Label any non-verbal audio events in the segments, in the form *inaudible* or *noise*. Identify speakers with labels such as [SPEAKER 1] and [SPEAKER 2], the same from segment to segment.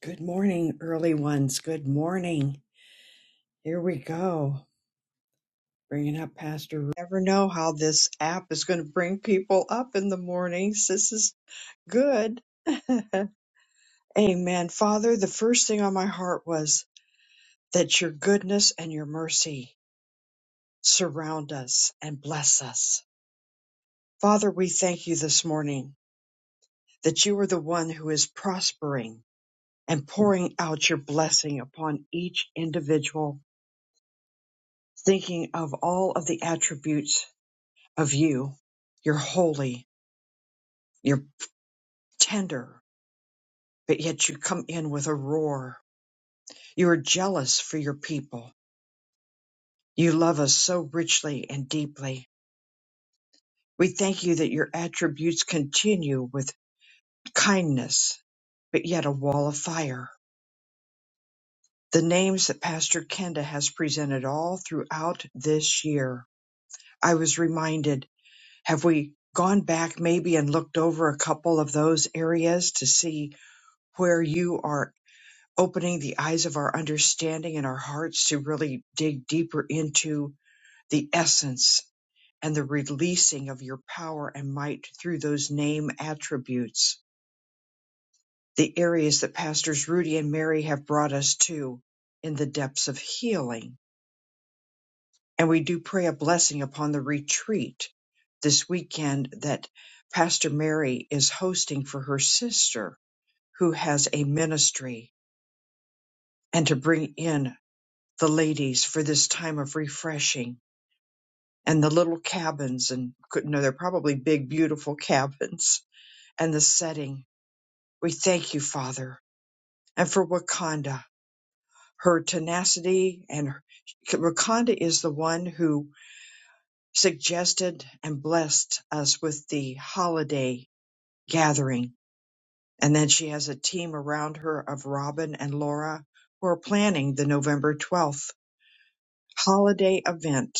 [SPEAKER 1] Good morning, early ones. Good morning. Here we go. Bringing up Pastor. Ru- Never know how this app is going to bring people up in the mornings. This is good. *laughs* Amen. Father, the first thing on my heart was that your goodness and your mercy surround us and bless us. Father, we thank you this morning that you are the one who is prospering and pouring out your blessing upon each individual thinking of all of the attributes of you. You're holy, you're tender, but yet you come in with a roar. You are jealous for your people. You love us so richly and deeply. We thank you that your attributes continue with kindness, but yet a wall of fire. The names that Pastor Kenda has presented all throughout this year. I was reminded, have we gone back maybe and looked over a couple of those areas to see where you are opening the eyes of our understanding and our hearts to really dig deeper into the essence and the releasing of your power and might through those name attributes, the areas that Pastors Rudy and Mary have brought us to in the depths of healing. And we do pray a blessing upon the retreat this weekend that Pastor Mary is hosting for her sister who has a ministry and to bring in the ladies for this time of refreshing and the little cabins and could not know they're probably big beautiful cabins and the setting we thank you father and for wakanda her tenacity and her, wakanda is the one who suggested and blessed us with the holiday gathering and then she has a team around her of robin and laura who are planning the november 12th holiday event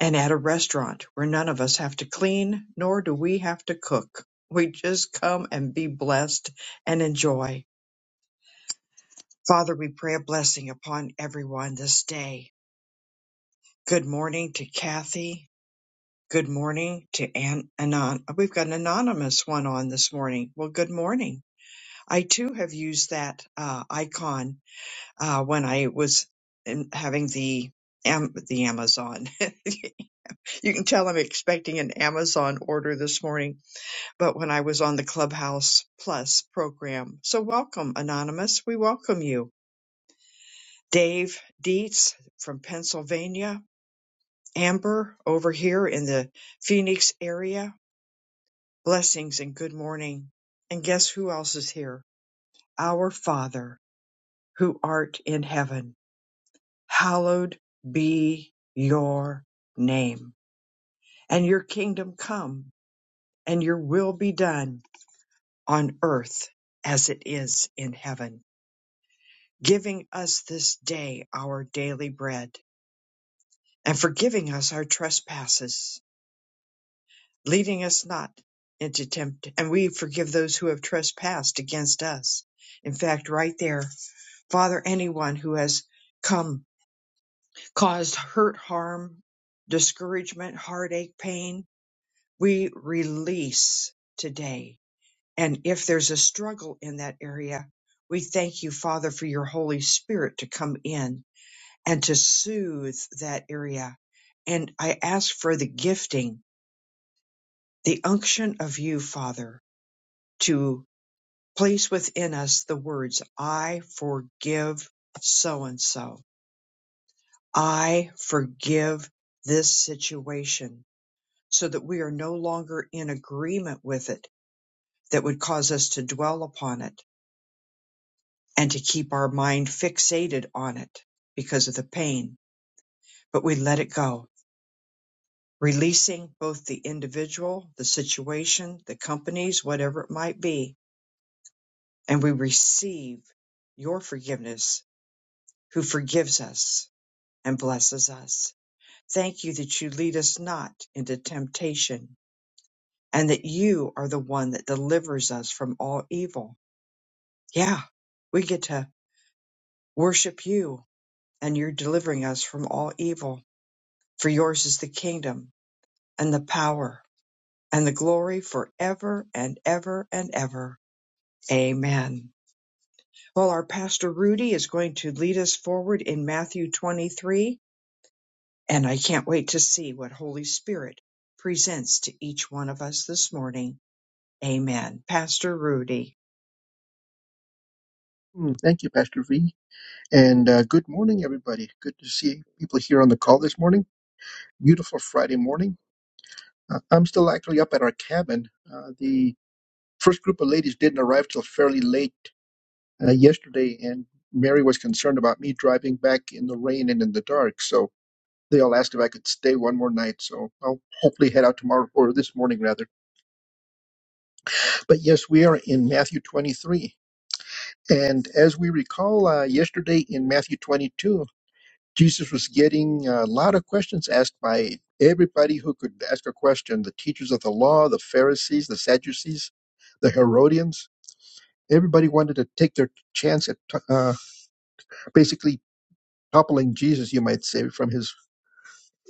[SPEAKER 1] and at a restaurant where none of us have to clean nor do we have to cook. We just come and be blessed and enjoy. Father, we pray a blessing upon everyone this day. Good morning to Kathy. Good morning to Aunt Anon. We've got an anonymous one on this morning. Well, good morning. I too have used that uh, icon uh, when I was in, having the Am- the Amazon. *laughs* you can tell I'm expecting an Amazon order this morning but when I was on the Clubhouse Plus program. So welcome, Anonymous. We welcome you. Dave Dietz from Pennsylvania. Amber over here in the Phoenix area. Blessings and good morning. And guess who else is here? Our Father who art in heaven. Hallowed be your name and your kingdom come and your will be done on earth as it is in heaven. giving us this day our daily bread, and forgiving us our trespasses, leading us not into temptation. and we forgive those who have trespassed against us. In fact, right there, Father, anyone who has come, caused hurt, harm, discouragement, heartache, pain, we release today. And if there's a struggle in that area, we thank you, Father, for your Holy Spirit to come in and to soothe that area. And I ask for the gifting, the unction of you, Father, to place within us the words, I forgive so and so. I forgive this situation so that we are no longer in agreement with it that would cause us to dwell upon it and to keep our mind fixated on it because of the pain, but we let it go releasing both the individual, the situation, the companies, whatever it might be. And we receive your forgiveness, who forgives us and blesses us. Thank you that you lead us not into temptation and that you are the one that delivers us from all evil. Yeah, we get to worship you and you're delivering us from all evil. For yours is the kingdom and the power and the glory forever and ever and ever. Amen. Well, our pastor Rudy is going to lead us forward in Matthew 23, and I can't wait to see what Holy Spirit presents to each one of us this morning. Amen. Pastor Rudy.
[SPEAKER 2] Mm, Thank you, Pastor V. And uh, good morning, everybody. Good to see people here on the call this morning. Beautiful Friday morning. Uh, I'm still actually up at our cabin. Uh, the first group of ladies didn't arrive till fairly late uh, yesterday, and Mary was concerned about me driving back in the rain and in the dark. So they all asked if I could stay one more night. So I'll hopefully head out tomorrow or this morning, rather. But yes, we are in Matthew 23. And as we recall, uh, yesterday in Matthew 22, Jesus was getting a lot of questions asked by everybody who could ask a question the teachers of the law, the Pharisees, the Sadducees, the Herodians. Everybody wanted to take their chance at uh, basically toppling Jesus, you might say, from his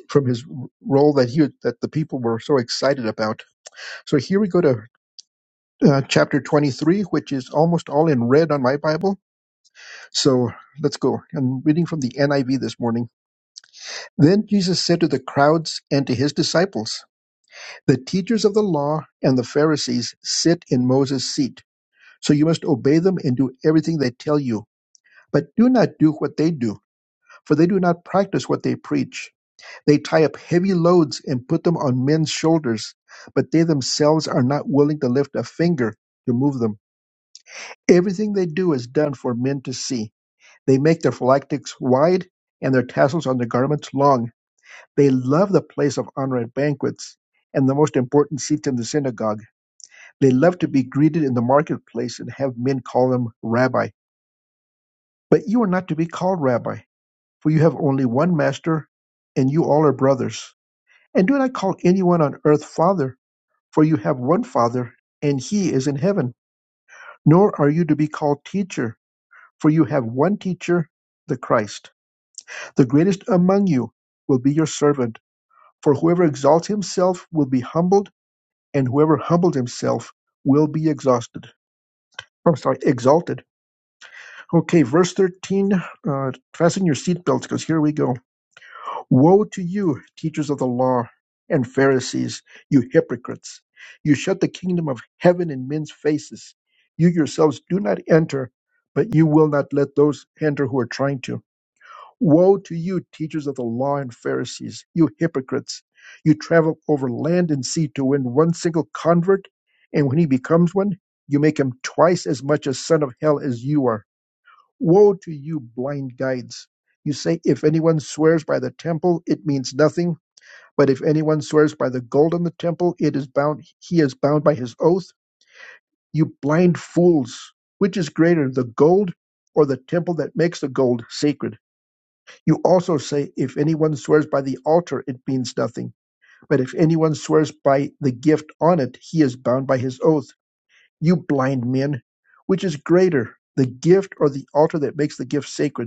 [SPEAKER 2] from his role that he that the people were so excited about. So here we go to uh, chapter 23, which is almost all in red on my Bible. So let's go. I'm reading from the NIV this morning. Then Jesus said to the crowds and to his disciples. The teachers of the law and the Pharisees sit in Moses' seat, so you must obey them and do everything they tell you. But do not do what they do, for they do not practice what they preach. They tie up heavy loads and put them on men's shoulders, but they themselves are not willing to lift a finger to move them. Everything they do is done for men to see. They make their phylactics wide and their tassels on their garments long. They love the place of honor at banquets and the most important seats in the synagogue They love to be greeted in the marketplace and have men call them Rabbi. But you are not to be called Rabbi, for you have only one master, and you all are brothers. And do not call anyone on earth Father, for you have one Father, and he is in heaven. Nor are you to be called Teacher, for you have one Teacher, the Christ. The greatest among you will be your servant, for whoever exalts himself will be humbled, and whoever humbled himself will be exhausted. I'm sorry, exalted. Okay, verse 13. Uh, fasten your seatbelts because here we go. Woe to you, teachers of the law and Pharisees, you hypocrites! You shut the kingdom of heaven in men's faces. You yourselves do not enter, but you will not let those enter who are trying to. Woe to you, teachers of the law and Pharisees, you hypocrites! You travel over land and sea to win one single convert, and when he becomes one, you make him twice as much a son of hell as you are Woe to you, blind guides! You say, If anyone swears by the temple, it means nothing. But if anyone swears by the gold on the temple, it is bound, he is bound by his oath. You blind fools! Which is greater, the gold or the temple that makes the gold sacred? You also say, If anyone swears by the altar, it means nothing. But if anyone swears by the gift on it, he is bound by his oath. You blind men! Which is greater, the gift or the altar that makes the gift sacred?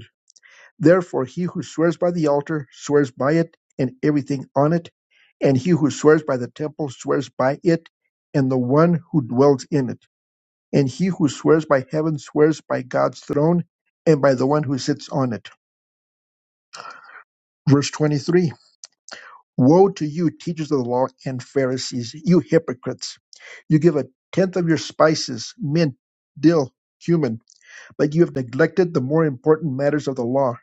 [SPEAKER 2] Therefore, he who swears by the altar swears by it and everything on it, and he who swears by the temple swears by it and the one who dwells in it, and he who swears by heaven swears by God's throne and by the one who sits on it. Verse 23 Woe to you, teachers of the law and Pharisees, you hypocrites! You give a tenth of your spices, mint, dill, cumin, but you have neglected the more important matters of the law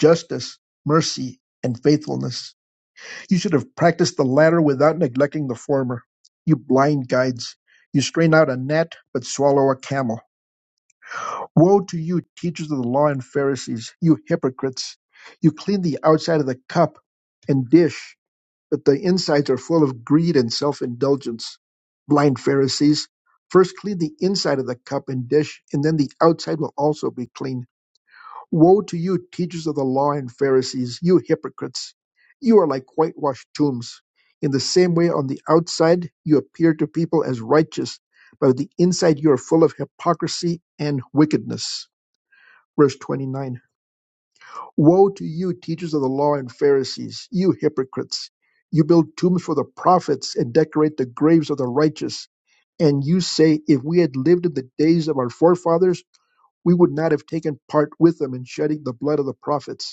[SPEAKER 2] justice, mercy, and faithfulness You should have practiced the latter without neglecting the former. You blind guides, you strain out a gnat but swallow a camel. Woe to you, teachers of the law and Pharisees, you hypocrites! You clean the outside of the cup and dish, but the insides are full of greed and self indulgence. Blind Pharisees, first clean the inside of the cup and dish, and then the outside will also be clean. Woe to you, teachers of the law and Pharisees, you hypocrites! You are like whitewashed tombs. In the same way, on the outside, you appear to people as righteous, but on the inside, you are full of hypocrisy and wickedness. Verse 29 Woe to you, teachers of the law and Pharisees, you hypocrites! You build tombs for the prophets and decorate the graves of the righteous. And you say, If we had lived in the days of our forefathers, we would not have taken part with them in shedding the blood of the prophets.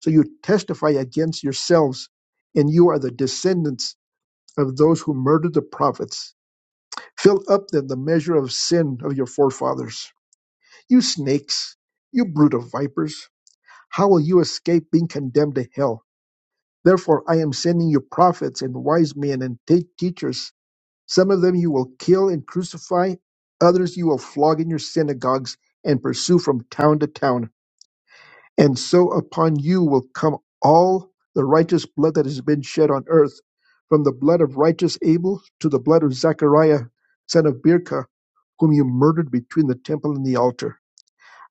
[SPEAKER 2] So you testify against yourselves, and you are the descendants of those who murdered the prophets. Fill up then the measure of sin of your forefathers. You snakes, you brood of vipers, how will you escape being condemned to hell? Therefore, I am sending you prophets and wise men and te- teachers. Some of them you will kill and crucify, others you will flog in your synagogues and pursue from town to town And so upon you will come all the righteous blood that has been shed on earth, from the blood of righteous Abel to the blood of Zechariah, son of Birka, whom you murdered between the temple and the altar.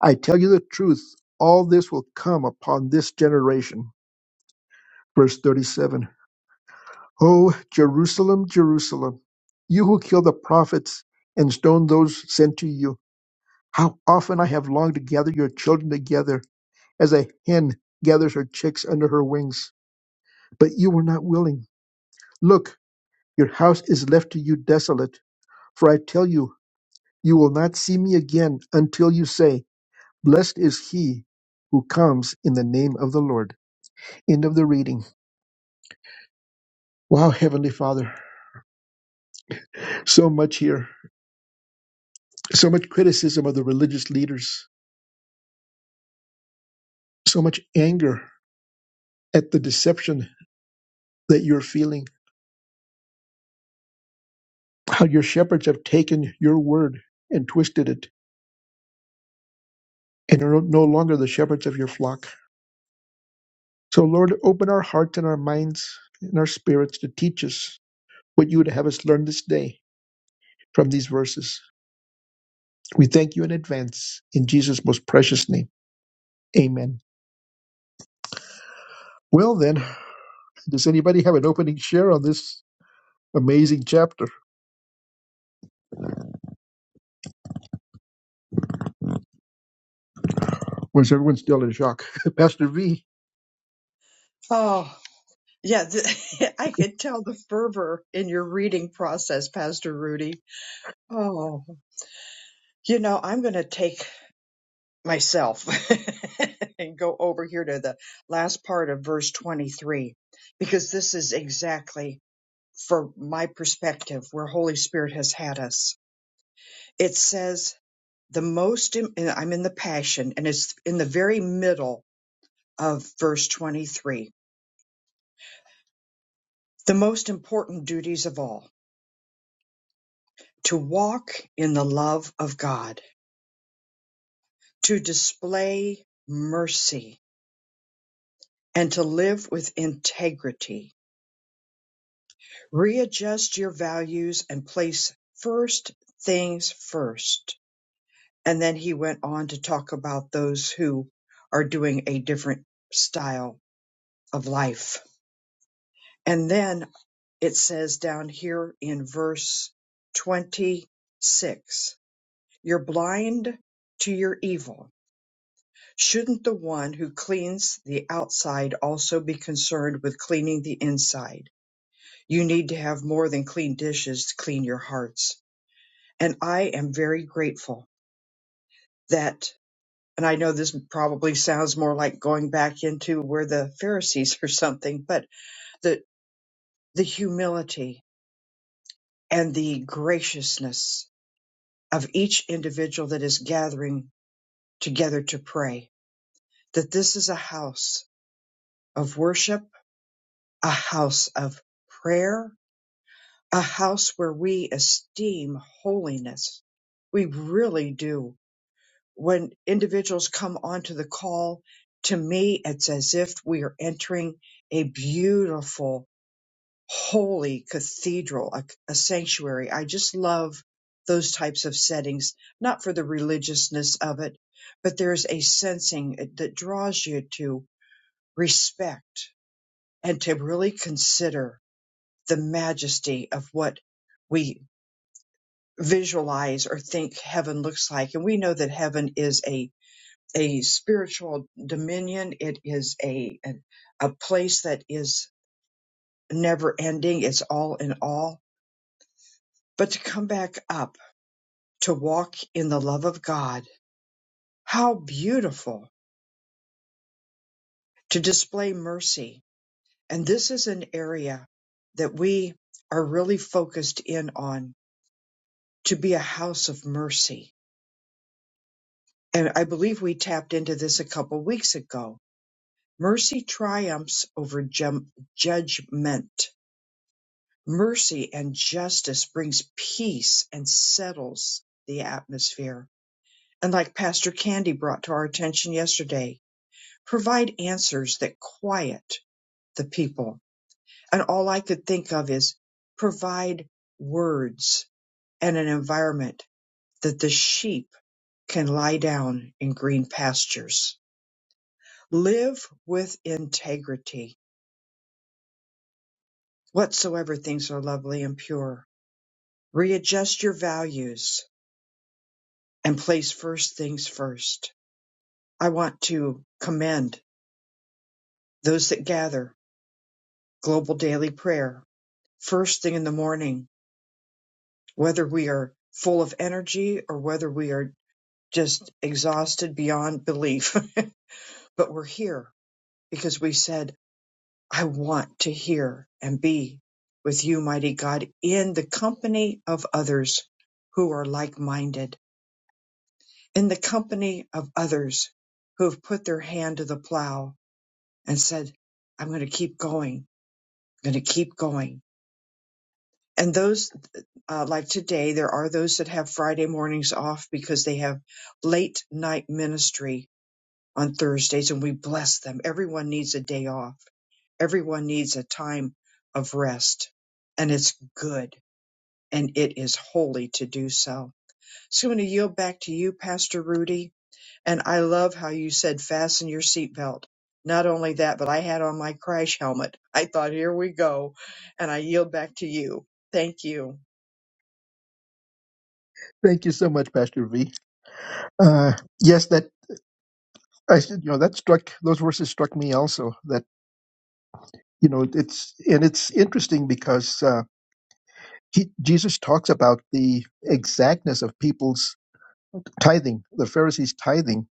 [SPEAKER 2] I tell you the truth, all this will come upon this generation. Verse 37 O Jerusalem, Jerusalem, you who kill the prophets and stone those sent to you, how often I have longed to gather your children together, as a hen gathers her chicks under her wings but you were not willing. Look, your house is left to you desolate. For I tell you, you will not see me again until you say, Blessed is he who comes in the name of the Lord. End of the reading. Wow, Heavenly Father, so much here, so much criticism of the religious leaders, so much anger at the deception that you're feeling, how your shepherds have taken your word and twisted it, and are no longer the shepherds of your flock. So, Lord, open our hearts and our minds and our spirits to teach us what you would have us learn this day from these verses. We thank you in advance in Jesus' most precious name. Amen. Well, then, does anybody have an opening share on this amazing chapter? Or is everyone still in shock? *laughs* Pastor V,
[SPEAKER 1] Oh, yeah, th- *laughs* I could tell the fervor in your reading process, Pastor Rudy. Oh, you know, I'm going to take myself *laughs* and go over here to the last part of verse 23 because this is exactly from my perspective where Holy Spirit has had us. It says the most, and I'm in the passion, and it's in the very middle of verse 23. The most important duties of all to walk in the love of God, to display mercy, and to live with integrity. Readjust your values and place first things first And then he went on to talk about those who are doing a different style of life. And then it says down here in verse 26, you're blind to your evil. Shouldn't the one who cleans the outside also be concerned with cleaning the inside? You need to have more than clean dishes to clean your hearts. And I am very grateful that and I know this probably sounds more like going back into where the Pharisees *laughs* or something, but the the humility and the graciousness of each individual that is gathering together to pray that this is a house of worship, a house of prayer, a house where we esteem holiness. We really do when individuals come onto the call, to me, it's as if we are entering a beautiful, holy cathedral, a, a sanctuary. I just love those types of settings, not for the religiousness of it, but there's a sensing uh, that draws you to respect and to really consider the majesty of what we visualize or think heaven looks like. And we know that heaven is a a spiritual dominion. It is a, a a place that is never ending. It's all in all. But to come back up, to walk in the love of God, how beautiful to display mercy. And this is an area that we are really focused in on to be a house of mercy. And I believe we tapped into this a couple weeks ago. Mercy triumphs over jum- judgment Mercy and justice brings peace and settles the atmosphere. And like Pastor Candy brought to our attention yesterday, provide answers that quiet the people. And all I could think of is provide words and an environment that the sheep can lie down in green pastures. Live with integrity, whatsoever things are lovely and pure. Readjust your values and place first things first. I want to commend those that gather global daily prayer first thing in the morning, whether we are full of energy or whether we are just exhausted beyond belief. *laughs* but we're here because we said, I want to hear and be with you, mighty God, in the company of others who are like minded, in the company of others who have put their hand to the plow and said, I'm going to keep going, I'm going to keep going. And those, uh, like today, there are those that have Friday mornings off because they have late night ministry on Thursdays, and we bless them. Everyone needs a day off, everyone needs a time of rest, and it's good and it is holy to do so. So I'm going to yield back to you, Pastor Rudy. And I love how you said fasten your seatbelt. Not only that, but I had on my crash helmet. I thought, here we go. And I yield back to you. Thank you.
[SPEAKER 2] thank you so much, Pastor V. Uh, yes, that I said, you know, that struck those verses struck me also. That you know, it's and it's interesting because uh, he, Jesus talks about the exactness of people's tithing, the Pharisees tithing,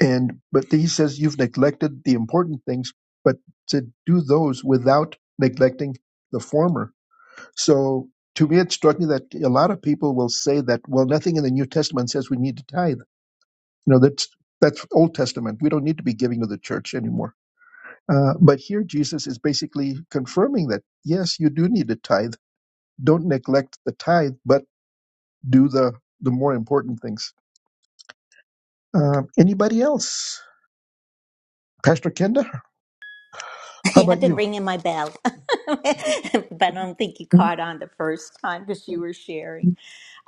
[SPEAKER 2] and but he says you've neglected the important things, but to do those without neglecting the former. So to me, it struck me that a lot of people will say that well, nothing in the New Testament says we need to tithe. You know, that's that's Old Testament. We don't need to be giving to the church anymore. Uh, but here, Jesus is basically confirming that yes, you do need to tithe. Don't neglect the tithe, but do the the more important things. Uh, anybody else? Pastor Kenda?
[SPEAKER 3] *laughs*
[SPEAKER 2] How
[SPEAKER 3] Yeah, I've
[SPEAKER 2] about
[SPEAKER 3] been
[SPEAKER 2] you?
[SPEAKER 3] ringing my bell, *laughs* but I don't think you caught on the first time because you were sharing.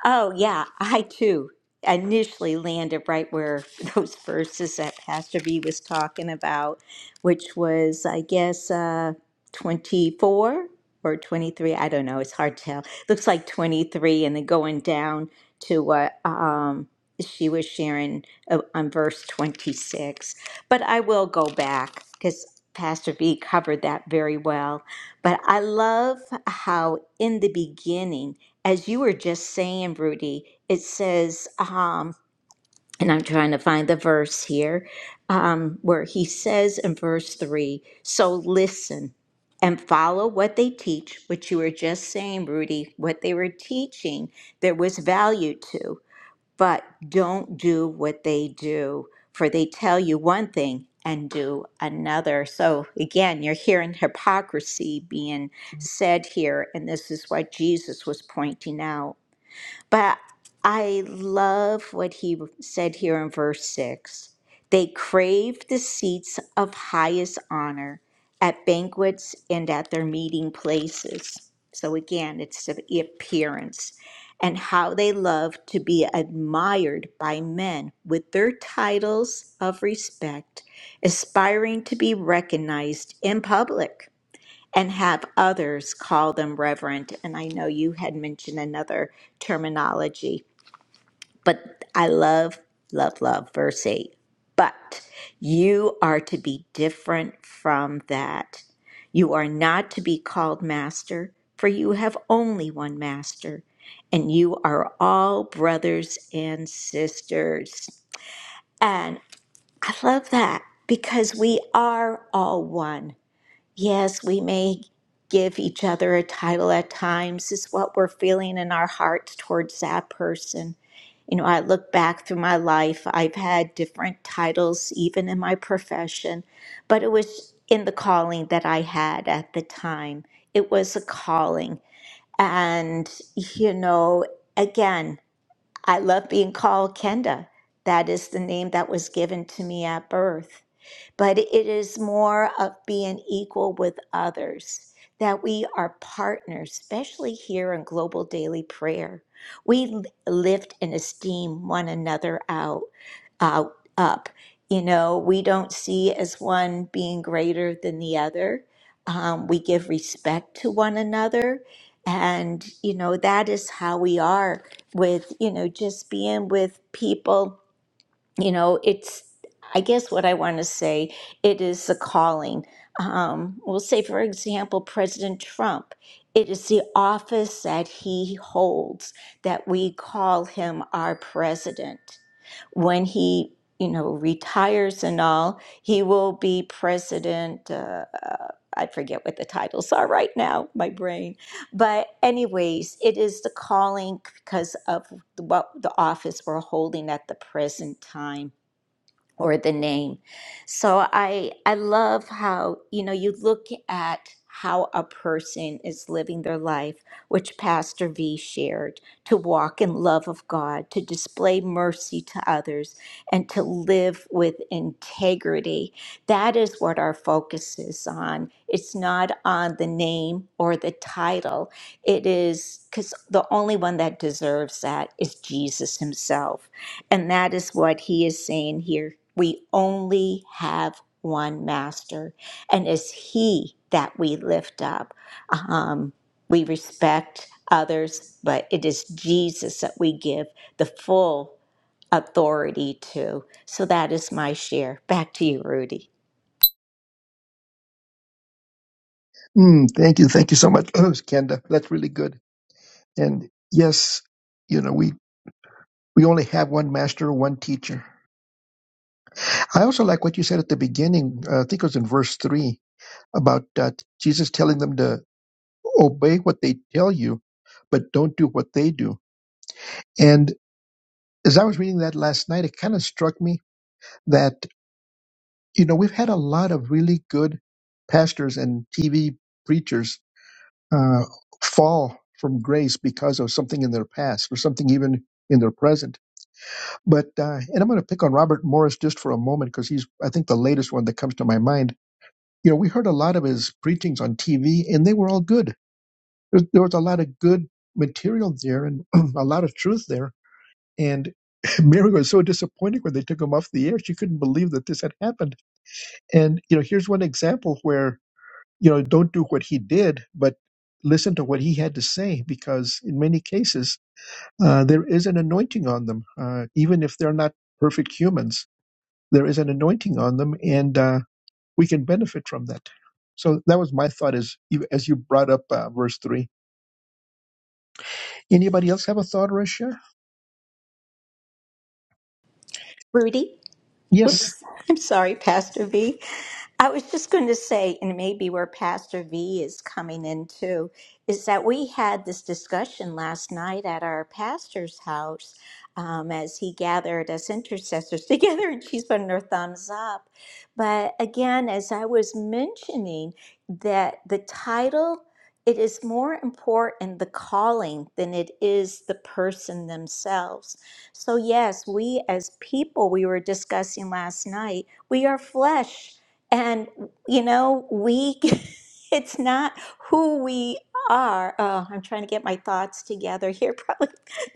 [SPEAKER 3] Oh, yeah, I too initially landed right where *laughs* those verses that Pastor B was talking about, which was, I guess, uh, 24 or 23. I don't know. It's hard to tell. Looks like 23, and then going down to what um, she was sharing uh, on verse 26. But I will go back because Pastor B covered that very well. But I love how in the beginning, as you were just saying, Rudy, it says, um, and I'm trying to find the verse here, um, where he says in verse three, so listen and follow what they teach, which you were just saying, Rudy, what they were teaching, there was value to, but don't do what they do, for they tell you one thing and do another. So again, you're hearing hypocrisy being said here, and this is what Jesus was pointing out. But I love what he said here in verse 6. They crave the seats of highest honor at banquets and at their meeting places. So again, it's the appearance and how they love to be admired by men with their titles of respect, aspiring to be recognized in public and have others call them reverend. And I know you had mentioned another terminology, but I love, love, love verse 8. But you are to be different from that. You are not to be called master, for you have only one master, and you are all brothers and sisters. And I love that because we are all one. Yes, we may give each other a title at times, is what we're feeling in our hearts towards that person. You know, I look back through my life, I've had different titles, even in my profession, but it was in the calling that I had at the time. It was a calling. And, you know, again, I love being called Kenda. That is the name that was given to me at birth but it is more of being equal with others, that we are partners, especially here in Global Daily Prayer. We lift and esteem one another out, out up. You know, we don't see as one being greater than the other. Um, we give respect to one another. And, you know, that is how we are with, you know, just being with people you know it's i guess what i want to say it is the calling um, we'll say for example president trump it is the office that he holds that we call him our president when he you know retires and all he will be president uh, uh, i forget what the titles are right now my brain but anyways it is the calling because of what the office we're holding at the present time or the name. So I I love how, you know, you look at how a person is living their life, which Pastor V shared, to walk in love of God, to display mercy to others, and to live with integrity. That is what our focus is on. It's not on the name or the title. It is because the only one that deserves that is Jesus himself. And that is what he is saying here. We only have one master, and it's He that we lift up. Um, we respect others, but it is Jesus that we give the full authority to. So that is my share. Back to you, Rudy.
[SPEAKER 2] Mm, thank you. Thank you so much, *clears throat* Kenda. That's really good. And yes, you know, we, we only have one master, one teacher. I also like what you said at the beginning. Uh, I think it was in verse three about uh, Jesus telling them to obey what they tell you, but don't do what they do. And as I was reading that last night, it kind of struck me that, you know, we've had a lot of really good pastors and TV preachers uh, fall from grace because of something in their past or something even in their present. But uh, and I'm going to pick on Robert Morris just for a moment because he's I think the latest one that comes to my mind. You know, we heard a lot of his preachings on TV, and they were all good. There, there was a lot of good material there and *clears throat* a lot of truth there. And *laughs* Mary was so disappointed when they took him off the air; she couldn't believe that this had happened. And you know, here's one example where you know, don't do what he did, but listen to what he had to say, because in many cases, uh, there is an anointing on them. Uh, even if they're not perfect humans, there is an anointing on them, and uh, we can benefit from that. So that was my thought as you, as you brought up uh, verse 3. Anybody else have a thought or a share?
[SPEAKER 3] Rudy?
[SPEAKER 2] Yes,
[SPEAKER 3] Oops. *laughs* I'm sorry, Pastor V. I was just going to say, and maybe where Pastor V is coming in too, is that we had this discussion last night at our pastor's house um, as he gathered us intercessors *laughs* together and she's putting her thumbs up. But again, as I was mentioning, that the title, it is more important the calling than it is the person themselves. So, yes, we as people, we were discussing last night, we are flesh and, you know, we, *laughs* it's not who we are. Oh, I'm trying to get my thoughts together here. *laughs* Probably,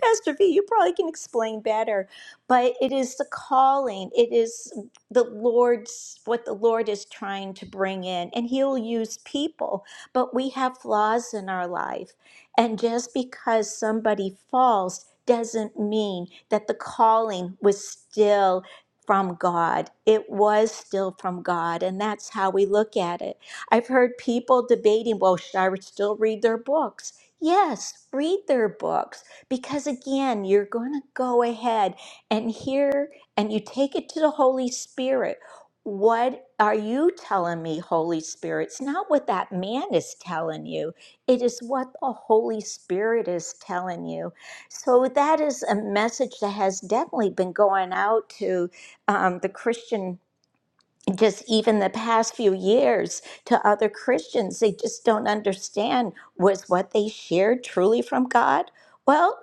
[SPEAKER 3] Pastor V, you probably can explain better. But it is the calling, it is the Lord's, what the Lord is trying to bring in. And He'll use people, but we have flaws in our life. And just because somebody falls, doesn't mean that the calling was still from God. It was still from God, and that's how we look at it. I've heard people debating, well, should I still read their books? Yes, read their books because again, you're going to go ahead and hear and you take it to the Holy Spirit. What are you telling me, Holy Spirit? It's not what that man is telling you, it is what the Holy Spirit is telling you. So, that is a message that has definitely been going out to um, the Christian, just even the past few years, to other Christians. They just don't understand was what they shared truly from God? Well,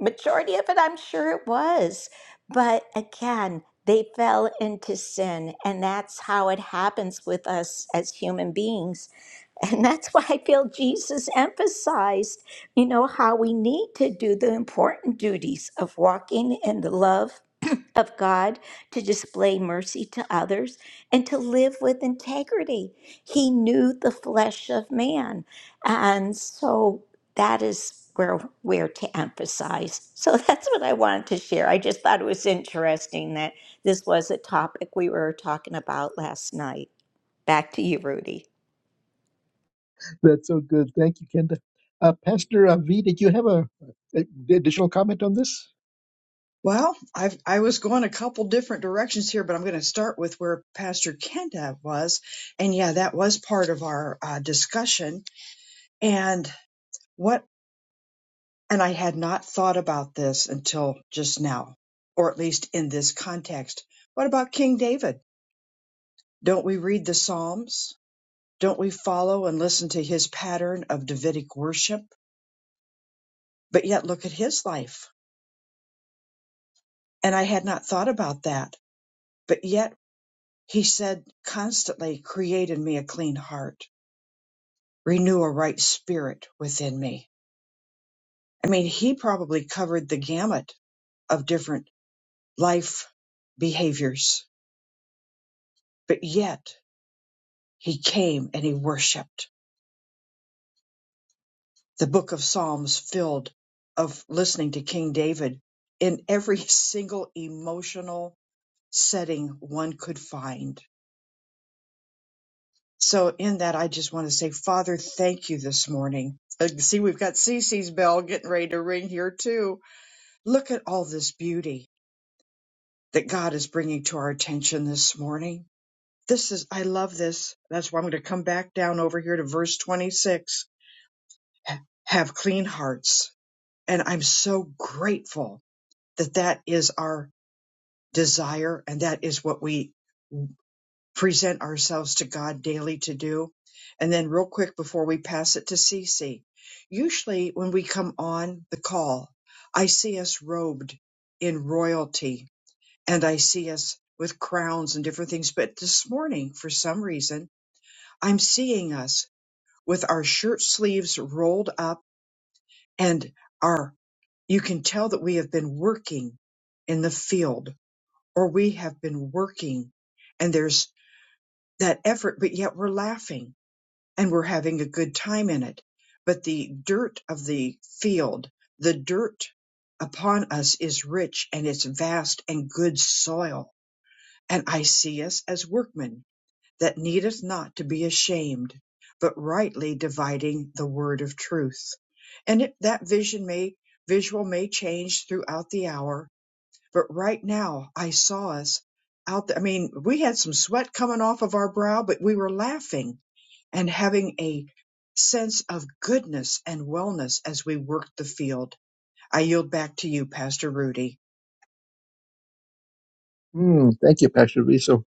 [SPEAKER 3] majority of it, I'm sure it was. But again, they fell into sin, and that's how it happens with us as human beings. And that's why I feel Jesus emphasized, you know, how we need to do the important duties of walking in the love of God to display mercy to others and to live with integrity. He knew the flesh of man. And so that is where where to emphasize. So *laughs* that's what I wanted to share. I just thought it was interesting that this was a topic we were talking about last night. Back to you, Rudy.
[SPEAKER 2] that's so good. Thank you, Kenda. Uh, Pastor uh, V, did you have a, a additional comment on this?
[SPEAKER 1] Well, I've, I was going a couple different directions here, but I'm going to start with where Pastor Kenda was. And yeah, that was part of our uh, discussion. And what, and I had not thought about this until just now, or at least in this context. What about King David? Don't we read the Psalms? Don't we follow and listen to his pattern of Davidic worship? But yet look at his life. And I had not thought about that. But yet he said constantly, create in me a clean heart, renew a right spirit within me. I mean, he probably covered the gamut of different life behaviors, but yet he came and he worshiped. The book of Psalms filled of listening to King David in every *laughs* single emotional setting one could find. So in that, I just want to say, Father, thank you this morning. I can see we've got Cece's bell getting ready to ring here too. Look at all this beauty that God is bringing to our attention this morning. This is, I love this. That's why I'm going to come back down over here to verse 26. Ha- Have clean hearts. And I'm so grateful that that is our desire and that is what we present ourselves to God daily to do. And then, real quick, before we pass it to Cece, usually when we come on the call, I see us robed in royalty and I see us with crowns and different things. But this morning, for some reason, I'm seeing us with our shirt sleeves rolled up and our, you can tell that we have been working in the field or we have been working and there's that effort, but yet we're laughing and we're having a good time in it. But the dirt of the field, the dirt upon us is rich and it's vast and good soil. And I see us as workmen that needeth not to be ashamed, but rightly dividing the word of truth. And it, that vision may, visual may change throughout the hour. But right now I saw us out there. I mean, we had some sweat coming off of our brow, but we were laughing and having a sense of goodness and wellness as we work the field. I yield back to you, Pastor Rudy.
[SPEAKER 2] Hmm, thank you, Pastor V. So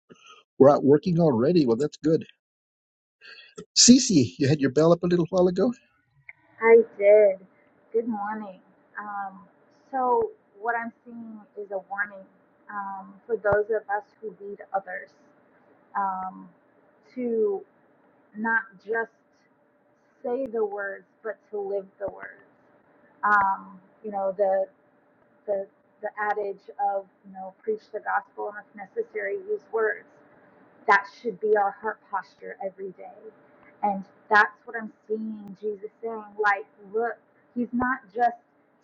[SPEAKER 2] we're out working already. Well, that's good. Cece, you had your bell up a little while ago.
[SPEAKER 4] I did. Good morning. Um, so, what I'm seeing is a warning um, for those of us who lead others um, to not just say the words, but to live the words. Um, you know, the, the, the adage of, you know, preach the gospel and if necessary, use words that should be our heart posture every day. And that's what I'm seeing Jesus saying. Like, look, he's not just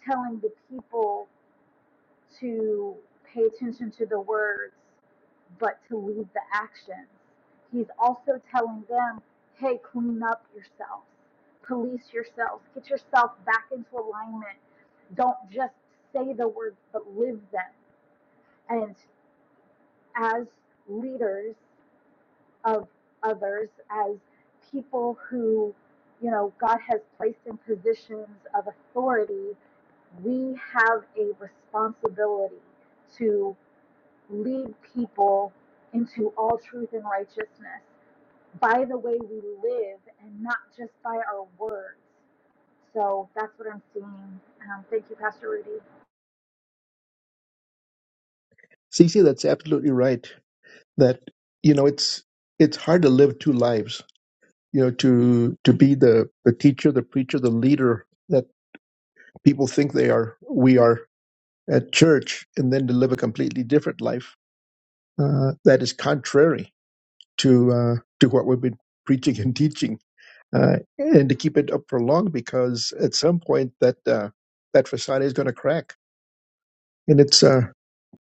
[SPEAKER 4] telling the people to pay attention to the words, but to lead the actions. He's also telling them, hey, clean up yourself, police yourself, get yourself back into alignment. Don't just say the words, but live them. And as leaders, of others as people who, you know, God has placed in positions of authority, we have a responsibility to lead people into all truth and righteousness by the way we live and not just by our words. So that's what I'm seeing. Um, thank you, Pastor Rudy.
[SPEAKER 2] Cece, that's absolutely right. That you know, it's it's hard to live two lives. You know, to to be the the teacher, the preacher, the leader that people think they are, we are at church, and then to live a completely different life uh, that is contrary to uh, to what we've been preaching and teaching, uh, and to keep it up for long because at some point that uh, that facade is going to crack, and it's uh,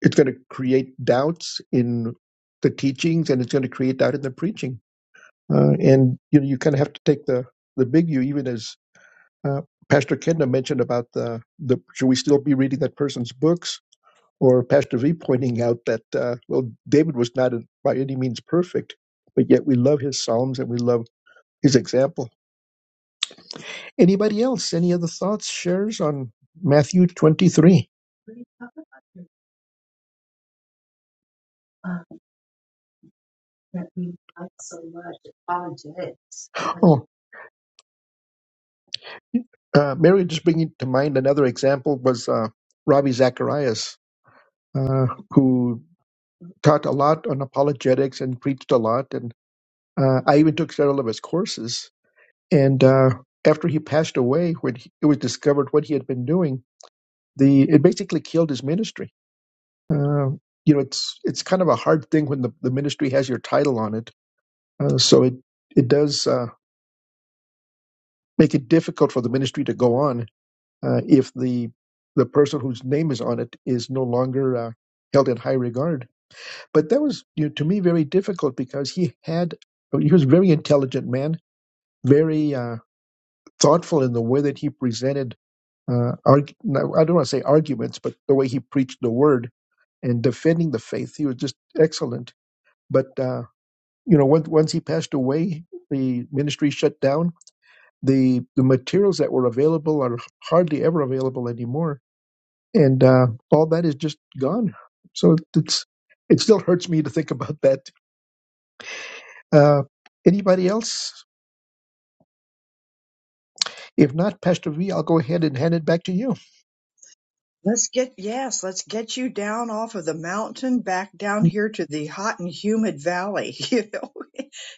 [SPEAKER 2] It's going to create doubts in the teachings, and it's going to create doubt in the preaching. Uh, and you know, you kind of have to take the the big view, even as uh, Pastor Kenda mentioned about the the should we still be reading that person's books, or Pastor V pointing out that uh, well, David was not by any means perfect, but yet we love his psalms and we love his example. Anybody else? Any other thoughts? Shares on Matthew twenty three? Uh, Mary, just bringing to mind another example was uh, Ravi Zacharias, uh, who taught a lot on apologetics and preached a lot. And uh, I even took several of his courses. And uh, after he passed away, when he, it was discovered what he had been doing, the it basically killed his ministry. Uh, you know, it's it's kind of a hard thing when the, the ministry has your title on it. Uh, so it it does uh, make it difficult for the ministry to go on uh, if the the person whose name is on it is no longer uh, held in high regard. But that was you know, to me very difficult because he had he was a very intelligent man, very uh, thoughtful in the way that he presented. Uh, arg- no, I don't want to say arguments, but the way he preached the word and defending the faith, he was just excellent. But uh, you know, once, once he passed away, the ministry shut down. the The materials that were available are hardly ever available anymore and uh, all that is just gone. So it's it still hurts me to think about that. Uh, anybody else? If not, Pastor V, I'll go ahead and hand it back to you.
[SPEAKER 1] Let's get, yes, let's get you down off of the mountain back down here to the hot and humid valley, *laughs* you know.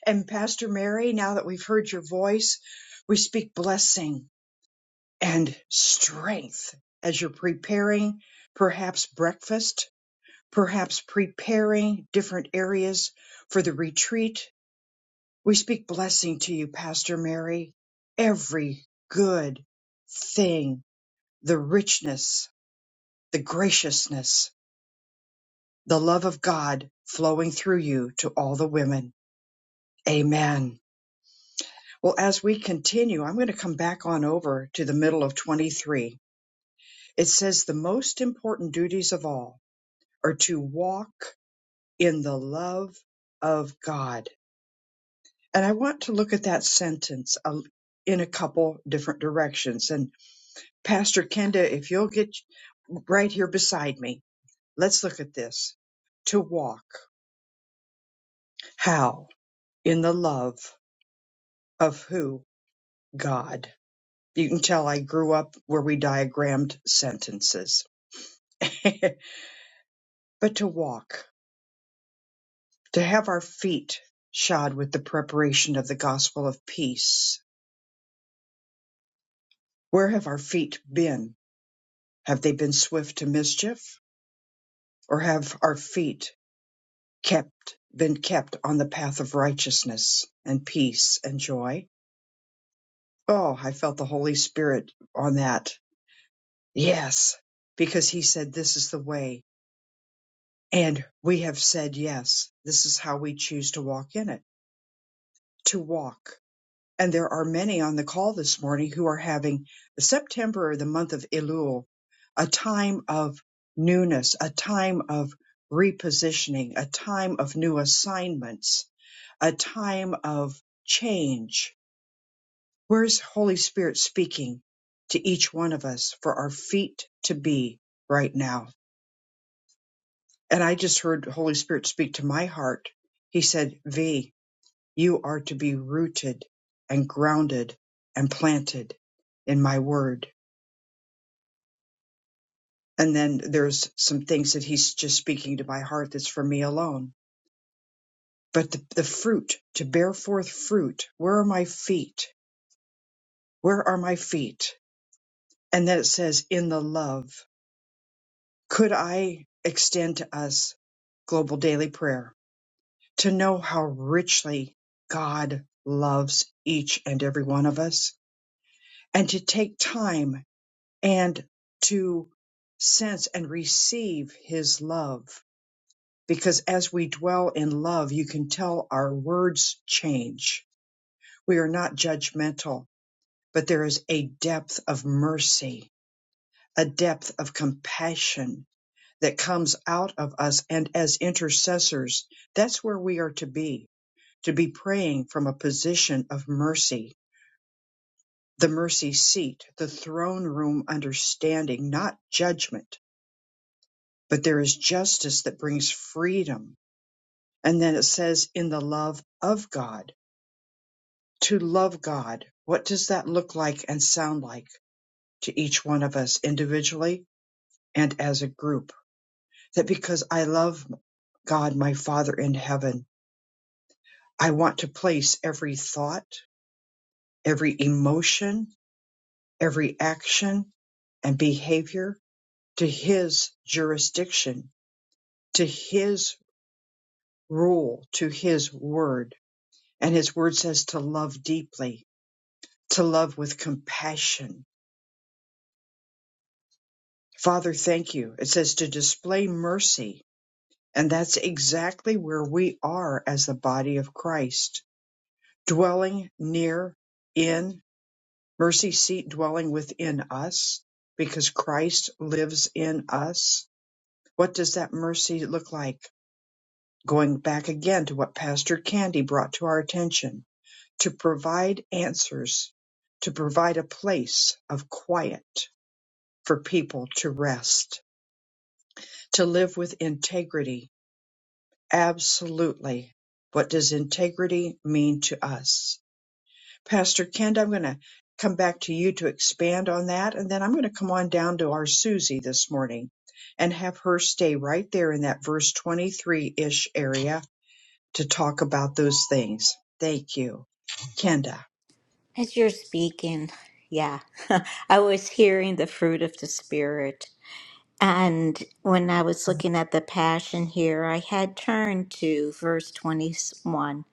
[SPEAKER 1] and Pastor Mary, now that we've heard your voice, we speak blessing and strength as you're preparing perhaps breakfast, perhaps preparing different areas for the retreat We speak blessing to you, Pastor Mary. Every good thing, the richness, the graciousness, the love of God flowing through you to all the women. Amen. Well, as we continue, I'm going to come back on over to the middle of 23. It says the most important duties of all are to walk in the love of God. And I want to look at that sentence a in a couple different directions. and. Pastor Kenda, if you'll get right here beside me, let's look at this. To walk. How? In the love of who? God. You can tell I grew up where we diagrammed sentences. *laughs* but to walk, to have our feet shod with the preparation of the gospel of peace. Where have our feet been? Have they been swift to mischief? Or have our feet kept been kept on the path of righteousness and peace and joy. Oh, I felt the Holy Spirit on that. Yes, because he said this is the way and we have said yes. This is how we choose to walk in it, to walk. And there are many on the call this morning who are having September, the month of Elul, a time of newness, a time of repositioning, a time of new assignments a time of change. Where's Holy Spirit speaking to each one of us for our feet to be right now? And I just heard Holy Spirit speak to my heart. He said, V, you are to be rooted and grounded and planted in my word. And then there's some things that he's just speaking to my heart that's for me alone. But the, the fruit, to bear forth fruit, where are my feet? Where are my feet? And then it says, in the love, could I extend to us global daily prayer to know how richly God loves each and every one of us and to take time and to sense and receive his love. Because as we dwell in love, you can tell our words change. We are not judgmental, but there is a depth of mercy, a depth of compassion, that comes out of us and as intercessors, that's where we are to be, to be praying from a position of mercy, the mercy seat, the throne room understanding, not judgment, but there is justice that brings freedom. And then it says in the love of God, to love God. What does that look like and sound like to each one of us individually and as a group? That because I love God, my Father in heaven, I want to place every thought, every emotion, every action and behavior to His jurisdiction, to His rule, to His word. And His word says to love deeply, to love with compassion. Father, thank you. It says to display mercy. And that's exactly where we are as the body of Christ, dwelling near in mercy seat dwelling within us because Christ lives in us? What does that mercy look like? Going back again to what Pastor Candy brought to our attention to provide answers, to provide a place of quiet for people to rest, to live with integrity. Absolutely. What does integrity mean to us? Pastor Kent, I'm going to come back to you to expand on that. And then I'm going to come on down to our Susie this morning and have her stay right there in that verse 23 ish area to talk about those things. Thank you. Kenda,
[SPEAKER 3] As you're speaking, yeah, *laughs* I was hearing the fruit of the spirit And when I was looking at the passion here, I had turned to verse 21,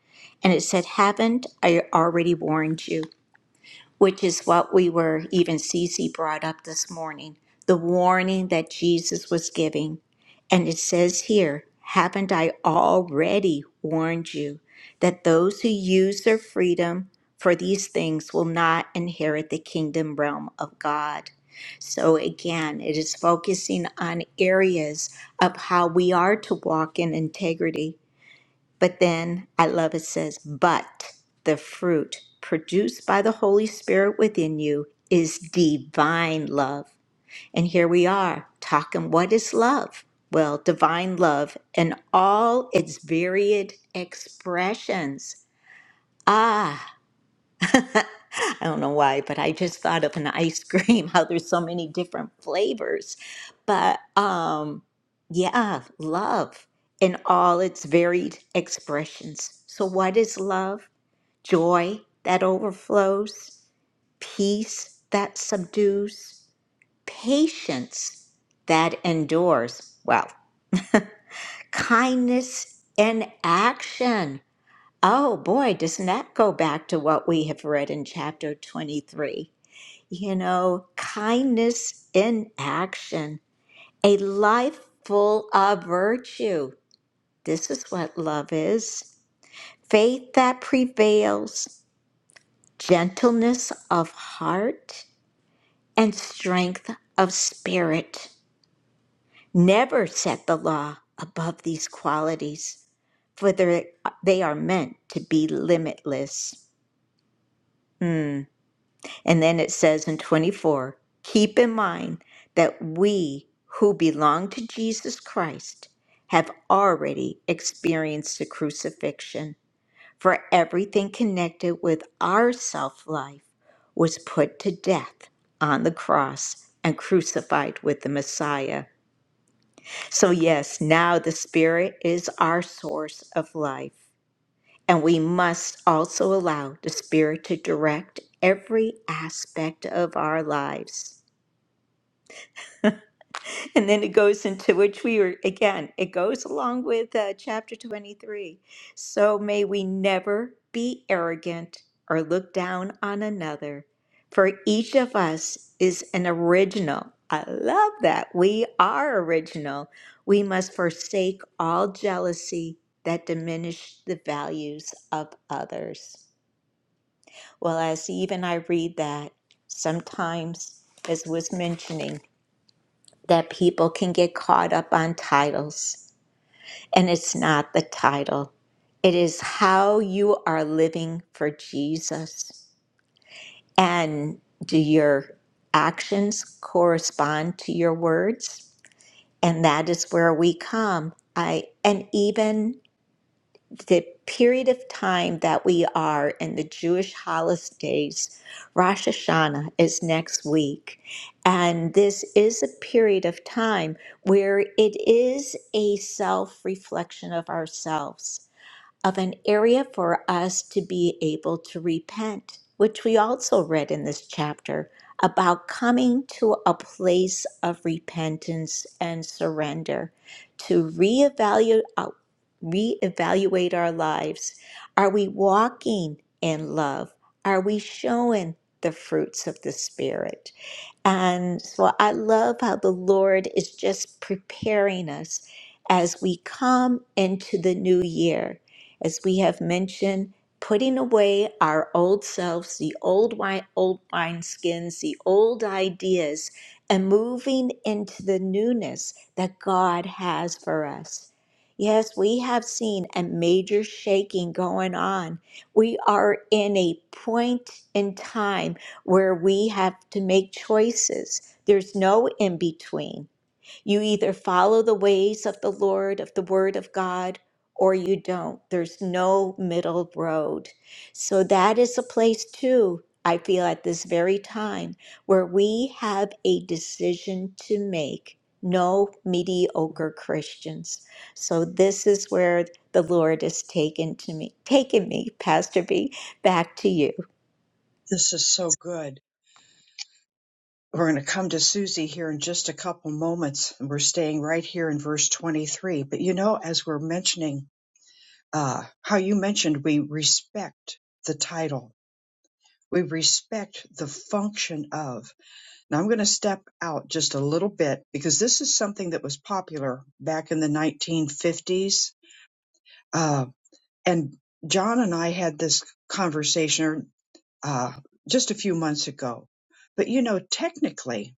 [SPEAKER 3] and it said, Haven't I already warned you? which is what we were, even Cece brought up this morning, the warning that Jesus was giving. And it says here, Haven't I already warned you that those who use their freedom for these things will not inherit the kingdom realm of God? So again, it is focusing on areas of how we are to walk in integrity but then I love it says, but the fruit produced by the Holy Spirit within you is divine love. And here we are talking what is love? Well, divine love and all its varied expressions. Ah. I don't know why, but I just thought of an ice cream, *laughs* how there's so many different flavors. But um yeah, love in all its varied expressions. So what is love? Joy that overflows, peace that subdues, patience that endures. Well, kindness in action. Oh boy, doesn't that go back to what we have read in chapter 23? you know, kindness in action, a life full of virtue. This is what love is faith that prevails, gentleness of heart, and strength of spirit. Never set the law above these qualities, for they're- they are meant to be limitless. Hmm. And then it says in 24, keep in mind that we who belong to Jesus Christ have already experienced the crucifixion, for everything connected with our self life was put to death on the cross and crucified with the Messiah. So, yes, now the Spirit is our source of life. And we must also allow the Spirit to direct every aspect of our lives. *laughs* And then it goes into which we were, again, it goes along with uh, chapter 23. So may we never be arrogant or look down on another, for each of us is an original. I love that. We are original. We must forsake all jealousy that diminish the values of others. Well, as even I read that, sometimes, as was mentioning, that people can get caught up on titles, and it's not the title. It is how you are living for Jesus. And do your actions correspond to your words? And that is where we come. I and even the period of time that we are in the Jewish holidays, Rosh Hashanah is next week. And this is a period of time where it is a self reflection of ourselves of an area for us to be able to repent, which we also read in this chapter about coming to a place of repentance and surrender, to reevaluate, uh, reevaluate our lives. Are we walking in love? Are we showing the fruits of the Spirit? And so I love how the Lord is just preparing us as we come into the new year. As we have mentioned, putting away our old selves, the old wine, old wineskins, the old ideas, and moving into the newness that God has for us. Yes, we have seen a major shaking going on. We are in a point in time where we have to make choices. There's no in between. You either follow the ways of the Lord, of the Word of God, or you don't. There's no middle road. So that is a place, too, I feel at this very time, where we have a decision to make. No mediocre Christians. So this is where the Lord has taken to me, taken me, Pastor B, back to you.
[SPEAKER 1] this is so good. We're going to come to Susie here in just a couple moments, and we're staying right here in verse 23. But you know, as we're mentioning, uh, how you mentioned we respect the title, we respect the function of. Now I'm going to step out just a little bit because this is something that was popular back in the 1950s. Uh, and John and I had this conversation uh, just a few months ago. But you know, technically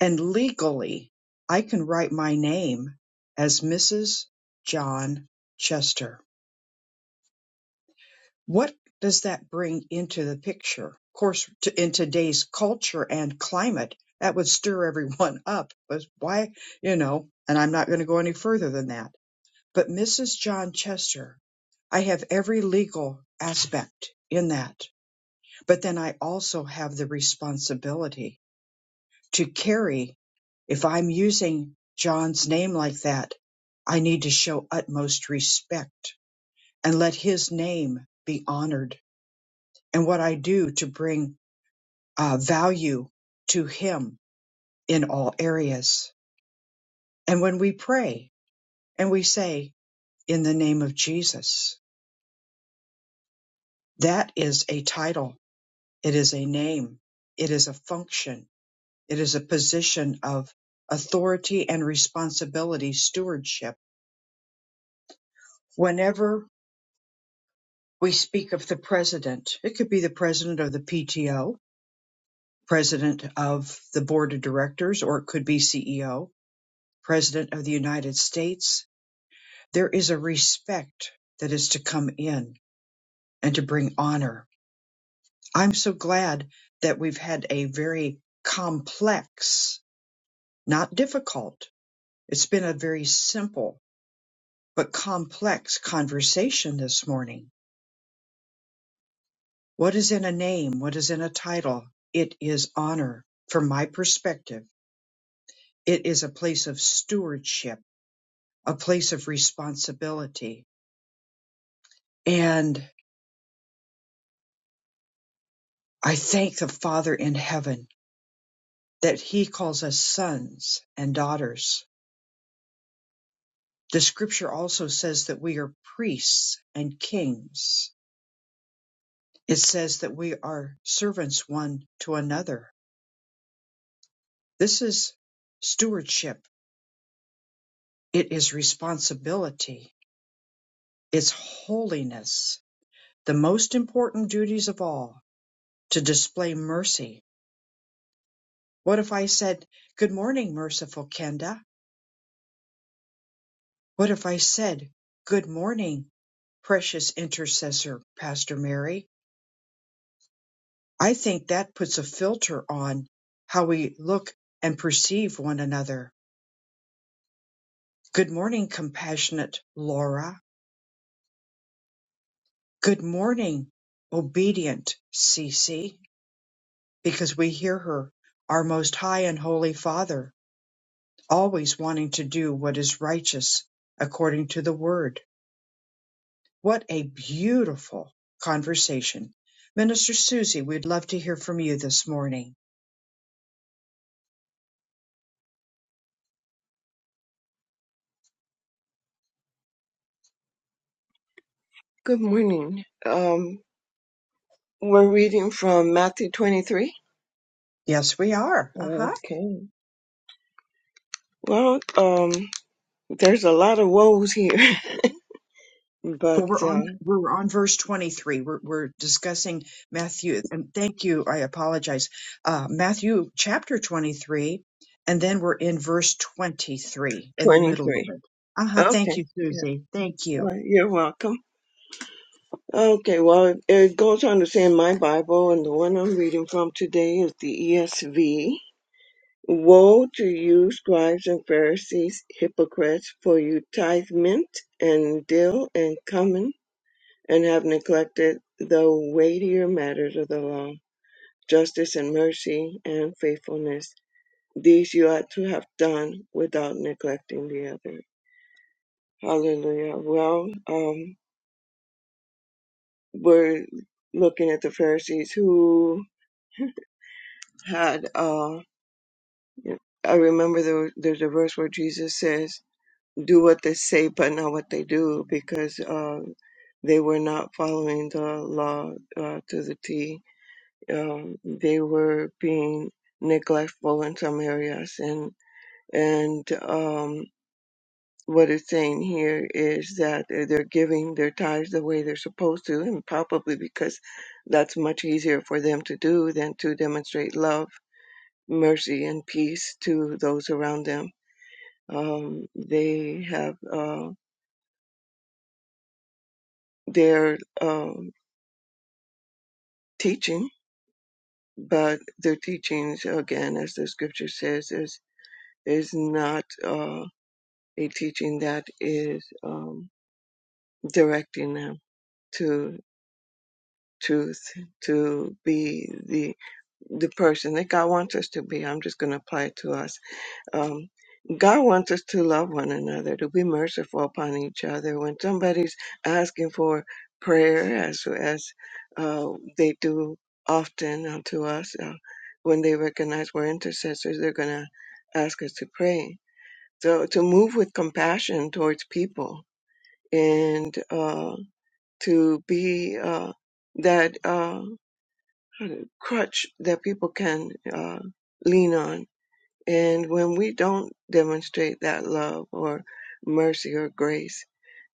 [SPEAKER 1] and legally, I can write my name as Mrs. John Chester. What does that bring into the picture? Of course, to, in today's culture and climate, that would stir everyone *laughs* up. But why, you know, and I'm not going to go any further than that. But Mrs. John Chester, I have every legal aspect in that. But then I also have the responsibility to carry, if I'm using John's name like that, I need to show utmost respect and let his name be honored and what I do to bring uh, value to Him in all areas. And when we pray and we say, in the name of Jesus, that is a title, it is a name, it is a function, it is a position of authority and responsibility, stewardship. Whenever we speak of the president, it could be the president of the PTO, president of the board of directors, or it could be CEO, president of the United States, There is a respect that is to come in and to bring honor. I'm so glad that we've had a very complex, not difficult, it's been a very simple but complex conversation this morning. What is in a name? What is in a title? It is honor. From my perspective, it is a place of stewardship, a place of responsibility. And I thank the Father in heaven that he calls us sons and daughters. The scripture also says that we are priests and kings. It says that we are servants one to another. This is stewardship. It is responsibility. It's holiness. The most important duties of all to display mercy. What if I said, Good morning, merciful Kenda? What if I said, Good morning, precious intercessor, Pastor Mary? I think that puts a filter on how we look and perceive one another. Good morning, compassionate Laura. Good morning, obedient Cece, because we hear her, our most high and holy Father, always wanting to do what is righteous according to the word. What a beautiful conversation. Minister Susie, we'd love to hear from you this morning.
[SPEAKER 5] Good morning. Um, we're reading from Matthew 23.
[SPEAKER 1] Yes, we are. Uh-huh.
[SPEAKER 5] Okay. Well, um, there's a lot of woes here, *laughs*
[SPEAKER 1] Well,
[SPEAKER 5] but
[SPEAKER 1] we're on
[SPEAKER 5] uh,
[SPEAKER 1] we're on verse 23. We're we're discussing Matthew, and thank you. I apologize. Uh, Matthew chapter 23, and then we're in verse 23 in the middle
[SPEAKER 5] 23.
[SPEAKER 1] of it. Uh-huh, thank
[SPEAKER 5] Okay.
[SPEAKER 1] you,
[SPEAKER 5] Yeah.
[SPEAKER 1] Susie. Thank
[SPEAKER 5] All
[SPEAKER 1] you.
[SPEAKER 5] right. You're welcome. Okay. Well, it, it goes on to say in my Bible, and the one I'm reading from today is the ESV. Woe to you, scribes and Pharisees, hypocrites, for you tithe mint and dill and cumin and have neglected the weightier matters of the law, justice and mercy and faithfulness. These you ought to have done without neglecting the other. Hallelujah. Well, um, we're looking at the Pharisees who had, uh, I remember there, there's a verse where Jesus says, do what they say, but not what they do, because, uh, they were not following the law, uh, to the T um, they were being neglectful in some areas and and um, what it's saying here is that they're giving their tithes the way they're supposed to and probably because that's much easier for them to do than to demonstrate love mercy and peace to those around them um, they have uh, their um, teaching but their teachings again as the scripture says is is not Uh, a teaching that is um, directing them to truth, to be the the person that God wants us to be. I'm just going to apply it to us. Um, God wants us to love one another, to be merciful upon each other. When somebody's asking for prayer, as as uh, they do often unto us, uh, when they recognize we're intercessors, they're going to ask us to pray. So to move with compassion towards people and uh, to be uh, that uh, how to- crutch that people can uh, lean on. And when we don't demonstrate that love or mercy or grace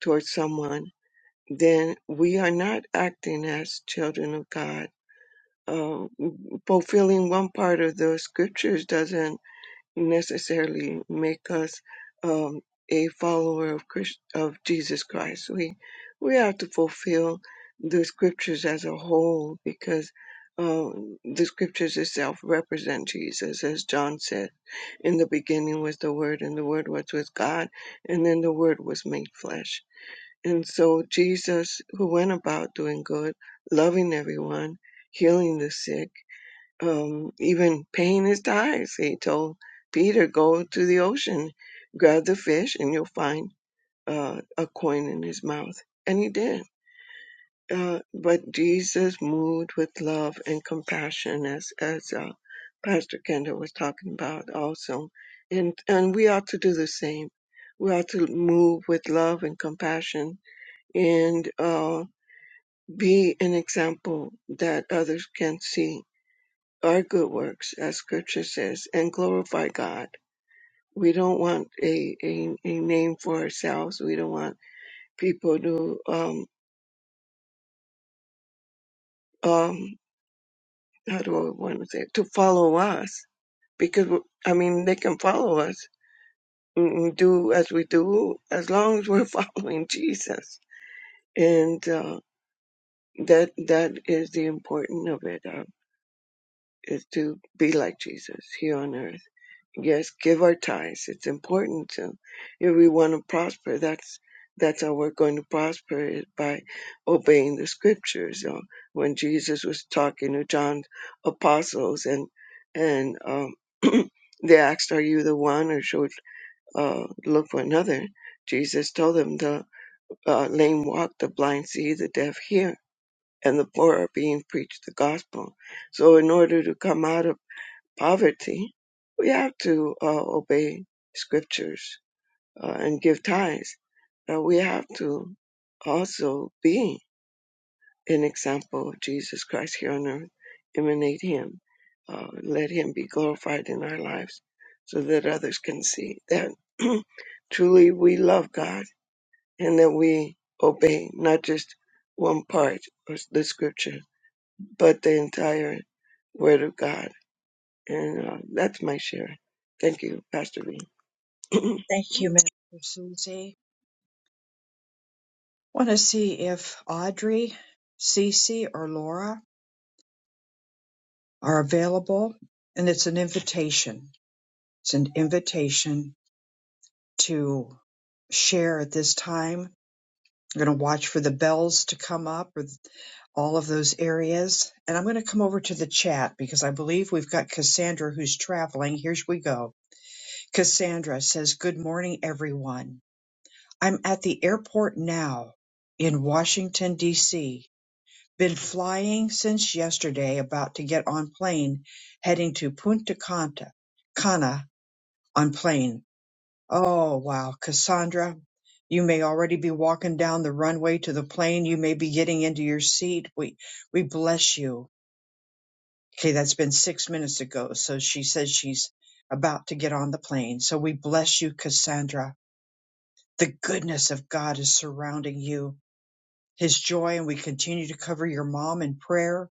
[SPEAKER 5] towards someone, then we are not acting as children of God. Uh, fulfilling one part of the scriptures doesn't necessarily make us um, a follower of Christ, of Jesus Christ. We we have to fulfill the scriptures as a whole because um, the scriptures itself represent Jesus, as John said, "In the beginning was the Word, and the Word was with God, and then the Word was made flesh." And so Jesus, who went about doing good, loving everyone, healing the sick um, even paying his tithes. He told Peter, "Go to the ocean, grab the fish, and you'll find uh, a coin in his mouth." And he did. Uh, but Jesus moved with love and compassion, as as uh, Pastor Kendall was talking about also, and and we ought to do the same. We ought to move with love and compassion and uh, be an example that others can see our good works, as scripture says, and glorify God. We don't want a, a, a name for ourselves. We don't want people to, um, um, how do I want to say it, to follow us because, we- I mean, they can follow us and do as we do as long as we're *laughs* following Jesus. And, uh, that, that is the important of it. uh, is to be like Jesus here on earth. Yes, give our tithes. It's important to if we want to prosper. That's that's how we're going to prosper is by obeying the scriptures. So when Jesus was talking to John's apostles and and um, *clears throat* they asked, "Are you the one, or should uh, look for another?" Jesus told them, "The uh, lame walk, the blind see, the deaf hear, and the poor are being preached the gospel." So, in order to come out of poverty, we have to uh, obey scriptures uh, and give tithes. Uh, we have to also be an example of Jesus Christ here on earth, emanate Him, uh, let Him be glorified in our lives so that others can see that *clears throat* truly we love God and that we obey not just one part of the scripture, but the entire Word of God and uh, that's my share. Thank you, Pastor V.
[SPEAKER 1] Thank
[SPEAKER 5] *clears throat*
[SPEAKER 1] you, Mr. Susie. Want to see if Audrey, Cece, or Laura are available, and it's an invitation. It's an invitation to share at this time I'm going to watch for the bells to come up or th- all of those areas. And I'm going to come over to the chat because I believe we've got Cassandra who's traveling. Here we go. Cassandra says, Good morning, everyone. I'm at the airport now in Washington, D.C. Been flying since yesterday, about to get on plane heading to Punta Cana, Cana on plane. Oh, wow. Cassandra, you may already be walking down the runway to the plane. You may be getting into your seat. We, we bless you. Okay, that's been six minutes ago. So she says she's about to get on the plane. So we bless you, Cassandra. The goodness of God is surrounding you, His joy, and we continue to cover your mom in prayer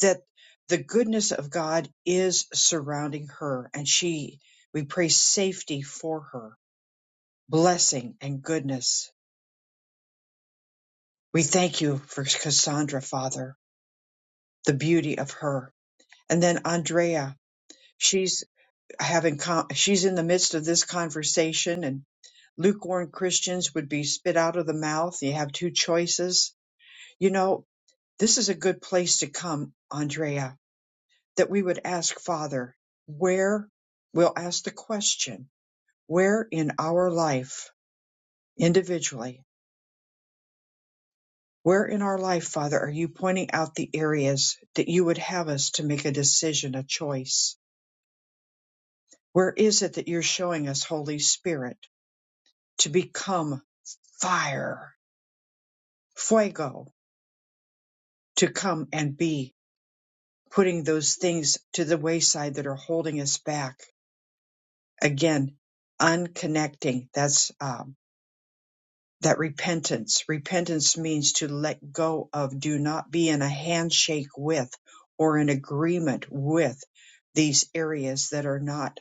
[SPEAKER 1] that the goodness of God is surrounding her. And she, we pray safety for her, blessing and goodness We thank you for Cassandra, Father, the beauty of her. And then Andrea, she's having, con- she's in the midst of this conversation and lukewarm Christians would be spit out of the mouth. You have two choices. You know, this is a good place to come, Andrea, that we would ask Father, where, we'll ask the question, where in our life individually Where in our life, Father, are you pointing out the areas that you would have us to make a decision, a choice? Where is it that you're showing us, Holy Spirit, to become fire, fuego, to come and be putting those things to the wayside that are holding us back? Again, unconnecting. That's um, that repentance. Repentance means to let go of, do not be in a handshake with or in agreement with these areas that are not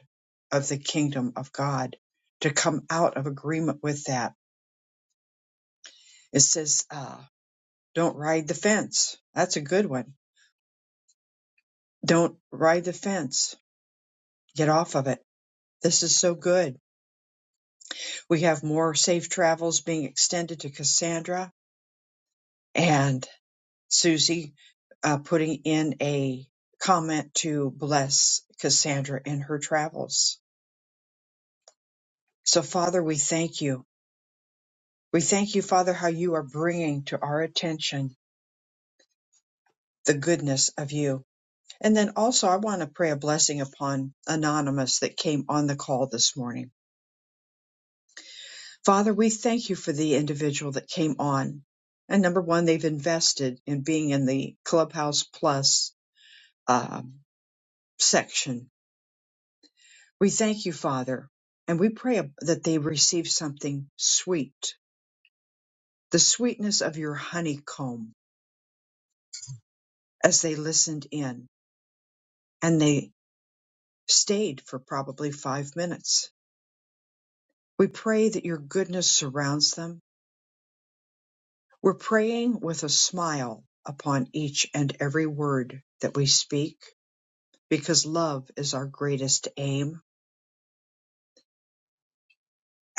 [SPEAKER 1] of the kingdom of God, to come out of agreement with that. It says, uh, don't ride the fence. That's a good one. Don't ride the fence. Get off of it. This is so good. We have more safe travels being extended to Cassandra. And Susie uh, putting in a comment to bless Cassandra in her travels. So, Father, we thank you. We thank you, Father, how you are bringing to our attention the goodness of you. And then also, I want to pray a blessing upon Anonymous that came on the call this morning. Father, we thank you for the individual that came on. And number one, they've invested in being in the Clubhouse Plus um, section We thank you, Father, and we pray that they receive something sweet, the sweetness of your honeycomb as they listened in and they stayed for probably five minutes. We pray that your goodness surrounds them. We're praying with a smile upon each and every word that we speak because love is our greatest aim.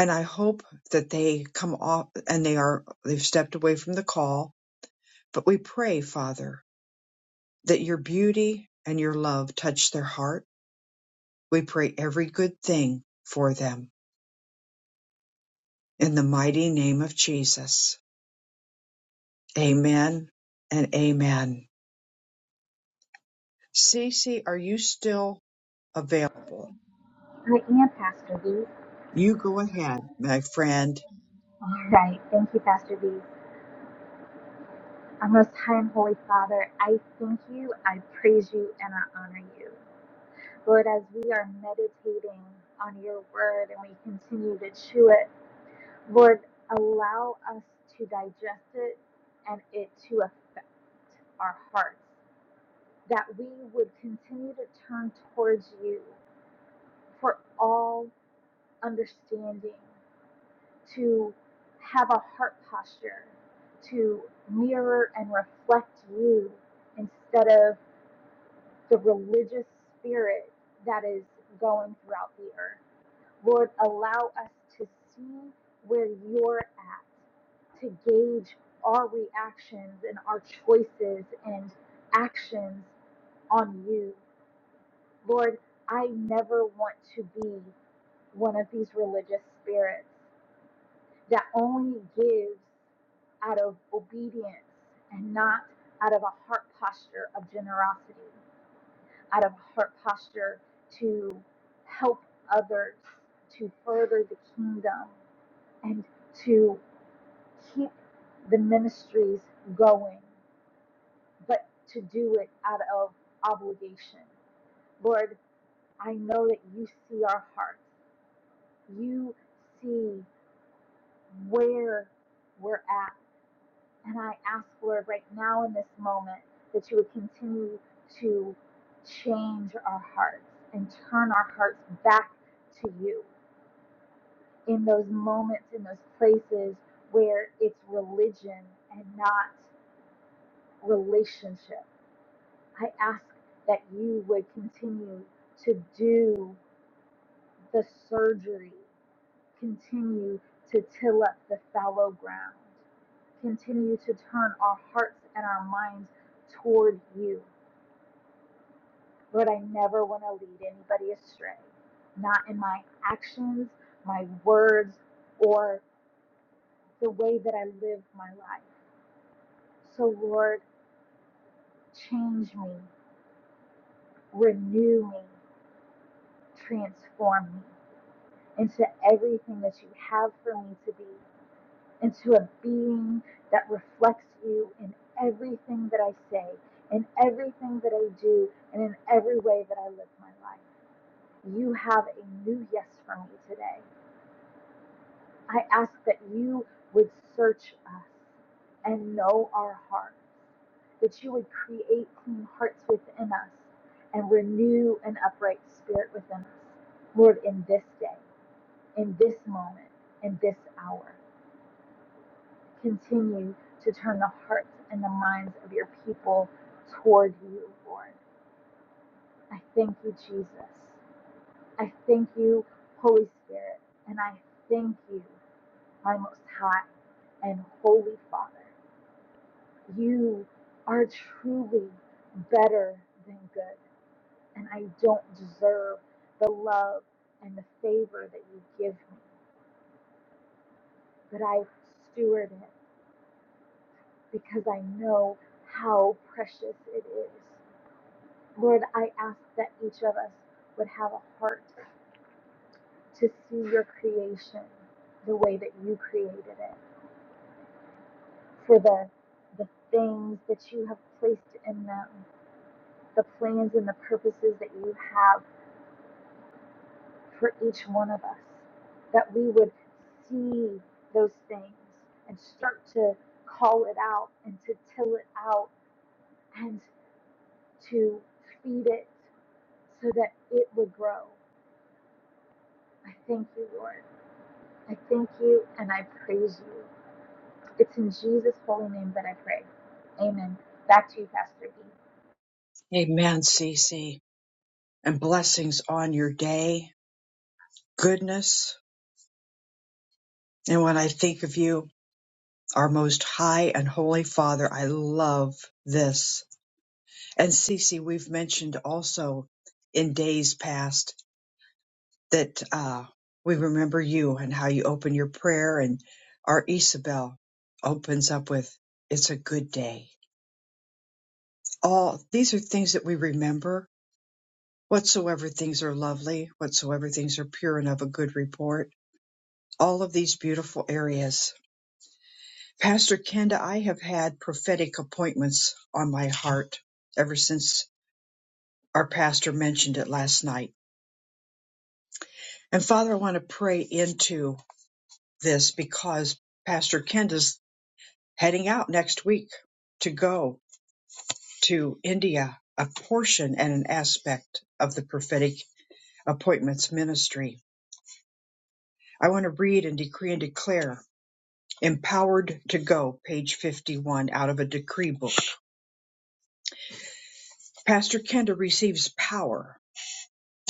[SPEAKER 1] And I hope that they come off and they are, they've stepped away from the call, but we pray, Father, that your beauty and your love touch their heart. We pray every good thing for them. In the mighty name of Jesus. Amen and amen. Cece, are you still available?
[SPEAKER 4] I am Pastor V.
[SPEAKER 1] You go ahead, my friend.
[SPEAKER 4] All right. Thank you, Pastor V. Our Most High and Holy Father, I thank you, I praise you, and I honor you. Lord, as we are meditating on your word and we continue to chew it, Lord, allow us to digest it and it to affect our hearts, that we would continue to turn towards you for all understanding, to have a heart posture, to mirror and reflect you instead of the religious spirit that is going throughout the earth. Lord, allow us to see where you're at, to gauge our reactions and our choices and actions on you. Lord, I never want to be one of these religious spirits that only gives out of obedience and not out of a heart posture of generosity. out of heart posture to help others, to further the kingdom, and to keep the ministries going, but to do it out of obligation. Lord, I know that you see our hearts. You see where we're at. And I ask, Lord, right now in this moment, that you would continue to change our hearts and turn our hearts back to you. in those moments, in those places where it's religion and not relationship. I ask that you would continue to do the surgery, continue to till up the fallow ground, continue to turn our hearts and our minds toward you. Lord, I never want to lead anybody astray, not in my actions, my words, or the way that I live my life. So, Lord, change me, renew me, transform me into everything that you have for me to be, into a being that reflects you in everything that I say, in everything that I do, and in every way that I live my life. You have a new yes for me today. I ask that you would search us and know our hearts that you would create clean hearts within us and renew an upright spirit within us. Lord, in this day, in this moment, in this hour, continue to turn the hearts and the minds of your people toward you, Lord. I thank you, Jesus. I thank you, Holy Spirit. And I thank you, my most high and holy Father. You are truly better than good. and I don't deserve the love and the favor that you give me, but I steward it because I know how precious it is. Lord, I ask that each of us would have a heart to see your creation the way that you created it, for the the things that you have placed in them, the plans and the purposes that you have for each one of us, that we would see those things and start to call it out and to till it out and to feed it so that it would grow. I thank you, Lord. I thank you and I praise you. It's in Jesus' holy name that I pray. Amen. Back to you, Pastor B.
[SPEAKER 1] Amen, Cece. And blessings on your day. Goodness. And when I think of you, our most high and holy Father, I love this. And Cece, we've mentioned also in days past that uh, we remember you and how you open your prayer and our Isabel opens up with, it's a good day. All these are things that we remember. Whatsoever things are lovely, whatsoever things are pure and of a good report. All of these beautiful areas. Pastor Kenda, I have had prophetic appointments on my heart ever since our pastor mentioned it last night. And Father, I want to pray into this because Pastor Kenda's heading out next week to go to India, a portion and an aspect of the prophetic appointments ministry. I want to read and decree and declare empowered to go page 51 out of a decree book pastor kenda receives power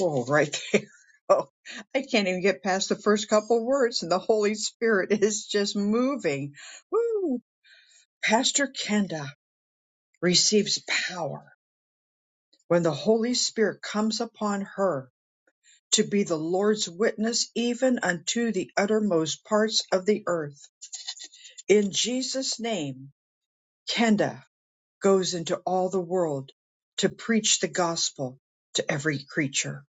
[SPEAKER 1] oh right there *laughs* oh i can't even get past the first couple words and the holy spirit *laughs* is just moving Woo! pastor kenda receives power when the holy spirit comes upon her to be the Lord's witness even unto the uttermost parts of the earth. In Jesus' name, Kenda goes into all the world to preach the gospel to every creature.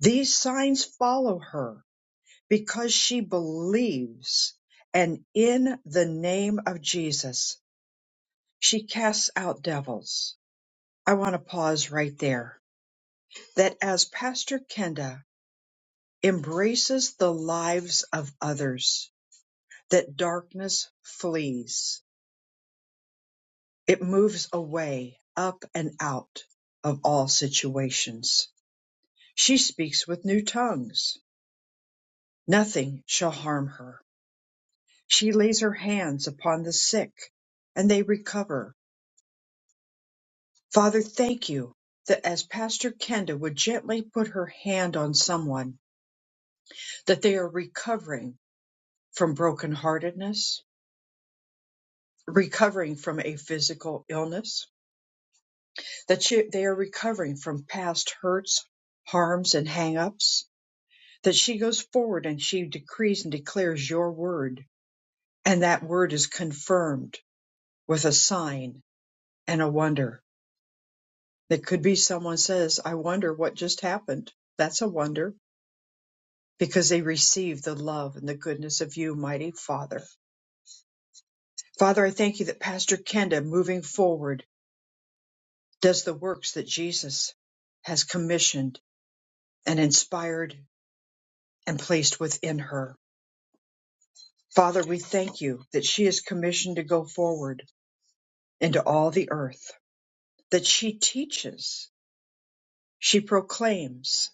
[SPEAKER 1] These signs follow her because she believes, and in the name of Jesus, she casts out devils. I want to pause right there. That as Pastor Kenda embraces the lives of others, that darkness flees. It moves away, up and out of all situations. She speaks with new tongues. Nothing shall harm her. She lays her hands upon the sick and they recover. Father, thank you that as Pastor Kenda would gently put her hand on someone, that they are recovering from brokenheartedness, recovering from a physical illness, that she, they are recovering from past hurts, harms, and hang-ups. that she goes forward and she decrees and declares your word, and that word is confirmed with a sign and a wonder. It could be someone says, I wonder what just happened. That's a wonder because they receive the love and the goodness of you, mighty Father. Father, I thank you that Pastor Kenda moving forward does the works that Jesus has commissioned and inspired and placed within her. Father, we thank you that she is commissioned to go forward into all the earth, that she teaches, she proclaims,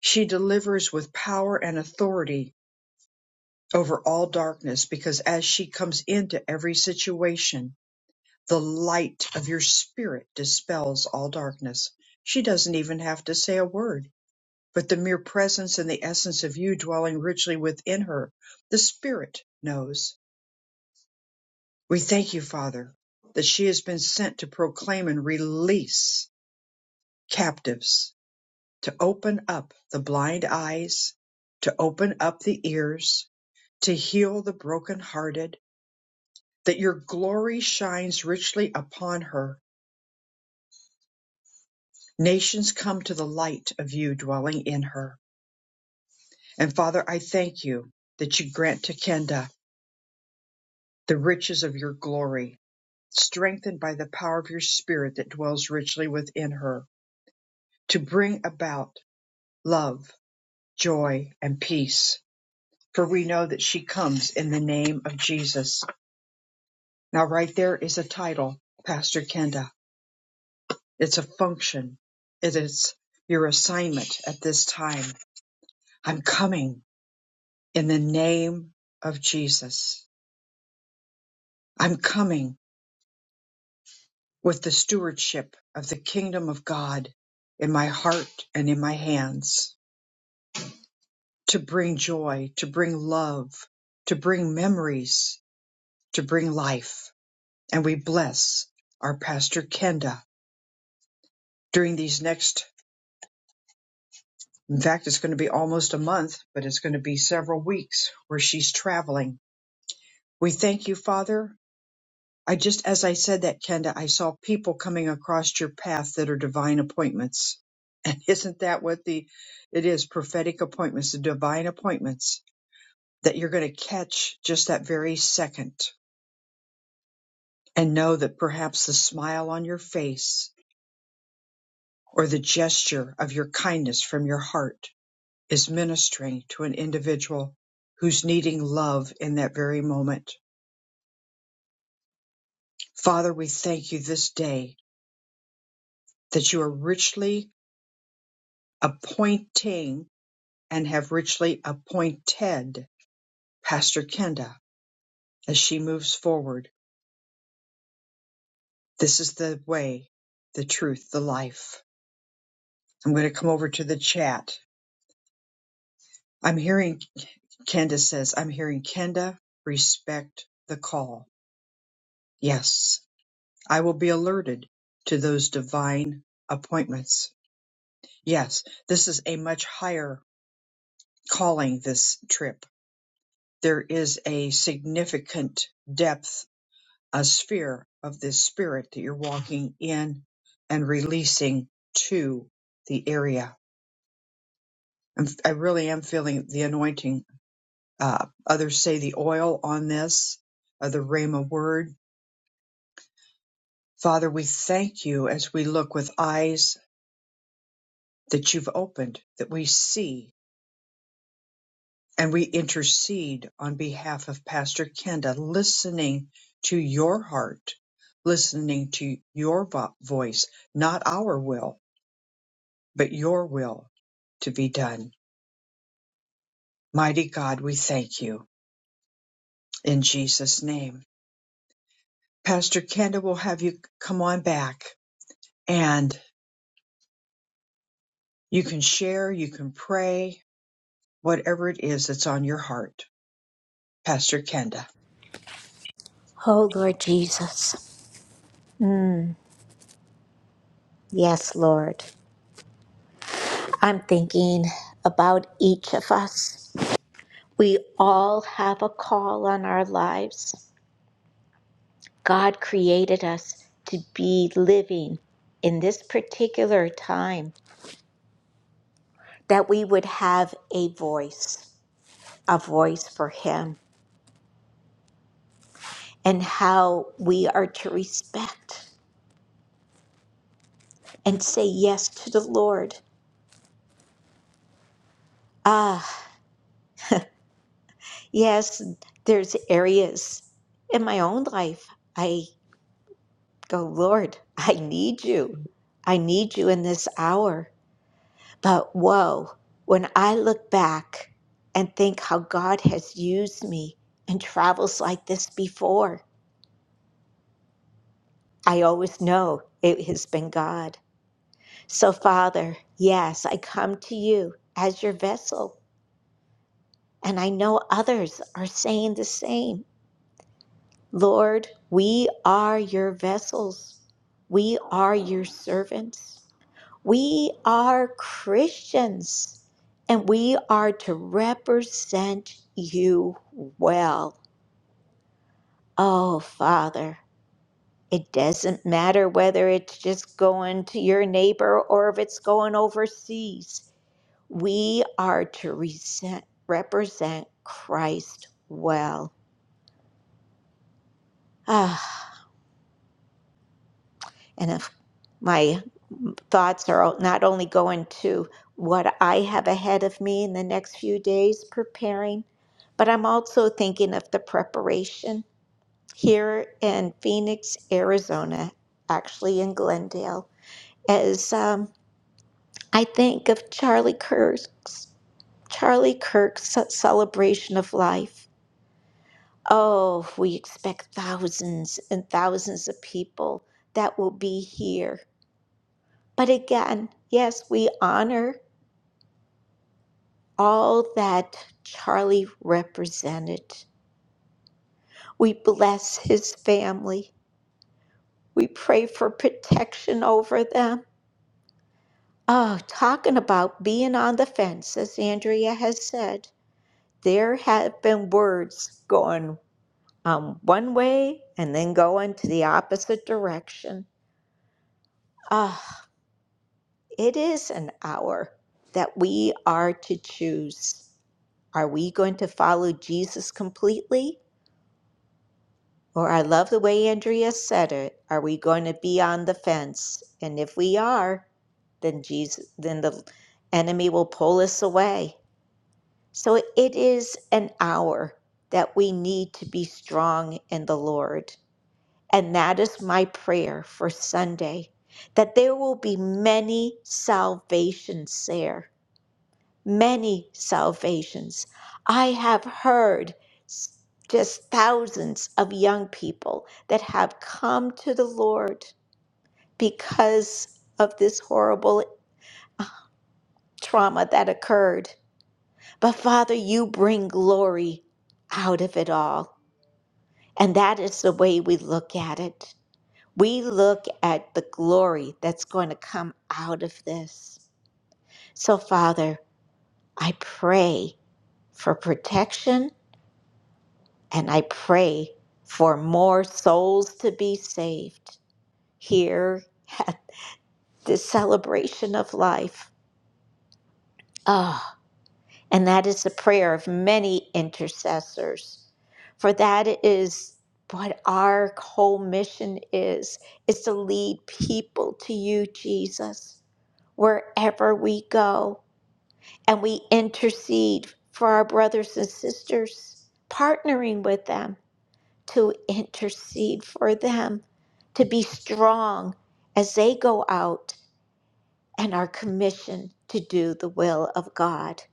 [SPEAKER 1] she delivers with power and authority over all darkness, because as she comes into every situation, the light of your spirit dispels all darkness. She doesn't even have to say a word, but the mere presence and the essence of you dwelling richly within her, the spirit knows We thank you, Father, that she has been sent to proclaim and release captives, to open up the blind eyes, to open up the ears, to heal the brokenhearted, that your glory shines richly upon her. Nations come to the light of you dwelling in her. And Father, I thank you that you grant to Kenda the riches of your glory, strengthened by the power of your spirit that dwells richly within her, to bring about love, joy, and peace. For we know that she comes in the name of Jesus. Now, right there is a title, Pastor Kenda. It's a function. It is your assignment at this time. I'm coming in the name of Jesus. I'm coming with the stewardship of the kingdom of God in my heart and in my hands to bring joy, to bring love, to bring memories, to bring life. and we bless our pastor Kenda during these next in fact it's going to be almost a month but it's going to be several weeks where she's traveling we thank you father i just as i said that Kenda i saw people coming across your path that are divine appointments *laughs* and isn't that what the it is prophetic appointments the divine appointments that you're going to catch just that very second and know that perhaps the smile on your face or the gesture of your kindness from your heart is ministering to an individual who's needing love in that very moment. Father, we thank you this day that you are richly appointing and have richly appointed Pastor Kenda as she moves forward. This is the way, the truth, the life. I'm going to come over to the chat. I'm hearing Kenda says, I'm hearing Kenda respect the call. Yes, I will be alerted to those divine appointments. Yes, this is a much higher calling this trip. There is a significant depth, a sphere of this spirit that you're walking in and releasing to the area. I'm, I really am feeling the anointing. Uh, others say the oil on this, uh, the Rhema word. Father, we thank you as we look with eyes that you've opened, that we see and we intercede on behalf of Pastor Kenda, listening to your heart, listening to your vo- voice, not our will, but your will to be done. Mighty God, we thank you in Jesus' name. Pastor Kenda will have you come on back and you can share, you can pray, whatever it is that's on your heart. Pastor Kenda,
[SPEAKER 3] Oh Lord Jesus. Mm, yes, Lord. I'm thinking about each of us. We all have a call on our lives. God created us to be living in this particular time, that we would have a voice, a voice for Him, and how we are to respect and say yes to the Lord. Ah, yes, there's areas in my own life. Go, Lord, I need you. I need you in this hour. But whoa, when I look back and think how God has used me in travels like this before, I always know it has been God. So, Father, yes, I come to you as your vessel, and I know others are saying the same. Lord, we are your vessels, we are your servants. We are Christians and we are to represent you well. Oh, Father, it doesn't matter whether it's just going to your neighbor or if it's going overseas. We are to resent, represent Christ well. Ah, and if my thoughts are not only going to what I have ahead of me in the next few days preparing, but I'm also thinking of the preparation here in Phoenix, Arizona, actually in Glendale, as um, I think of Charlie Kirk's Charlie Kirk's celebration of life. Oh, we expect thousands and thousands of people that will be here. But again, yes, we honor all that Charlie represented. We bless his family. We pray for protection over them. Oh, talking about being on the fence, as Andrea has said, there have been words going um, one way and then going to the opposite direction. Ah, oh, it is an hour that we are to choose. Are we going to follow Jesus completely Or I love the way Andrea said it. Are we going to be on the fence? And if we are, then Jesus, then the enemy will pull us away. So it is an hour that we need to be strong in the Lord. And that is my prayer for Sunday, that there will be many salvations there many salvations. I have heard just thousands of young people that have come to the Lord because of this horrible trauma that occurred. But Father, you bring glory out of it all. And that is the way we look at it. We look at the glory that's going to come out of this. So, Father, I pray for protection And I pray for more souls to be saved here *laughs* at this celebration of life. Ah, and that is the prayer of many intercessors. For that is what our whole mission is, is to lead people to you, Jesus, wherever we go. And we intercede for our brothers and sisters, partnering with them to intercede for them, to be strong as they go out and are commissioned to do the will of God.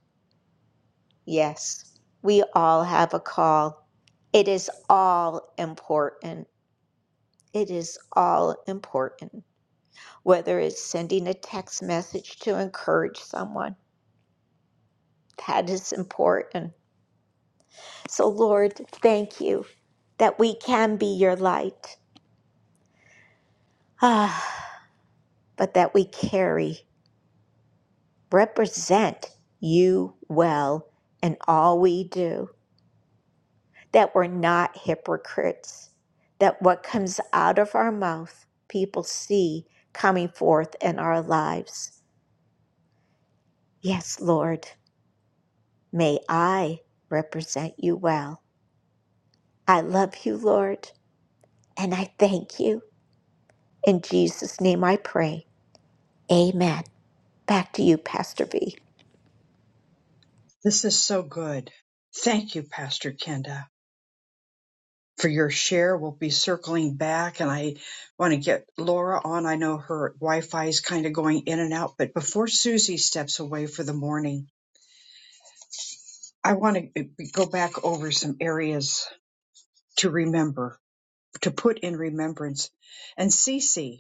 [SPEAKER 3] Yes, we all have a call. It is all important. It is all important. Whether it's sending a text message to encourage someone, that is important. So, Lord, thank you that we can be your light, *sighs* ah, but that we carry. represent you well in all we do, that we're not hypocrites, that what comes out of our mouth, people see coming forth in our lives. Yes, Lord, may I represent you well. I love you, Lord, and I thank you. In Jesus' name I pray. Amen. Back to you, Pastor V.
[SPEAKER 1] this is so good. Thank you, Pastor Kenda. for your share. We'll be circling back, and I want to get Laura on. I know her Wi Fi is kind of going in and out, but before Susie steps away for the morning, I want to go back over some areas to remember, to put in remembrance. And Cece,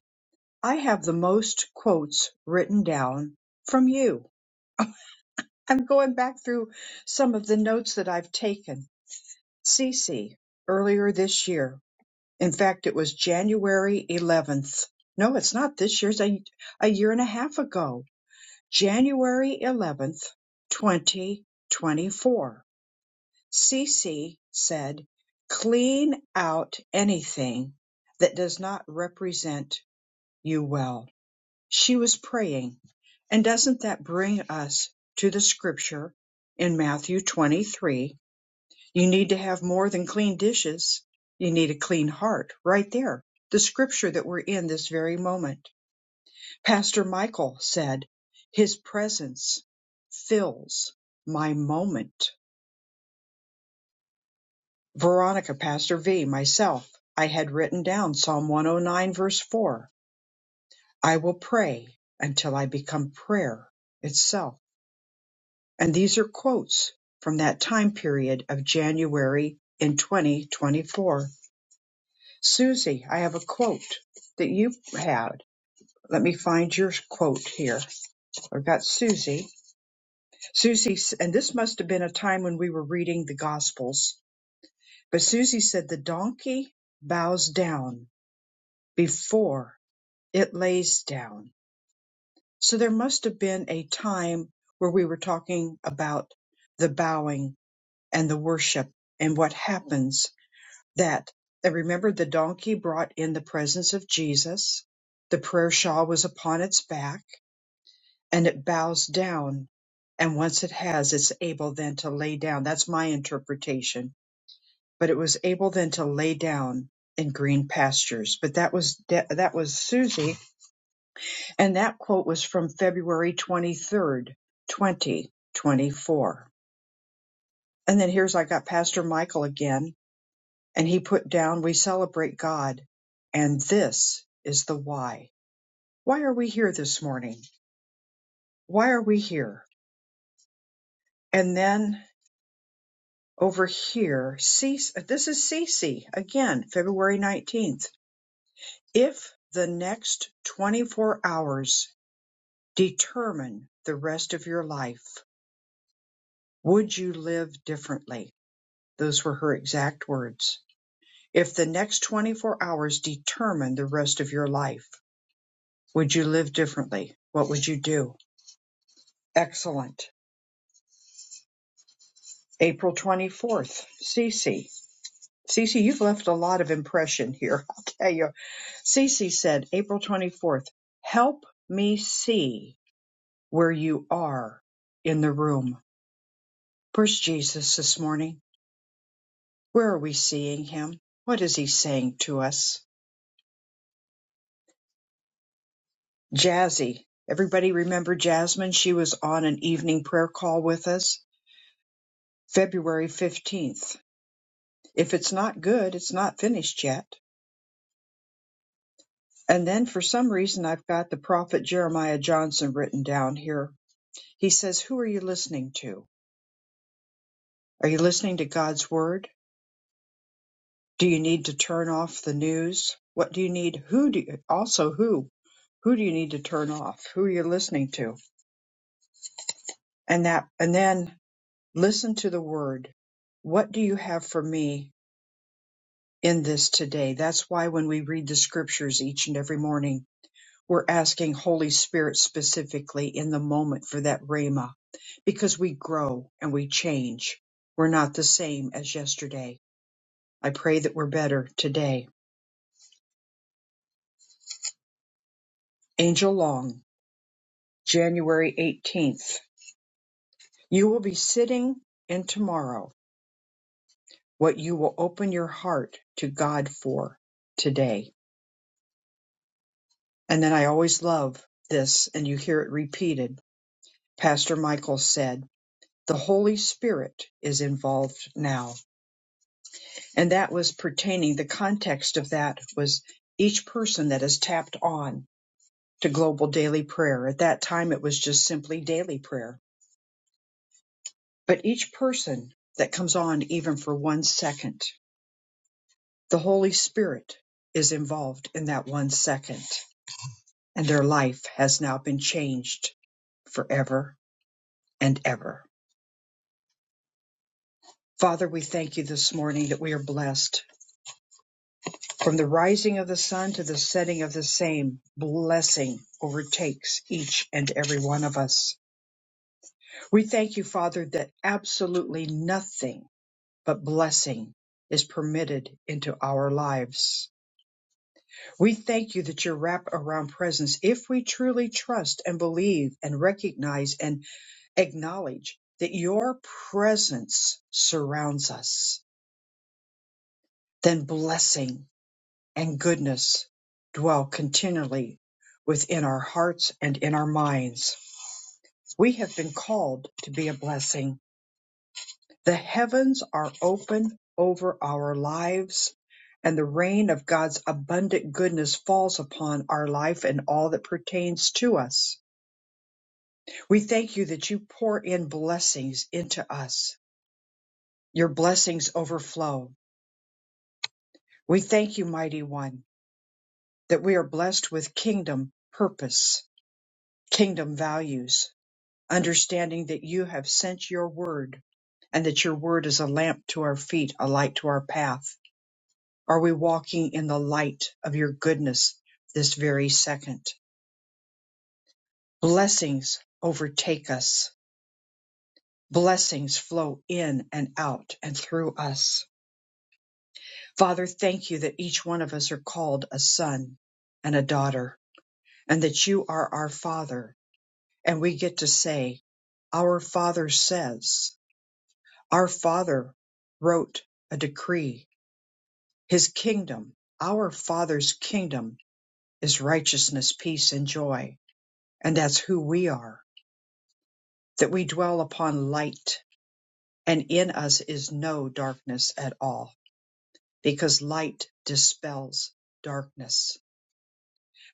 [SPEAKER 1] I have the most quotes written down from you. I'm going back through some of the notes that I've taken. Cece, earlier this year, In fact, it was January 11th. No, it's not this year. It's a, a year and a half ago. January 11th, 2024. CC said, clean out anything that does not represent you well. She was praying. And doesn't that bring us to the scripture in Matthew 23 you need to have more than clean dishes. You need a clean heart right there. The scripture that we're in this very moment. Pastor Michael said, His presence fills my moment. Veronica, Pastor V, myself, I had written down Psalm 109, verse 4. I will pray until I become prayer itself. And these are quotes from that time period of January in 2024 Susie, I have a quote that you had. Let me find your quote here. I've got Susie. Susie, s- and this must have been a time when we were reading the Gospels, but Susie said, The donkey bows down before it lays down. So there must have been a time where we were talking about the bowing and the worship and what happens that I remembered the donkey brought in the presence of Jesus. The prayer shawl was upon its back, and it bows down. And once it has, it's able then to lay down. That's my interpretation. But it was able then to lay down in green pastures. But that was De- that was Susie, and that quote was from February twenty third, twenty twenty four. And then here's I got Pastor Michael again and he put down, We celebrate God, and this is the why. Why are we here this morning? Why are we here? And then over here, cease. This is Cece again, February 19th. If the next 24 hours determine the rest of your life, would you live differently? Those were her exact words. If the next 24 hours determine the rest of your life, would you live differently? What would you do? Excellent. April 24th, Cece. Cece, you've left a lot of impression here. *laughs* I'll tell you. Cece said, April 24th, help me see where you are in the room. Where's Jesus this morning? Where are we seeing him? What is he saying to us? Jazzy. Everybody remember Jasmine? She was on an evening prayer call with us February 15th. If it's not good, it's not finished yet. And then for some reason, I've got the prophet Jeremiah Johnson written down here. He says, Who are you listening to? Are you listening to God's word? Do you need to turn off the news? What do you need? Who do you, also who? Who do you need to turn off? Who are you listening to? And that, and then listen to the word. What do you have for me in this today? That's why when we read the scriptures each and every morning, We're asking Holy Spirit specifically in the moment for that Rhema because we grow and we change. We're not the same as yesterday. I pray that we're better today. Angel Long, January 18th. You will be sitting in tomorrow what you will open your heart to God for today. And then I always love this, and you hear it repeated. Pastor Michael said, The Holy Spirit is involved now. And that was pertaining, the context of that was each person that is tapped on to global daily prayer. At that time, it was just simply daily prayer. But each person that comes on, even for one second, the Holy Spirit is involved in that one second, and their life has now been changed forever and ever. Father, we thank you this morning that we are blessed From the rising of the sun to the setting of the same, blessing overtakes each and every one of us. We thank you, Father, that absolutely nothing but blessing is permitted into our lives. We thank you that your wrap around presence, if we truly trust and believe and recognize and acknowledge that your presence surrounds us, then blessing and goodness dwell continually within our hearts and in our minds. We have been called to be a blessing. The heavens are open over our lives, and the rain of God's abundant goodness falls upon our life and all that pertains to us. We thank you that you pour in blessings into us. Your blessings overflow. We thank you, Mighty One, that we are blessed with kingdom purpose, kingdom values understanding that you have sent your word and that your word is a lamp to our feet, a light to our path. Are we walking in the light of your goodness this very second? Blessings overtake us. Blessings flow in and out and through us. Father, thank you that each one of us are called a son and a daughter and that you are our father and we get to say, our father says, Our Father wrote a decree, His kingdom, our Father's kingdom is righteousness, peace, and joy. And that's who we are, that we dwell upon light, and in us is no darkness at all, because light dispels darkness.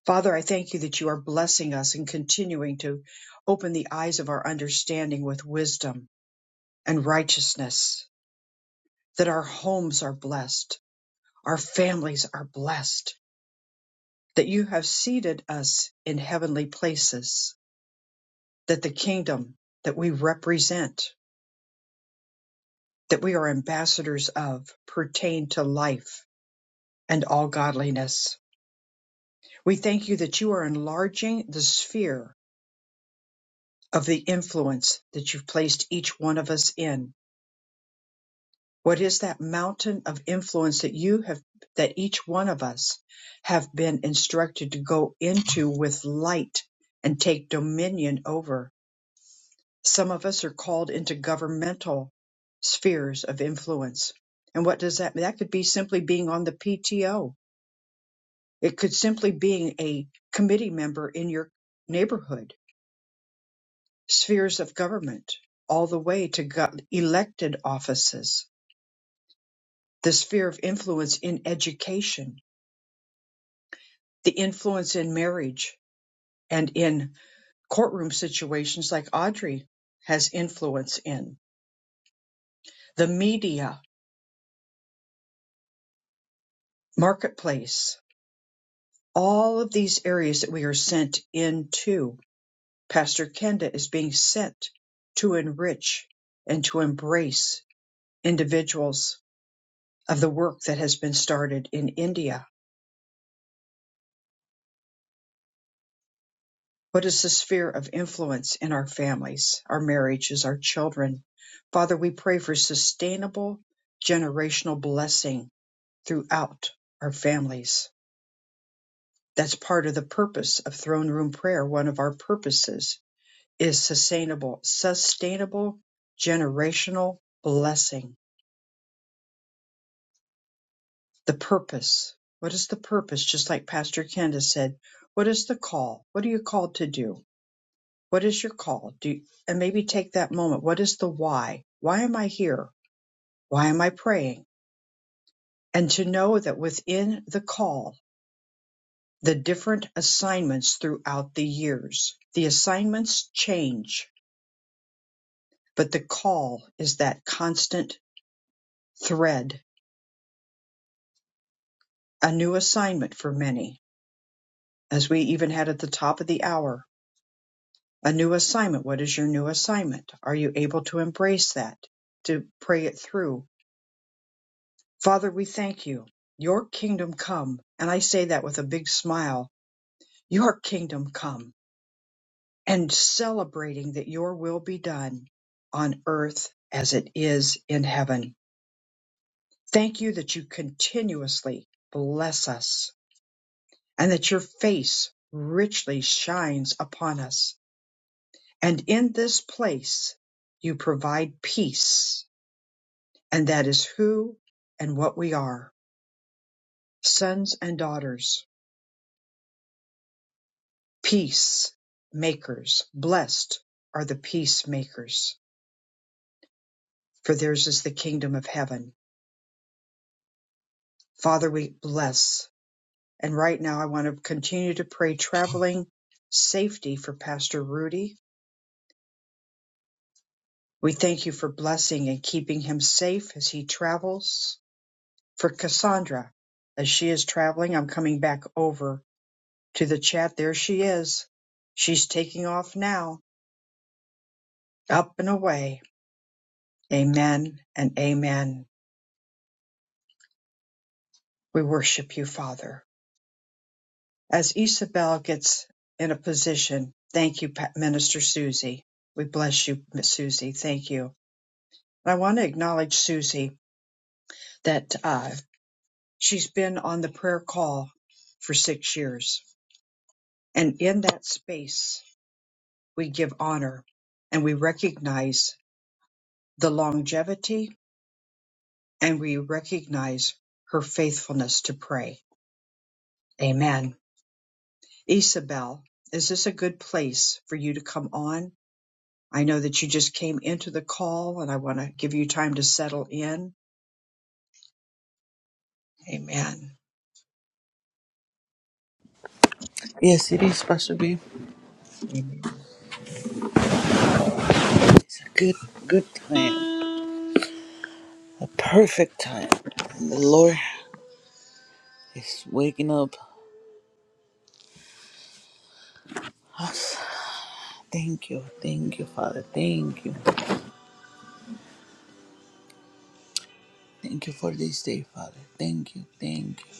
[SPEAKER 1] Father, I thank you that you are blessing us and continuing to open the eyes of our understanding with wisdom and righteousness, that our homes are blessed, our families are blessed that you have seated us in heavenly places, that the kingdom that we represent, that we are ambassadors of, pertain to life and all godliness. We thank you that you are enlarging the sphere of the influence that you've placed each one of us in. What is that mountain of influence that you have, that each one of us have been instructed to go into with light and take dominion over? Some of us are called into governmental spheres of influence. And what does that mean? That could be simply being on the PTO. It could simply being a committee member in your neighborhood, spheres of government, all the way to go- elected offices, the sphere of influence in education, the influence in marriage and in courtroom situations like Audrey has influence in, the media, marketplace all of these areas that we are sent into, Pastor Kenda is being sent to enrich and to embrace individuals of the work that has been started in India. What is the sphere of influence in our families, our marriages, our children? Father, we pray for sustainable generational blessing throughout our families. That's part of the purpose of throne room prayer, one of our purposes is sustainable, sustainable generational blessing. The purpose. What is the purpose? Just like Pastor Kenda said, what is the call? What are you called to do? What is your call? Do you, and maybe take that moment. What is the why? Why am I here? Why am I praying? And to know that within the call, the different assignments throughout the years, the assignments change, but the call is that constant thread, a new assignment for many as we even had at the top of the hour, a new assignment. What is your new assignment? Are you able to embrace that, to pray it through? Father, we thank you. Your kingdom come. And I say that with a big smile. Your kingdom come. And celebrating that your will be done on earth as it is in heaven. Thank you that you continuously bless us and that your face richly shines upon us And in this place, you provide peace. And that is who and what we are sons and daughters, peace makers. Blessed are the peacemakers, for theirs is the kingdom of heaven. Father, we bless. And right now, I want to continue to pray traveling safety for Pastor Rudy. We thank you for blessing and keeping him safe as he travels. For Cassandra, as she is traveling, I'm coming back over to the chat. There she is. She's taking off now, up and away. Amen and amen. We worship you, Father. As Isabel gets in a position, thank you, Minister Susie. We bless you, Miss Susie. Thank you. I want to acknowledge Susie that uh, she's been on the prayer call for six years. And in that space, we give honor and we recognize the longevity and we recognize her faithfulness to pray. Amen. Isabel, is this a good place for you to come on? I know that you just came into the call and I want to give you time to settle in. Amen.
[SPEAKER 6] Yes, it is, Pastor B.
[SPEAKER 1] Amen.
[SPEAKER 6] It's a good, good time. A perfect time. And the Lord is waking up us. Thank you, thank you, Father. Thank you. Thank you for this day, Father. Thank you, thank you,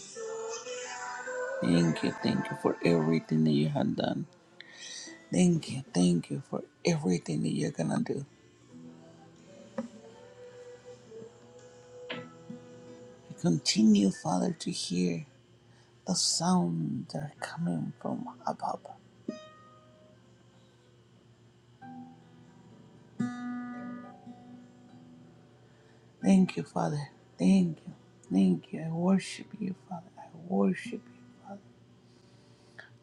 [SPEAKER 6] thank you, thank you for everything that you have done. Thank you, thank you for everything that you're gonna do. I continue, Father, to hear the sound that are coming from above. Thank you, Father. Thank you. Thank you. I worship you, Father. I worship you, Father.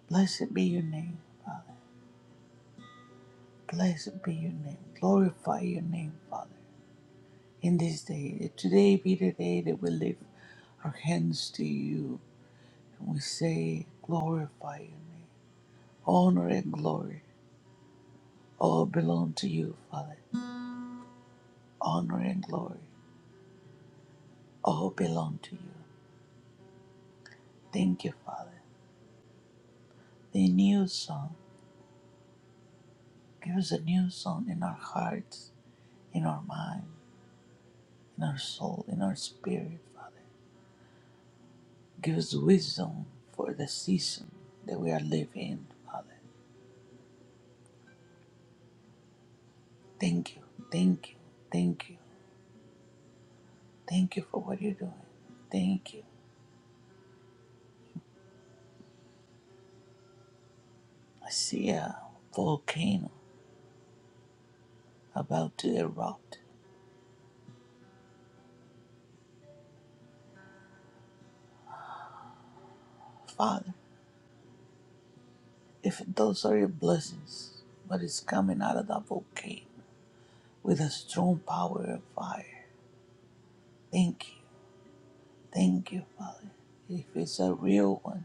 [SPEAKER 6] Blessed be your name, Father. Blessed be your name. Glorify your name, Father. In this day, that today be the day that we lift our hands to you and we say, Glorify your name. Honor and glory all belong to you, Father. Honor and glory all belong to you. Thank you, Father. The new song. Give us a new song in our hearts in our mind, in our soul, in our spirit, Father. Give us wisdom for the season that we are living in, Father. Thank you, thank you, thank you, thank you for what you're doing. Thank you. I see a volcano about to erupt. Father, if those are your blessings, but it's coming out of that volcano with a strong power of fire. Thank you, thank you, Father. If it's a real one,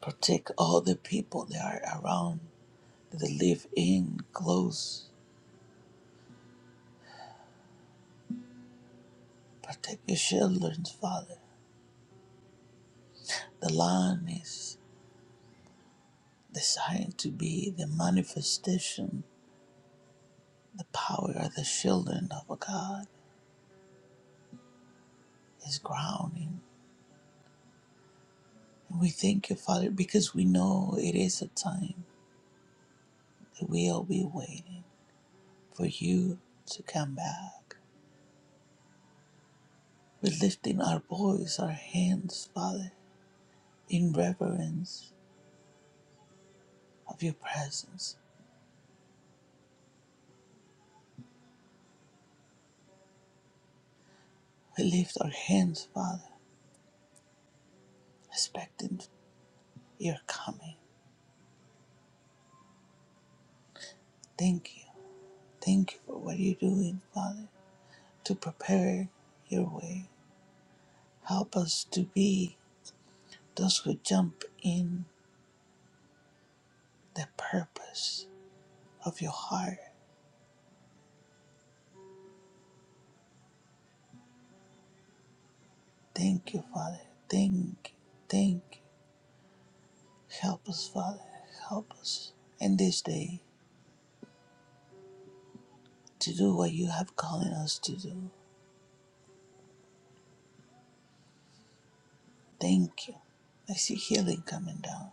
[SPEAKER 6] Protect all the people that are around, that live in close. Protect your children, Father. The land is designed to be the manifestation, the power of the children of God is grounding. And we thank you, Father, because we know it is a time that we'll be waiting for you to come back. We're lifting our voice, our hands, Father, in reverence of your presence We lift our hands, Father, expecting your coming. Thank you. Thank you for what you're doing, Father, to prepare your way. Help us to be those who jump in the purpose of your heart. Thank you, Father. Thank you. Thank you. Help us, Father. Help us in this day to do what you have calling us to do. Thank you. I see healing coming down.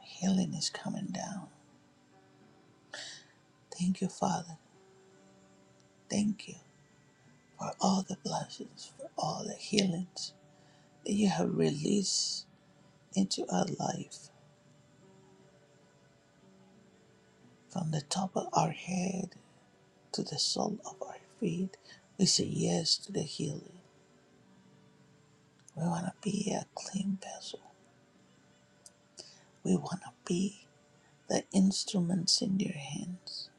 [SPEAKER 6] Healing is coming down. Thank you, Father. Thank you for all the blessings, for all the healings that you have released into our life from the top of our head to the sole of our feet. We say yes to the healing. We want to be a clean vessel. We want to be the instruments in your hands,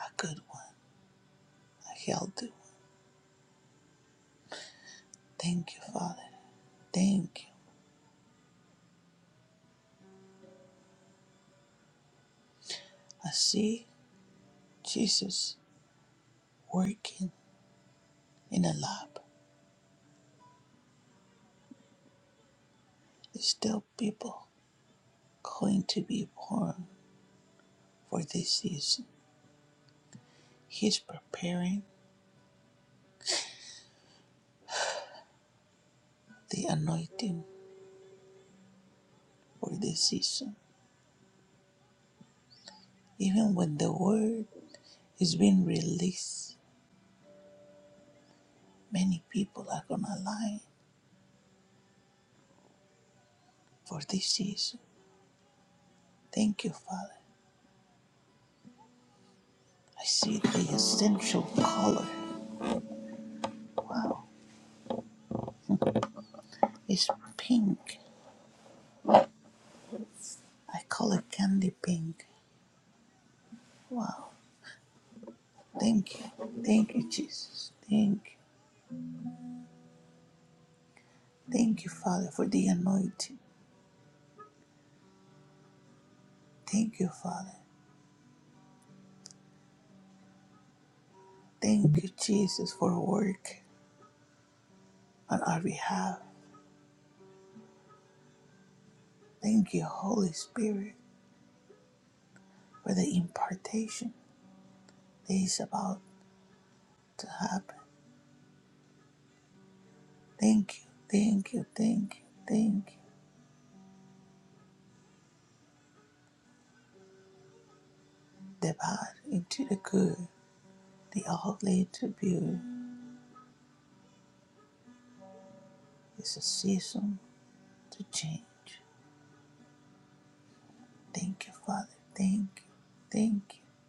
[SPEAKER 6] a good one, a healthy one. Thank you, Father. Thank you. I see Jesus working in a lab. There's still people going to be born for this season. He's preparing the anointing for this season. Even when the word is being released, many people are going to align for this season. Thank you, Father. I see the essential color. Wow. It's pink. I call it candy pink. Wow. Thank you. Thank you, Jesus. Thank you. Thank you, Father, for the anointing. Thank you, Father. Thank you, Jesus, for work on our behalf. Thank you, Holy Spirit, for the impartation that is about to happen. Thank you, thank you, thank you, thank you. The bad into the good, the ugly to beauty. It's a season to change. Thank you, Father. Thank you, thank you,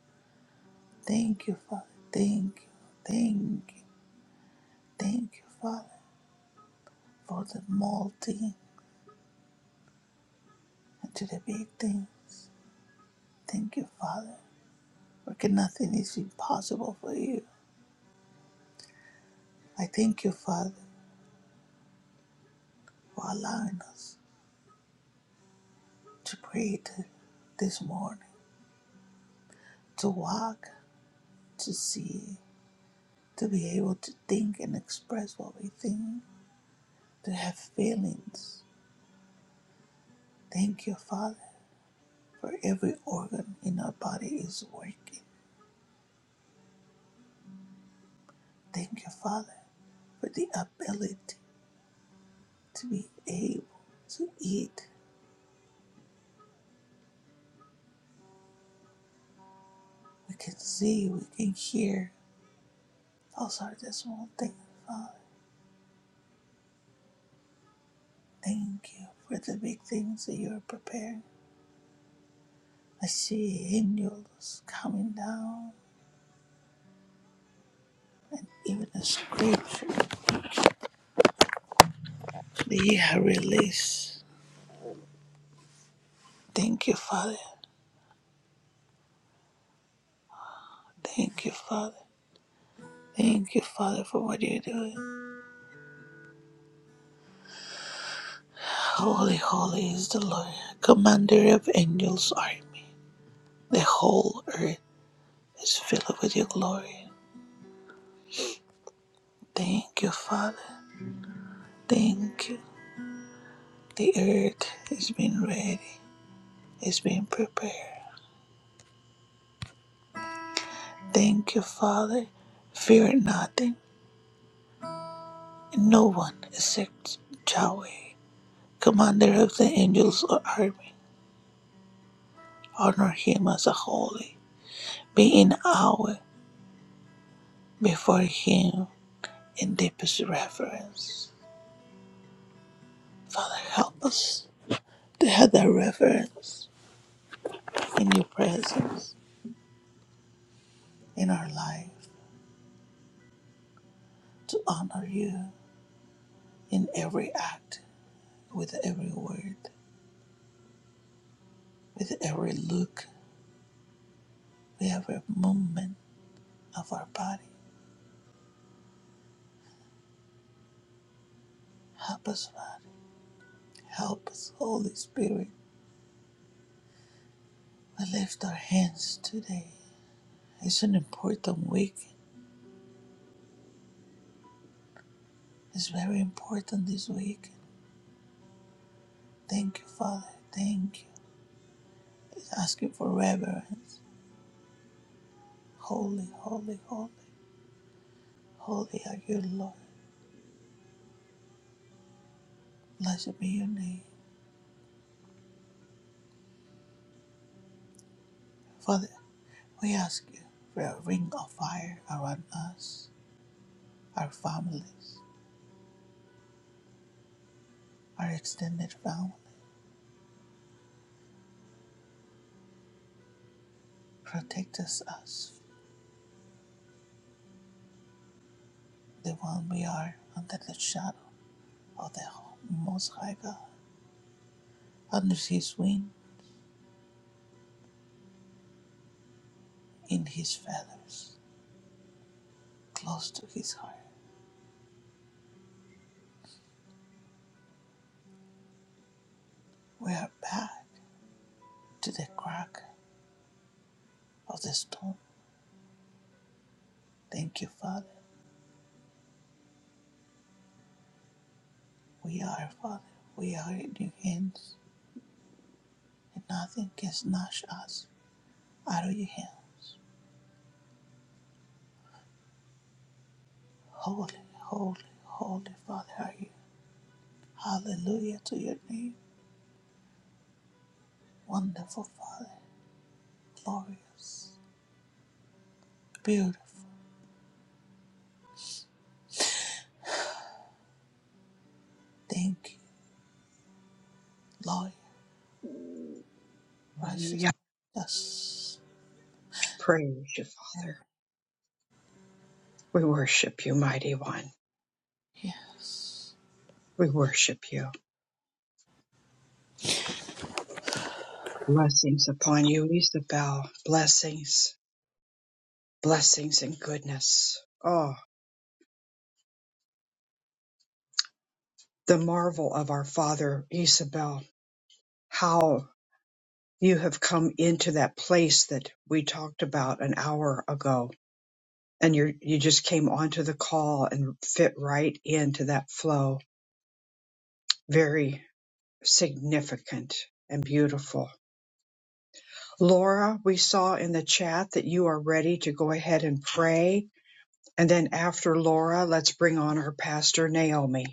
[SPEAKER 6] thank you, Father. Thank you, thank you, thank you, Father, for the small thing and to the big things. Thank you, Father, for nothing is impossible for you. I thank you, Father. for allowing us to pray to this morning, to walk, to see, to be able to think and express what we think, to have feelings. Thank you, Father, for every organ in our body is working. Thank you, Father, for the ability to be able to eat. We can see, we can hear. Those are the small things. Thank you for the big things that you're preparing. I see angels coming down Even as gratefully I released. Thank you, Father. Thank you, Father. Thank you, Father, for what you're doing. Holy, holy is the Lord, commander of angels' army. The whole earth is filled with your glory. Thank you, Father. Thank you. The earth is being ready, is being prepared. Thank you, Father. Fear nothing. No one except Yahweh, commander of the angels' army. Honor him as a holy. Be in awe before him in deepest reverence. Father, help us to have that reverence in your presence, in our life, to honor you in every act, with every word, with every look, with every movement of our body. Help us, Father. Help us, Holy Spirit. We lift our hands today. It's an important week. It's very important this week Thank you, Father. Thank you. We ask you for reverence. Holy, holy, holy, holy are you, Lord. Blessed be your name. Father, we ask you for a ring of fire around us, our families, our extended family. Protect us, us, the one we are, under the shadow of the Most High God. Under his wing, in his feathers, close to his heart. We are back to the crack of the storm. Thank you, Father. We are, Father. We are in your hands, and nothing can snatch us out of your hands. Holy, holy, holy Father are you. Hallelujah to your name. Wonderful Father, glorious, beautiful. Thank you, Lord, righteous.
[SPEAKER 1] Hallelujah.
[SPEAKER 6] Yes,
[SPEAKER 1] Praise you, Father. We worship you, mighty one.
[SPEAKER 6] yes.
[SPEAKER 1] We worship you. Blessings upon you, Isabel. Blessings, blessings and goodness. Oh, the marvel of our Father, Isabel. How you have come into that place that we talked about an hour ago and you you just came onto the call and fit right into that flow very significant and beautiful Laura we saw in the chat that you are ready to go ahead and pray and then after Laura let's bring on our pastor Naomi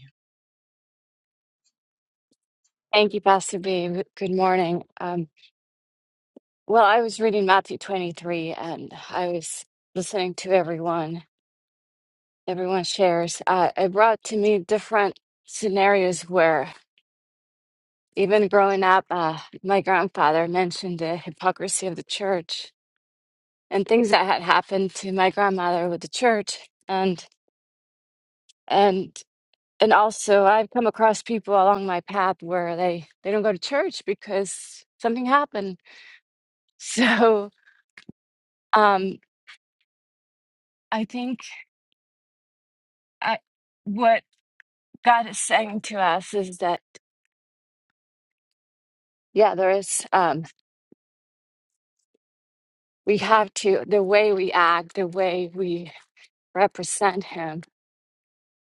[SPEAKER 7] Thank you, Pastor B. Good morning. Um, well, I was reading Matthew 23 and I was listening to everyone, everyone shares. Uh, it brought to me different scenarios where, even growing up, uh, my grandfather mentioned the hypocrisy of the church and things that had happened to my grandmother with the church. And, and, and also I've come across people along my path where they, they don't go to church because something happened. *laughs* So, um, I think I, what God is saying to us is that, yeah, there is, um, we have to, the way we act, the way we represent Him,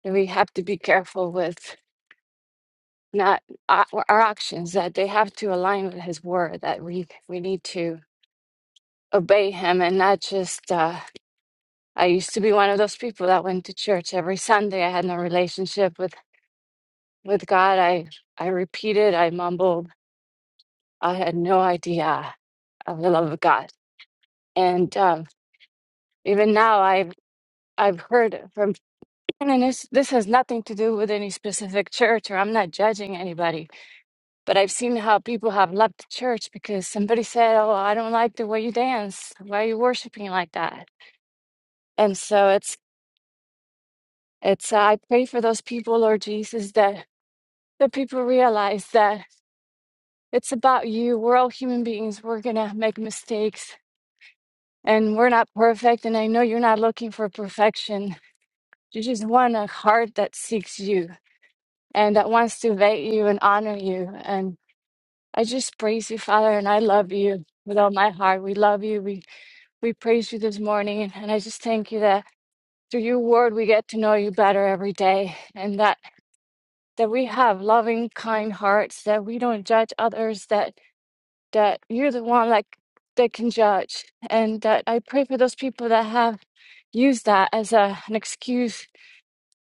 [SPEAKER 7] and we have to be careful with not uh, our actions, that they have to align with His word, that we, we need to obey Him and not just, uh, I used to be one of those people that went to church every Sunday. I had no relationship with, with God. I, I repeated, I mumbled. I had no idea of the love of God and um, even now I've I've heard from and this this has nothing to do with any specific church or I'm not judging anybody, but I've seen how people have left the church because somebody said, "Oh, I don't like the way you dance. Why are you worshiping like that?" And so it's it's uh, I pray for those people, Lord Jesus, that the people realize that it's about you. We're all human beings. We're gonna make mistakes. And we're not perfect, and I know you're not looking for perfection. You just want a heart that seeks you and that wants to vet you and honor you. And I just praise you, Father, and I love you with all my heart. We love you. We we praise you this morning, and I just thank you that through your word we get to know you better every day, and that that we have loving, kind hearts, that we don't judge others, that that you're the one like that can judge, and that I pray for those people that have used that as a, an excuse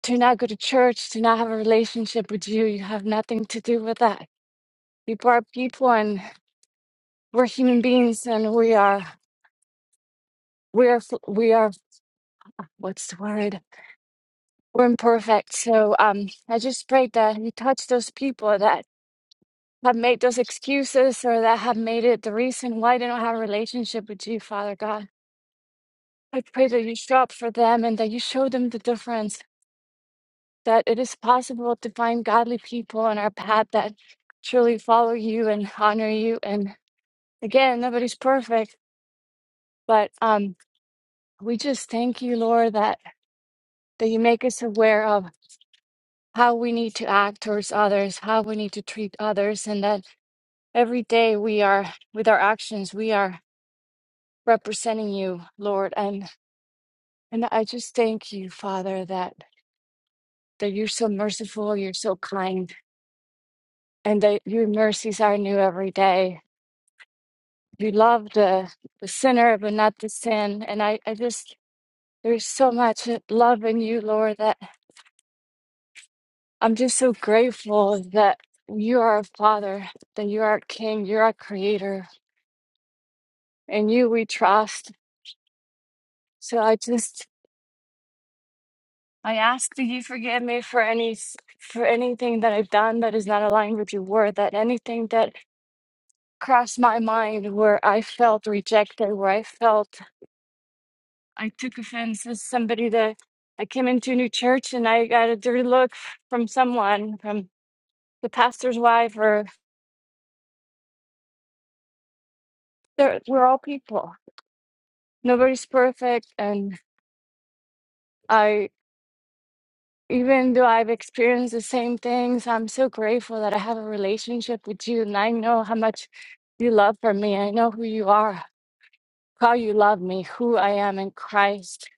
[SPEAKER 7] to not go to church, to not have a relationship with you. You have nothing to do with that people are people and we're human beings and we are we are fl- we are what's the word we're imperfect so um i just prayed that you touch those people that have made those excuses or that have made it the reason why they don't have a relationship with you father god i pray that you show up for them and that you show them the difference that it is possible to find godly people on our path that truly follow you and honor you and again nobody's perfect but um we just thank you lord that that you make us aware of how we need to act towards others, how we need to treat others, and that every day we are, with our actions, we are representing you, Lord. And and I just thank you, Father, that that you're so merciful, you're so kind, and that your mercies are new every day. You love the, the sinner, but not the sin. And I, I just, there's so much love in you, Lord, that I'm just so grateful that you are a father, that you are a king, you're a creator, and you we trust. So I just I ask that you forgive me for any for anything that I've done that is not aligned with your word, that anything that crossed my mind where I felt rejected, where I felt I took offense as somebody that I came into a new church and I got a dirty look from someone, from the pastor's wife or they're- we're all people. Nobody's perfect and I, even though I've experienced the same things, I'm so grateful that I have a relationship with you and I know how much you love for me. I know who you are, how you love me, who I am in Christ,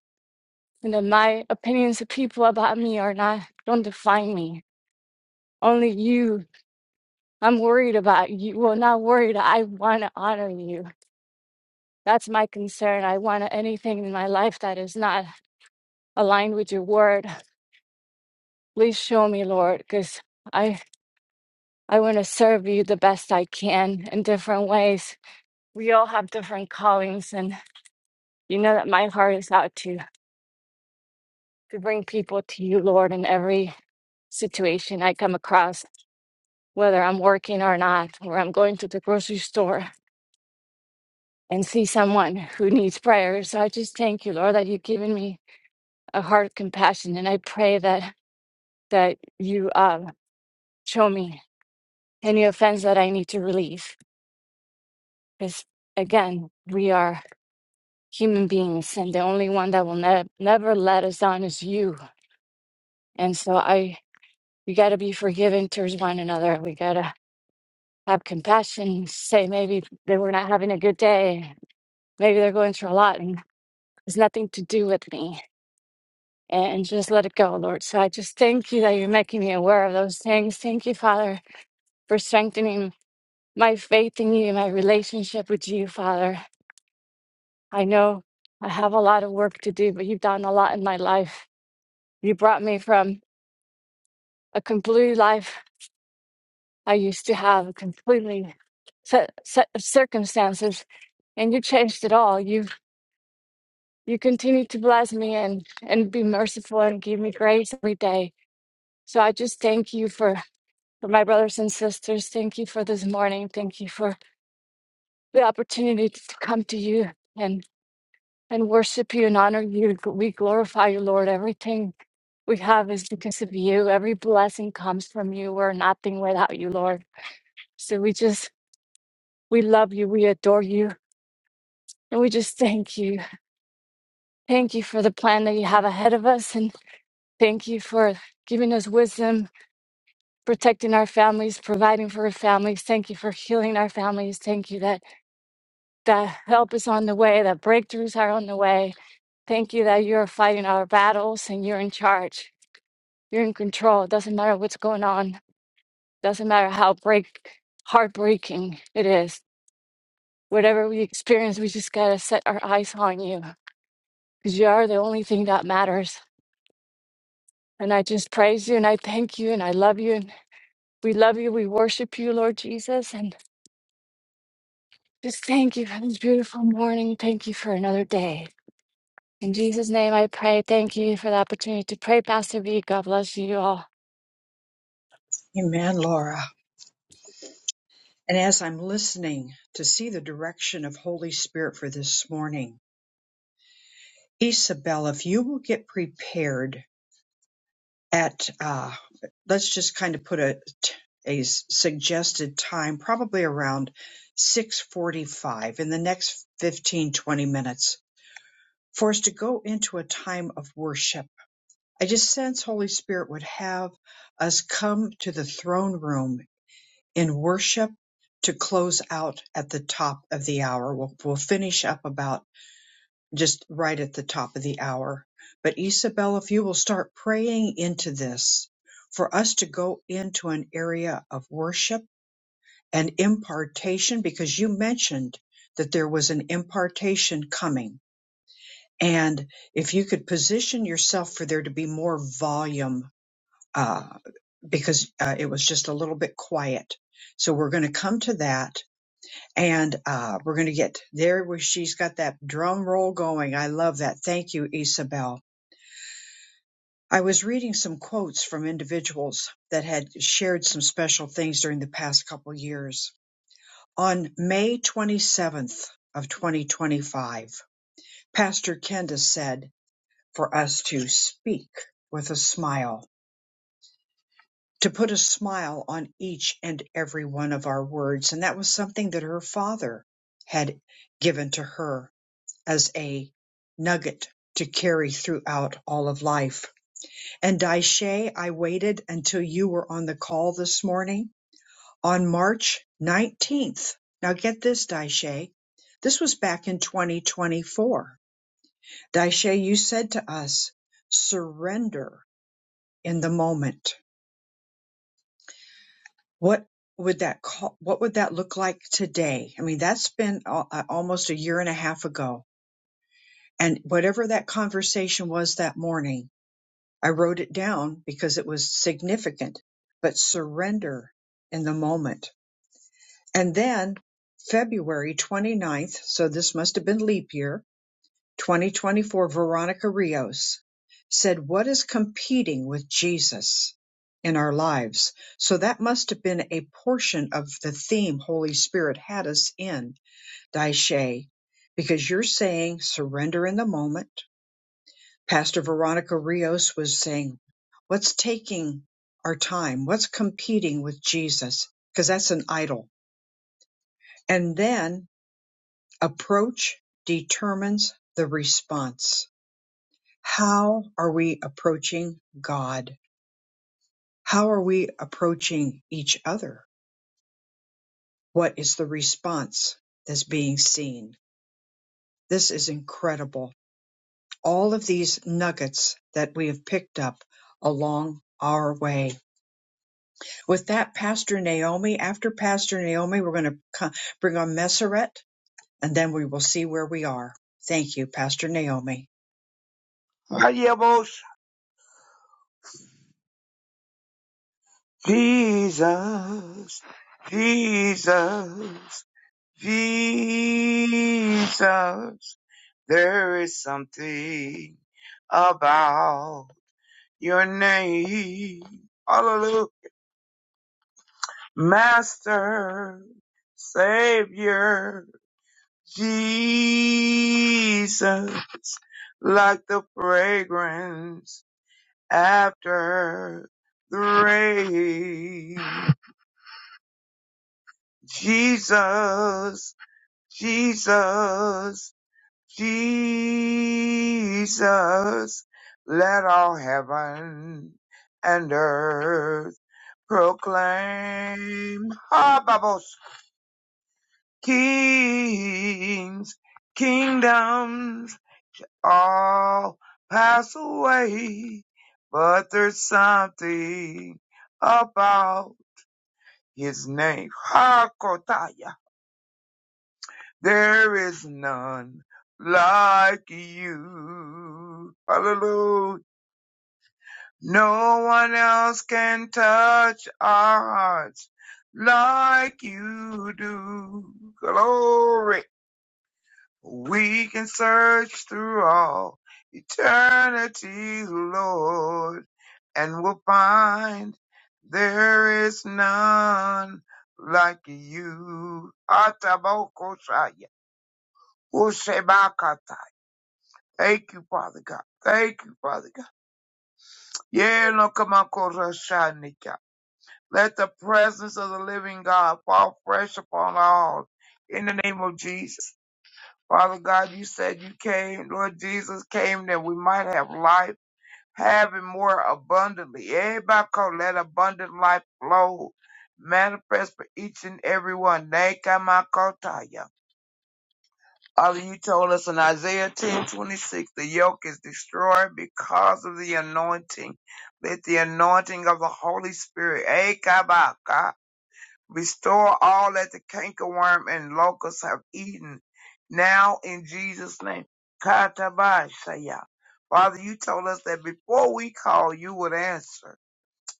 [SPEAKER 7] and that my opinions of people about me are not, don't define me. Only you. I'm worried about you. Well, not worried. I want to honor you. That's my concern. I want anything in my life that is not aligned with your word. Please show me, Lord, because. I. I want to serve you the best I can in different ways. We all have different callings, and you know that my heart is out to, to bring people to you, Lord, in every situation I come across, whether I'm working or not, or I'm going to the grocery store and see someone who needs prayer. So I just thank you, Lord, that you've given me a heart of compassion, and I pray that that you uh, show me any offense that I need to release, because again, we are. human beings, and the only one that will ne- never let us down is you. And so I, we got to be forgiving towards one another. We got to have compassion. Say maybe they were not having a good day. Maybe they're going through a lot, and it's nothing to do with me. And just let it go, Lord. So I just thank you that you're making me aware of those things. Thank you, Father, for strengthening my faith in you, my relationship with you, Father. I know I have a lot of work to do, but you've done a lot in my life. You brought me from a completely life I used to have, a completely set, set of circumstances, and you changed it all. You you continue to bless me and and be merciful and give me grace every day. So I just thank you for for my brothers and sisters. Thank you for this morning. Thank you for the opportunity to come to you and and worship you and honor you. We glorify you, Lord. Everything we have is because of you. Every blessing comes from you. We're nothing without you, Lord. So we just We love you. We adore you. And we just thank you. Thank you for the plan that you have ahead of us. And thank you for giving us wisdom, protecting our families, providing for our families. Thank you for healing our families. Thank you that, that help is on the way, that breakthroughs are on the way. Thank you that you're fighting our battles and you're in charge. You're in control. It doesn't matter what's going on. Doesn't matter how break heartbreaking it is. Whatever we experience, we just gotta set our eyes on you because you are the only thing that matters. And I just praise you and I thank you and I love you. And we love you. We worship you, Lord Jesus. And just thank you for this beautiful morning. Thank you for another day. In Jesus' name I pray. Thank you for the opportunity to pray, Pastor V. God bless you all.
[SPEAKER 1] amen Laura and as I'm listening to see the direction of Holy Spirit for this morning Isabel, if you will get prepared at uh, let's just kind of put a a suggested time probably around 6:45 in the next 15 20 minutes for us to go into a time of worship i just sense holy spirit would have us come to the throne room in worship to close out at the top of the hour we'll, we'll finish up about just right at the top of the hour. But Isabel, if you will start praying into this for us to go into an area of worship and impartation, because you mentioned that there was an impartation coming. And if you could position yourself for there to be more volume, uh, because uh, it was just a little bit quiet. So we're going to come to that and uh, we're going to get there where she's got that drum roll going. I love that. Thank you, Isabel. I was reading some quotes from individuals that had shared some special things during the past couple years. On May 27th of 2025, Pastor Kenda said for us to speak with a smile, to put a smile on each and every one of our words. And that was something that her father had given to her as a nugget to carry throughout all of life And Daishe, I waited until you were on the call this morning on March 19th. Now get this, Daishe. This was back in 2024. Daishe, you said to us, surrender in the moment. What would that call, what would that look like today? I mean, that's been al- uh, almost a year and a half ago. And whatever that conversation was that morning, I wrote it down because it was significant, but surrender in the moment And then February twenty ninth, so this must have been leap year, 2024, Veronica Rios said, What is competing with Jesus in our lives? So that must have been a portion of the theme Holy Spirit had us in, Daishe, because you're saying surrender in the moment. Pastor Veronica Rios was saying, What's taking our time? What's competing with Jesus? Because that's an idol. And then Approach determines the response. How are we approaching God? How are we approaching each other? What is the response that's being seen? This is incredible. All of these nuggets that we have picked up along our way. With that, Pastor Naomi, after Pastor Naomi, we're going to bring on Messeret and then we will see where we are. Thank you, Pastor Naomi.
[SPEAKER 8] Adios. Jesus, Jesus, Jesus. There is something about your name. Hallelujah. Master, Savior, Jesus, like the fragrance after the rain. Jesus, Jesus, Jesus, let all heaven and earth proclaim. Ah, bubbles, kings, kingdoms, all pass away, but there's something about his name. Hakotaya. There is none like you. Hallelujah. No one else can touch our hearts like you do. Glory. We can search through all eternity, Lord, and we'll find there is none like you. Atabokoshaya. Thank you, Father God. Thank you, Father God. Yeah, no, come on, Koroshanika. Let the presence of the living God fall fresh upon all in the name of Jesus. Father God, you said you came, Lord Jesus came that we might have life, having more abundantly. Everybody call let abundant life flow, manifest for each and every one. Nekamakotaya. Father, you told us in Isaiah ten twenty six, the yoke is destroyed because of the anointing. Let the anointing of the Holy Spirit, eh, Kabaka, restore all that the cankerworm and locusts have eaten. Now in Jesus' name, Katabashaya. Father, you told us that before we call, you would answer.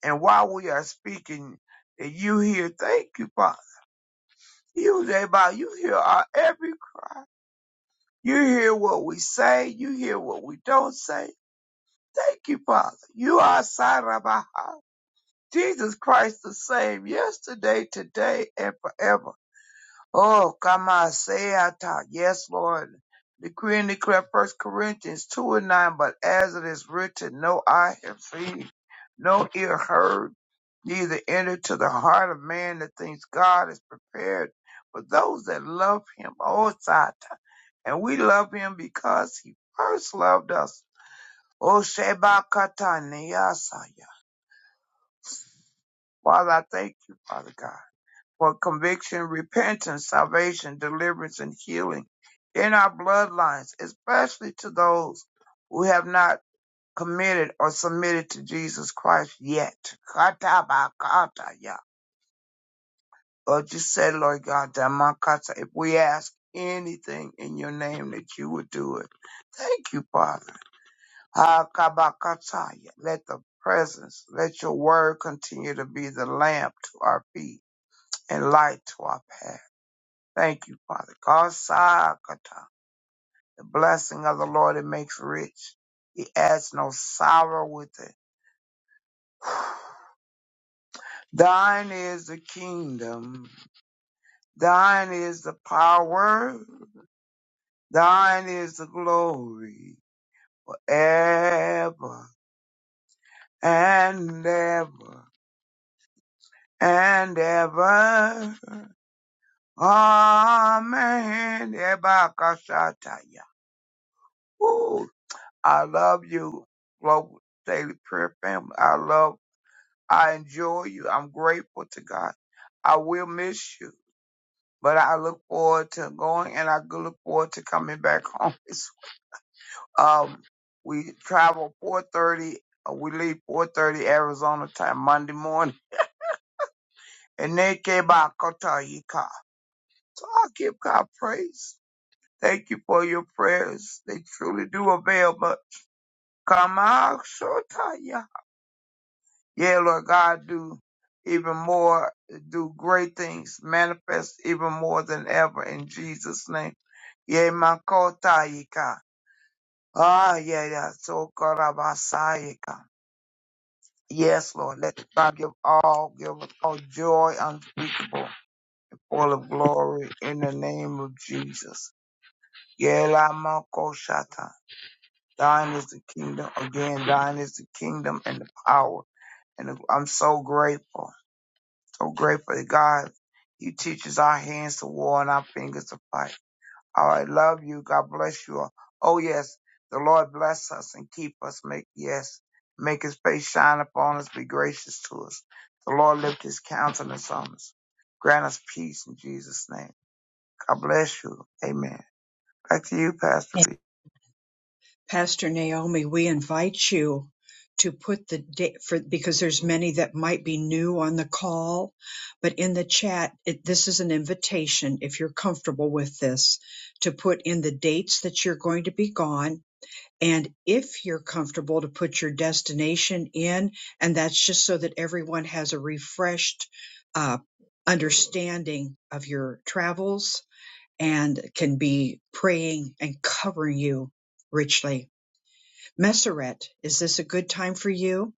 [SPEAKER 8] And while we are speaking, that you hear, thank you, Father. You, Jabba, you hear our every You hear what we say. You hear what we don't say. Thank you, Father. You are Sarabaha. Jesus Christ the same yesterday, today, and forever. Oh, come on, say it out. Yes, Lord. Decree and declare First Corinthians 2 and 9, but as it is written, no eye have seen, no ear heard, neither entered to the heart of man the things God has prepared for those that love him. Oh, Sata and we love him because he first loved us. O Sheba Katani Yasaya. Father, I thank you, Father God, for conviction, repentance, salvation, deliverance, and healing in our bloodlines, especially to those who have not committed or submitted to Jesus Christ yet. Katabakataya. Lord, you said, Lord God, that my kata- if we ask anything in your name, that you would do it. Thank you, Father. Hakabakataya. Let the presence, let your word continue to be the lamp to our feet and light to our path. Thank you, Father. Kasakata. The blessing of the Lord, it makes rich. He adds no sorrow with it. Thine is the kingdom. Thine is the power. Thine is the glory forever and ever and ever. Amen. Ebakashataya. Ooh, I love you, Global Daily Prayer Family. I love, I enjoy you. I'm grateful to God. I will miss you, but I look forward to going and I look forward to coming back home. *laughs* It's- Um, we travel 4.30, uh, we leave 4.30 Arizona time Monday morning. And then came back, So I give God praise. Thank you for your prayers. They truly do avail much. Come out, Shotaya. Yeah, Lord God, do even more, do great things, manifest even more than ever in Jesus' name. Yeah, Makotaika. Ah, yeah, yeah. So Karabasaika. Yes, Lord. Let God give all, give us all joy unspeakable, full of glory in the name of Jesus. Yeah, La Makoshata. Thine is the kingdom. Again, thine is the kingdom and the power. And the- I'm so grateful, so grateful to God. He teaches our hands to war and our fingers to fight. All right, love you. God bless you all. Oh yes, the Lord bless us and keep us. Make yes, make His face shine upon us. Be gracious to us. The Lord lift His countenance on us. Grant us peace in Jesus' name. God bless you. Amen. Back to you, Pastor B.
[SPEAKER 1] Pastor Naomi, we invite you to put the date for because there's many that might be new on the call, but in the chat, it, this is an invitation if you're comfortable with this to put in the dates that you're going to be gone. And if you're comfortable to put your destination in, and that's just so that everyone has a refreshed uh, understanding of your travels and can be praying and covering you richly. Messeret, is this a good time for you?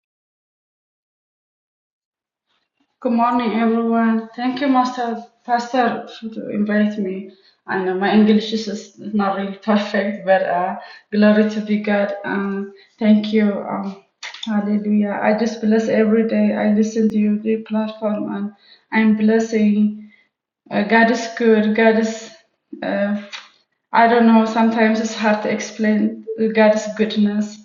[SPEAKER 9] Good morning, everyone. Thank you, Master Pastor, to invite me. And my English is not really *laughs* perfect, but uh, glory to be God. Um, thank you. Um, hallelujah. I just bless every day. I listen to your platform, and I'm blessing. Uh, God is good. God is, uh, I don't know, sometimes it's hard to explain uh, God's goodness,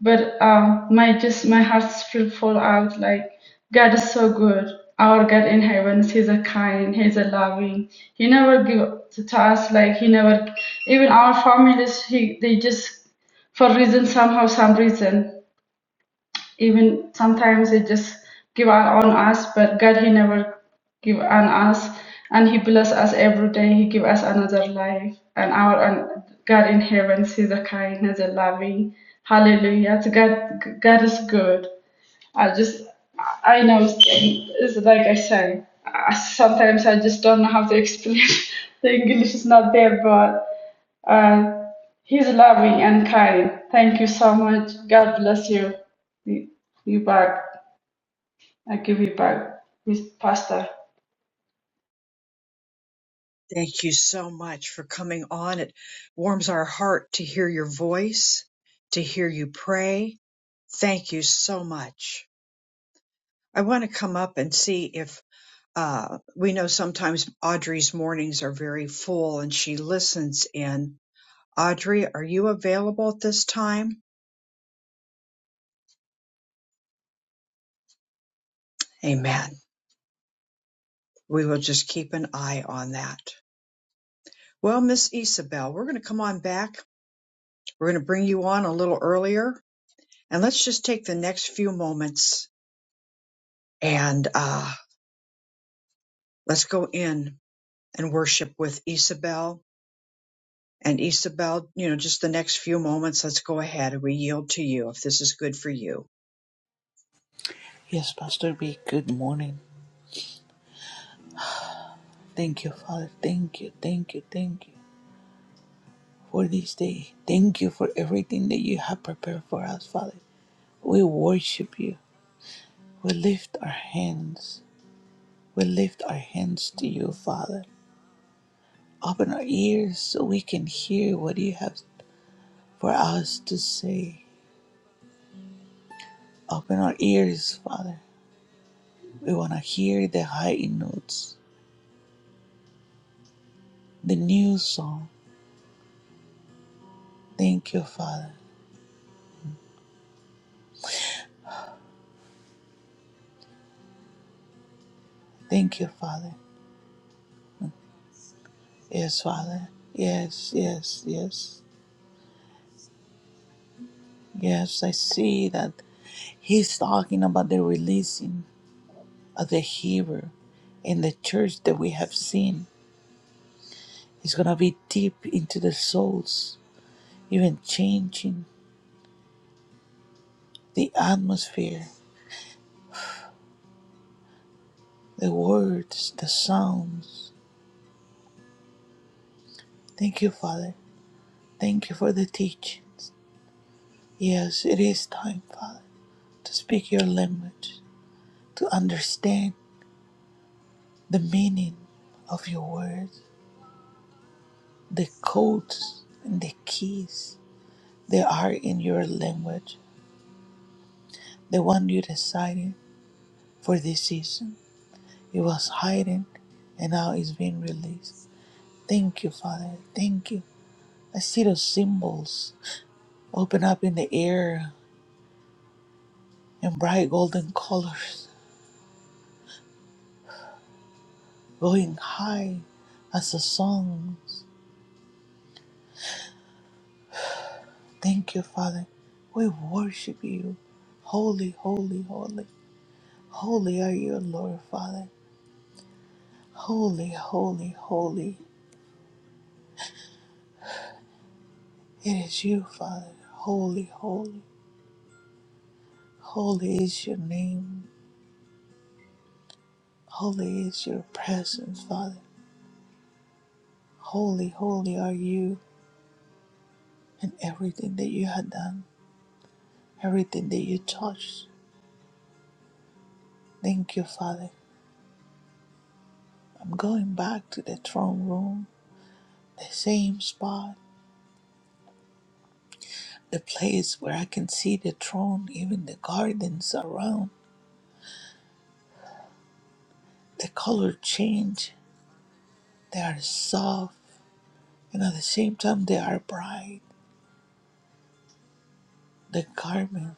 [SPEAKER 9] but um, my just my heart's feel full out like God is so good. Our God in heaven, He's a kind, He's a loving. He never give up to us like He never even our families. He they just for reason somehow some reason even sometimes they just give up on us but god he never give on us and he bless us every day he give us another life and our and god in heaven sees the kindness and loving hallelujah to god god is good i just i know it's like i say I- sometimes i just don't know how to explain *laughs* the english is not there but uh, he's loving and kind thank you so much god bless you you you back I give you back, Miss Pastor.
[SPEAKER 1] Thank you so much for coming on. It warms our heart to hear your voice, to hear you pray. Thank you so much. I want to come up and see if uh, we know sometimes Audrey's mornings are very full and she listens in. Audrey, are you available at this time? Amen. We will just keep an eye on that. Well, Miss Isabel, we're going to come on back. We're going to bring you on a little earlier And let's just take the next few moments and uh, let's go in and worship with Isabel. And Isabel, you know, just the next few moments, let's go ahead and we yield to you if this is good for you.
[SPEAKER 6] Yes, Pastor B, good morning. Thank you, Father. Thank you, thank you, thank you for this day. Thank you for everything that you have prepared for us, Father. We worship you. We lift our hands. We lift our hands to you, Father. Open our ears so we can hear what you have for us to say. Open our ears, Father. We want to hear the high notes, the new song. Thank you, Father. Thank you, Father. Yes, Father. Yes, yes, yes. Yes, I see that he's talking about the releasing of the Hebrew in the church that we have seen It's going to be deep into the souls, even changing the atmosphere, the words, the sounds. Thank you, Father. Thank you for the teachings. Yes, it is time, Father, to speak your language, to understand the meaning of your words, the codes and the keys that are in your language, the one you decided for this season. It was hiding and now it's being released. Thank you, Father. Thank you. I see those symbols open up in the air in bright golden colors, going high as the songs. Thank you, Father. We worship you. Holy, holy, holy. Holy are you, Lord, Father. Holy, holy, holy. It is you, Father. Holy, holy. Holy is your name. Holy is your presence, Father. Holy, holy are you and everything that you have done. everything that you touch. Thank you, Father. I'm going back to the throne room, the same spot, the place where I can see the throne, even the gardens around. The color change. They are soft, and at the same time, they are bright. The garment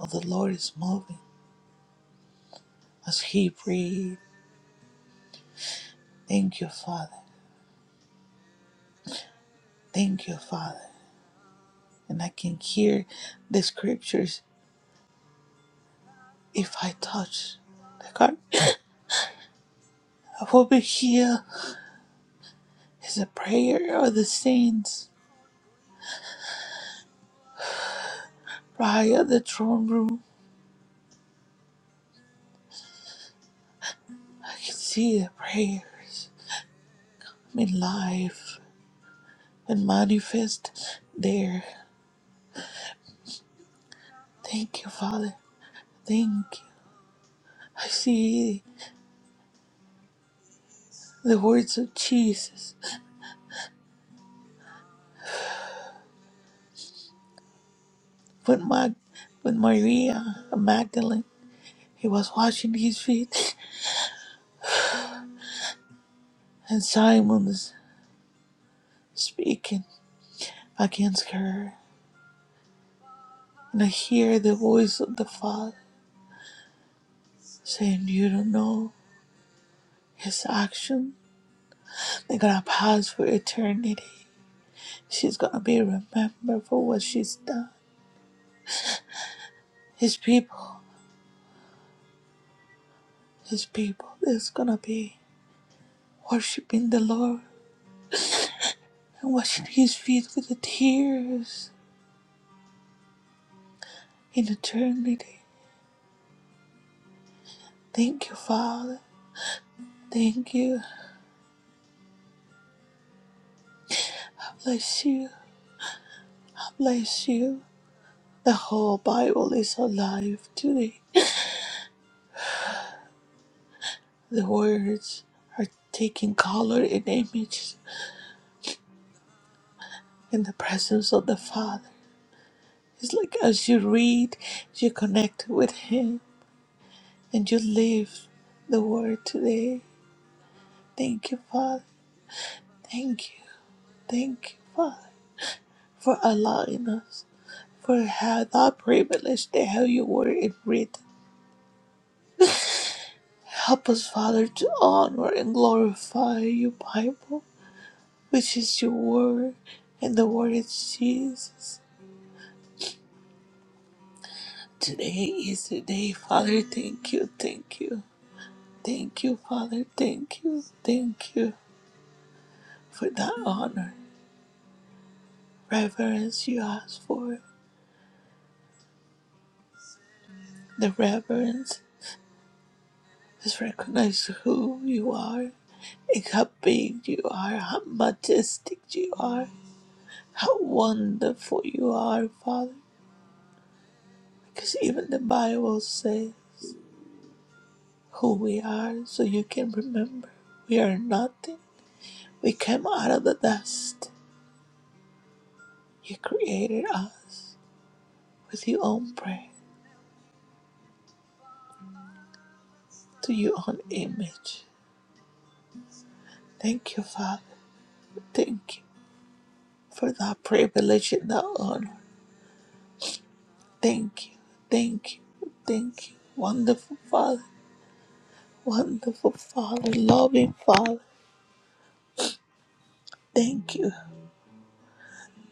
[SPEAKER 6] of the Lord is moving as He breathes. Thank you, Father. Thank you, Father. And I can hear the scriptures. If I touch the garment, *coughs* I will be healed. is a prayer of the saints. Right at the throne room, I can see the prayers made live and manifest there. Thank you, Father. Thank you. I see the words of Jesus when, Mag- when Maria Magdalene he was washing his feet, *laughs* and Simon is speaking against her. And I hear the voice of the Father saying, You don't know his action." They're gonna pause for eternity. She's gonna be remembered for what she's done. His people, his people, is gonna be worshiping the Lord and washing his feet with the tears in eternity. Thank you, Father. Thank you. I Bless you. I Bless you. The whole Bible is alive today. The words are taking color and image in the presence of the Father. It's like as you read, you connect with Him and you live the Word today. Thank you, Father. Thank you. Thank you, Father, for allowing us, for how that privilege to have your Word in written. Help us, Father, to honor and glorify your Bible, which is your Word, and the Word is Jesus. Today is the day, Father. Thank you, thank you. Thank you, Father. Thank you, thank you. for that honor, reverence you ask for. The reverence is recognize who you are and how big you are, how majestic you are, how wonderful you are, Father. Because even the Bible says who we are, so you can remember we are nothing. We came out of the dust. You created us with your own breath, to your own image. Thank you, Father. Thank you. for the privilege and the honor. Thank you, thank you, thank you. Wonderful Father, wonderful Father, loving Father. Thank you,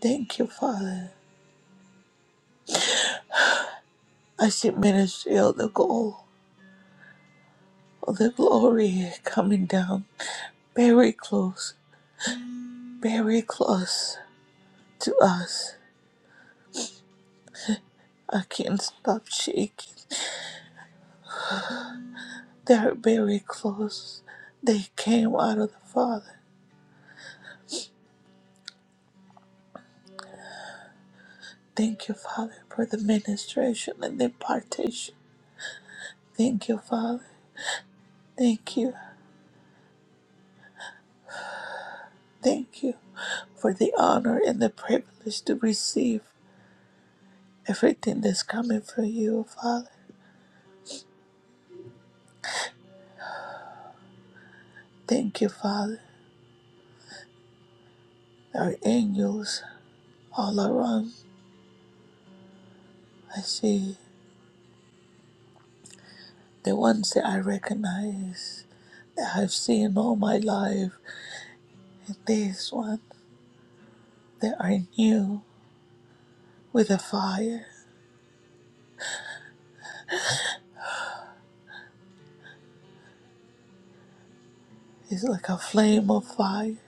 [SPEAKER 6] thank you, Father. I see ministry of the gold of the glory coming down very close, very close to us. I can't stop shaking. They're very close. They came out of the Father. Thank you, Father, for the ministration and the impartation. Thank you, Father. Thank you. Thank you for the honor and the privilege to receive everything that's coming from you, Father. Thank you, Father. Our angels all around. I see the ones that I recognize, that I've seen all my life, and these ones that are new with a fire. It's like a flame of fire.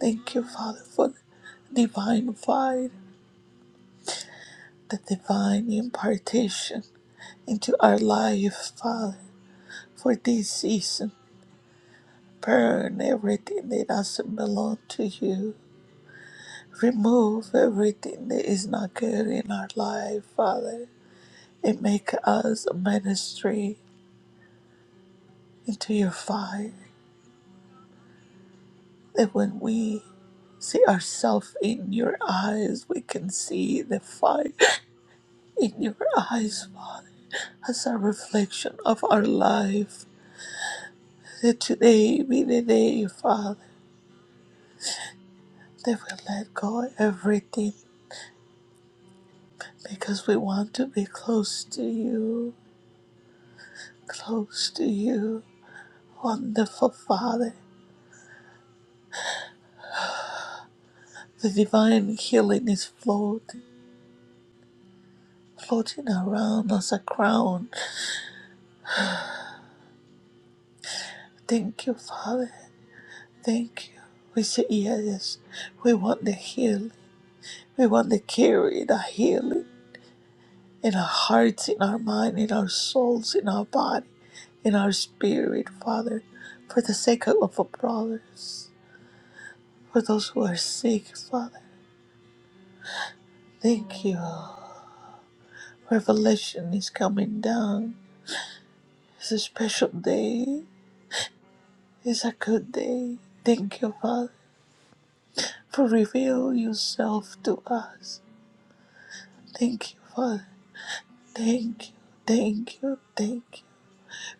[SPEAKER 6] Thank you, Father, for the divine fire, the divine impartation into our life, Father. for this season. Burn everything that doesn't belong to you. Remove everything that is not good in our life, Father, and make us a ministry into your fire. That when we see ourselves in your eyes, we can see the fire in your eyes, Father, as a reflection of our life. That today be the day, Father, that we let go everything because we want to be close to you, close to you. Wonderful Father, the divine healing is floating, floating around us a crown. Thank you, Father. Thank you. We say yes. We want the healing. We want the carry, the healing in our hearts, in our mind, in our souls, in our body, in our spirit, Father, for the sake of our brothers, for those who are sick, Father. Thank you. Revelation is coming down. It's a special day. It's a good day. Thank you, Father, for reveal yourself to us. Thank you, Father. Thank you. Thank you. Thank you.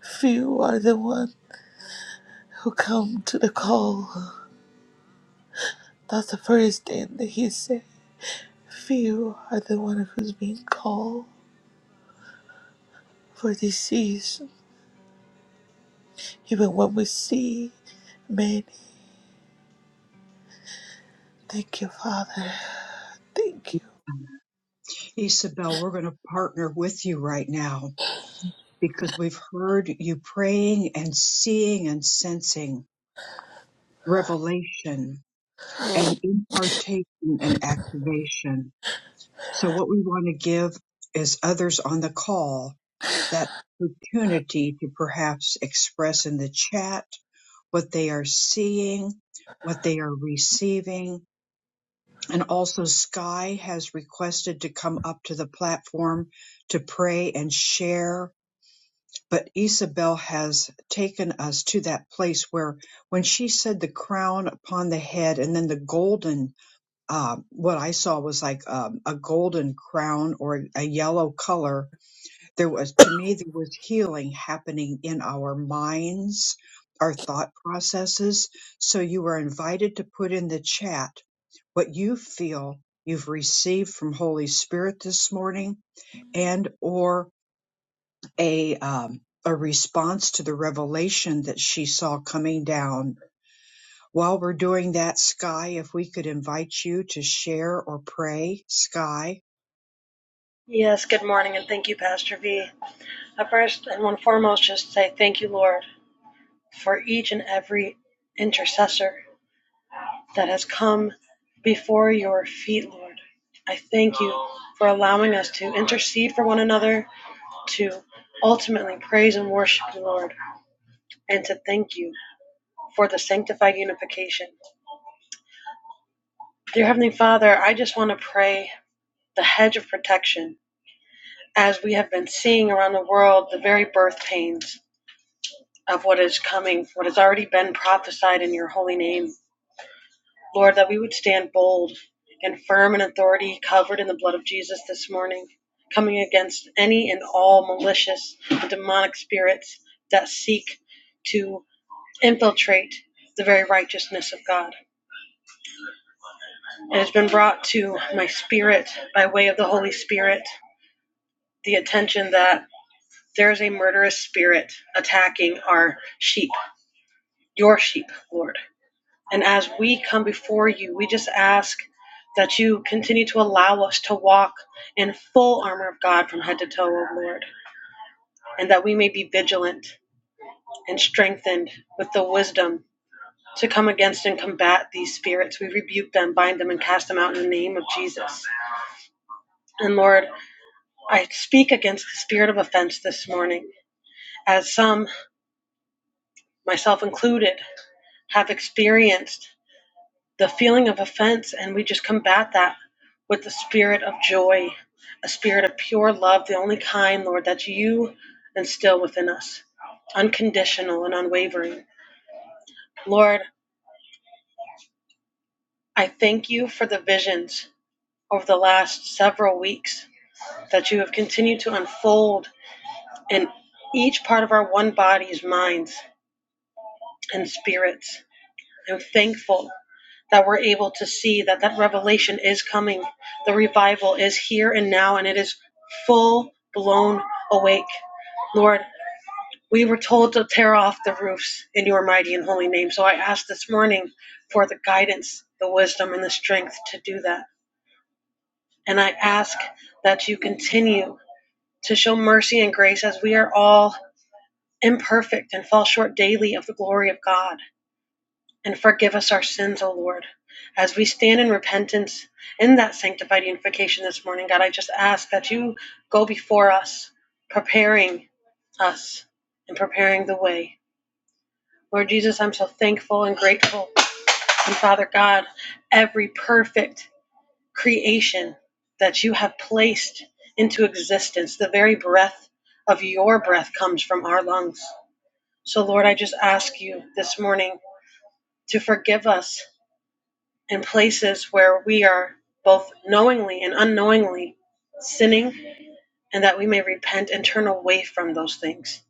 [SPEAKER 6] Few are the ones who come to the call. That's the first thing that he said. Few are the ones who's being called for this season. Even when we see many. Thank you, Father. Thank you.
[SPEAKER 1] Isabel, we're going to partner with you right now because we've heard you praying and seeing and sensing revelation and impartation and activation. So what we want to give is others on the call that opportunity to perhaps express in the chat what they are seeing, what they are receiving. And also Sky has requested to come up to the platform to pray and share. But Isabel has taken us to that place where when she said the crown upon the head and then the golden um, what I saw was like um, a golden crown or a yellow color. There was, to me, there was healing happening in our minds, our thought processes. So you are invited to put in the chat what you feel you've received from Holy Spirit this morning and or a um, a response to the revelation that she saw coming down while we're doing that, Sky, if we could invite you to share or pray, Sky.
[SPEAKER 10] Yes, good morning, and thank you, Pastor V. I first and one foremost just say thank you, Lord, for each and every intercessor that has come before your feet, Lord. I thank you for allowing us to intercede for one another, to ultimately praise and worship you, Lord, and to thank you for the sanctified unification. Dear Heavenly Father, I just want to pray the hedge of protection as we have been seeing around the world the very birth pains. of what is coming, what has already been prophesied in your holy name. Lord, that we would stand bold and firm in authority, covered in the blood of Jesus this morning, coming against any and all malicious and demonic spirits that seek to infiltrate the very righteousness of God. It has been brought to my spirit by way of the Holy Spirit the attention that there is a murderous spirit attacking our sheep, your sheep, Lord. And as we come before you, we just ask that you continue to allow us to walk in full armor of God from head to toe, O Lord, and that we may be vigilant and strengthened with the wisdom to come against and combat these spirits. We rebuke them, bind them, and cast them out in the name of Jesus. And Lord, I speak against the spirit of offense this morning, as some, myself included, have experienced the feeling of offense, and we just combat that with the spirit of joy, a spirit of pure love, the only kind, Lord, that you instill within us, unconditional and unwavering. Lord, I thank you for the visions over the last several weeks that you have continued to unfold in each part of our one body's minds, and spirits. I'm thankful that we're able to see that that revelation is coming. The revival is here and now, and it is full blown awake. Lord, we were told to tear off the roofs in your mighty and holy name. So I ask this morning for the guidance, the wisdom, and the strength to do that. And I ask that you continue to show mercy and grace as we are all imperfect and fall short daily of the glory of God. And forgive us our sins, O Lord, as we stand in repentance in that sanctified unification this morning. God, I just ask that you go before us, preparing us and preparing the way. Lord Jesus, I'm so thankful and grateful. And Father God, every perfect creation that you have placed into existence, the very breath of your breath comes from our lungs. So, Lord, I just ask you this morning to forgive us and places where we are both knowingly and unknowingly sinning, and that we may repent and turn away from those things,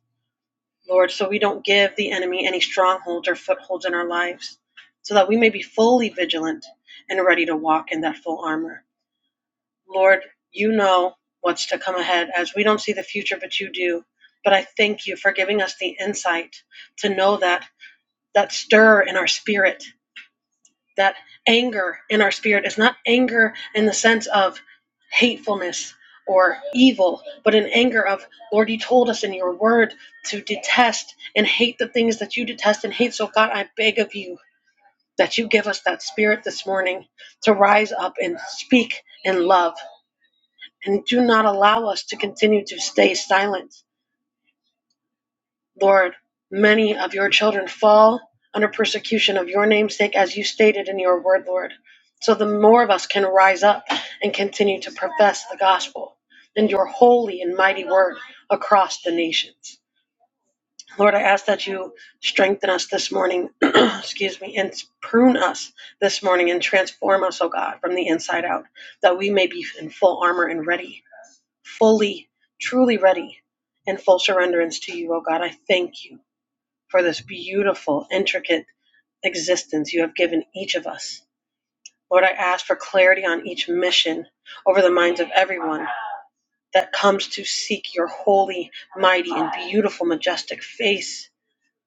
[SPEAKER 10] Lord, so we don't give the enemy any strongholds or footholds in our lives, so that we may be fully vigilant and ready to walk in that full armor. Lord, you know what's to come ahead as we don't see the future, but you do. But I thank you for giving us the insight to know that that stir in our spirit that anger in our spirit is not anger in the sense of hatefulness or evil, but an anger of, Lord, you told us in your word to detest and hate the things that you detest and hate. So, God, I beg of you that you give us that spirit this morning to rise up and speak in love and do not allow us to continue to stay silent Lord, many of your children fall under persecution of your namesake, as you stated in your word, Lord. So the more of us can rise up and continue to profess the gospel and your holy and mighty word across the nations. Lord, I ask that you strengthen us this morning, *clears throat* excuse me, and prune us this morning and transform us, oh God, from the inside out, that we may be in full armor and ready, fully, truly ready, and full surrenderance to you, oh God. I thank you for this beautiful, intricate existence you have given each of us. Lord, I ask for clarity on each mission over the minds of everyone that comes to seek your holy, mighty, and beautiful, majestic face,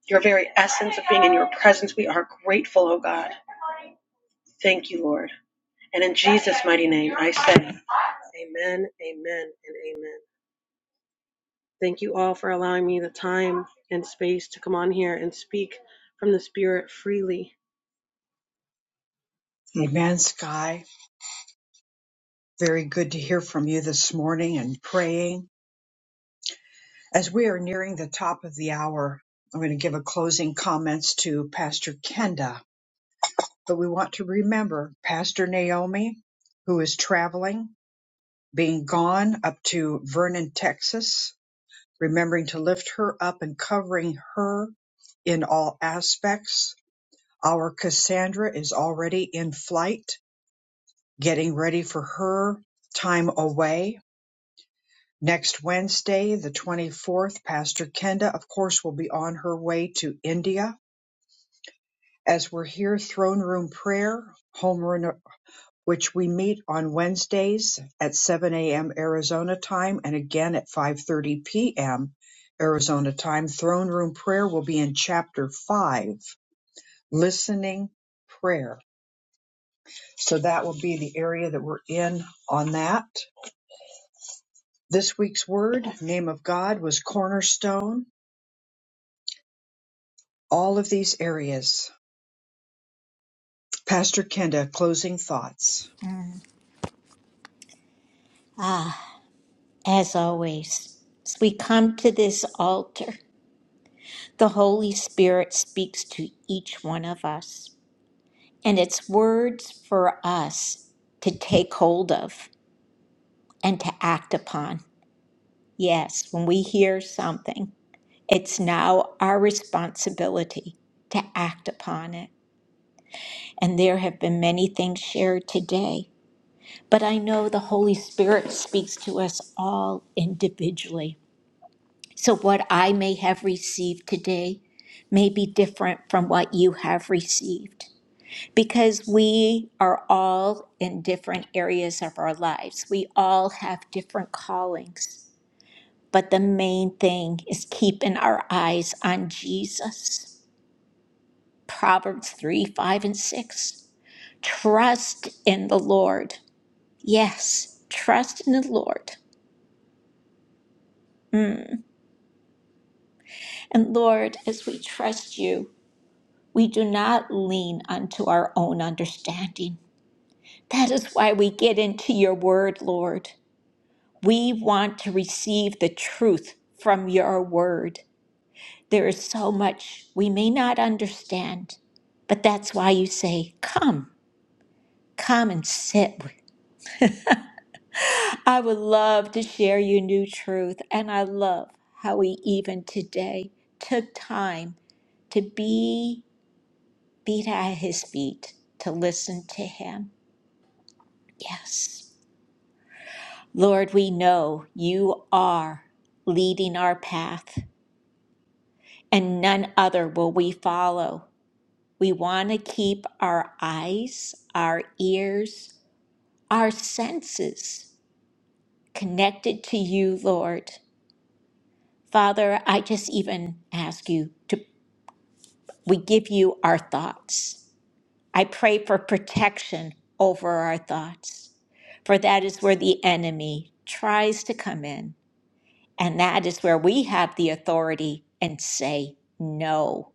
[SPEAKER 10] your very essence of being in your presence. We are grateful, oh God. Thank you, Lord. And in Jesus' mighty name, I say, Amen, amen, and amen. Thank you all for allowing me the time and space to come on here and speak from the Spirit freely.
[SPEAKER 1] Amen, Sky. Very good to hear from you this morning and praying. As we are nearing the top of the hour, I'm going to give a closing comments to Pastor Kenda, but we want to remember Pastor Naomi, who is traveling, being gone up to Vernon, Texas, remembering to lift her up and covering her in all aspects Our Cassandra is already in flight, getting ready for her time away. Next Wednesday, the 24th, Pastor Kenda, of course, will be on her way to India. As we're here, throne room prayer, home run, which we meet on Wednesdays at 7 a.m. Arizona time and again at 5.30 p.m. Arizona time. Throne room prayer will be in chapter 5, listening prayer So that will be the area that we're in on that. This week's word, name of God, was cornerstone. All of these areas. Pastor Kenda, closing thoughts.
[SPEAKER 3] As always, as we come to this altar, The Holy Spirit speaks to each one of us, and it's words for us to take hold of and to act upon. Yes, when we hear something, it's now our responsibility to act upon it. And there have been many things shared today, but I know the Holy Spirit speaks to us all individually. So, what I may have received today may be different from what you have received. because we are all in different areas of our lives. We all have different callings, but the main thing is keeping our eyes on Jesus. Proverbs 3 5 and 6. Trust in the Lord. Yes, trust in the Lord. Mm. And Lord, as we trust you, we do not lean unto our own understanding. That is why we get into your word, Lord. We want to receive the truth from your word. There is so much we may not understand, but that's why you say, Come, come and sit. I would love to share your new truth, and I love how he even today took time to be beat at his feet, to listen to him. Yes. Lord, we know you are leading our path. and none other will we follow. We want to keep our eyes, our ears, our senses connected to you, Lord. Father, I just even ask you to, we give you our thoughts. I pray for protection over our thoughts, for that is where the enemy tries to come in. And that is where we have the authority and say no.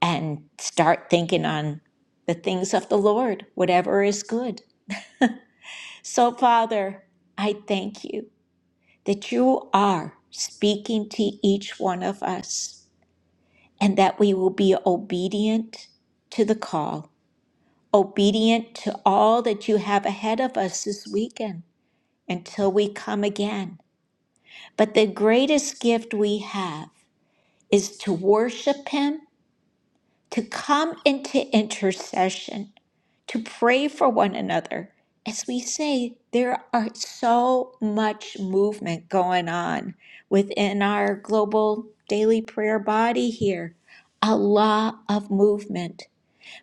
[SPEAKER 3] and start thinking on the things of the Lord, whatever is good. So, Father, I thank you that you are speaking to each one of us and that we will be obedient to the call, obedient to all that you have ahead of us this weekend until we come again. But the greatest gift we have is to worship Him to come into intercession, to pray for one another. As we say, there are so much movement going on within our global daily prayer body here, a lot of movement.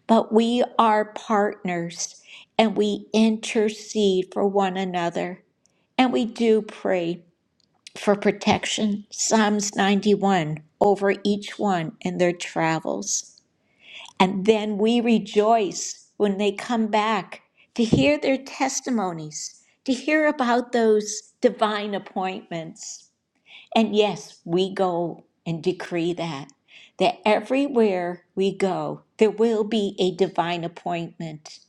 [SPEAKER 3] But we are partners and we intercede for one another. And we do pray for protection, Psalms 91, over each one in their travels. And then we rejoice when they come back to hear their testimonies, to hear about those divine appointments. And yes, we go and decree that, that everywhere we go, there will be a divine appointment.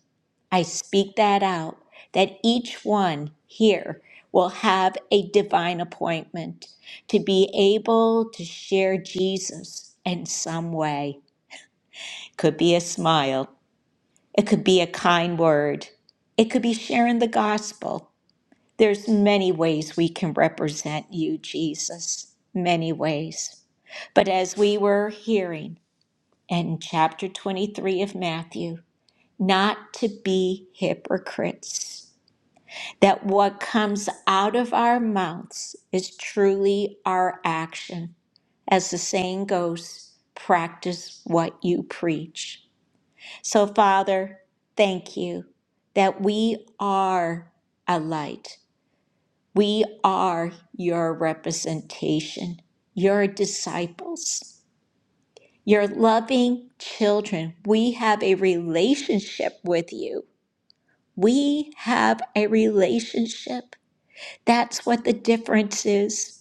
[SPEAKER 3] I speak that out, that each one here will have a divine appointment to be able to share Jesus in some way. Could be a smile, it could be a kind word. It could be sharing the gospel. There's many ways we can represent you, Jesus, many ways. But as we were hearing in chapter 23 of Matthew, not to be hypocrites, that what comes out of our mouths is truly our action. As the saying goes, practice what you preach. So, Father, thank you that we are a light. We are your representation, your disciples, your loving children. We have a relationship with you. We have a relationship. That's what the difference is.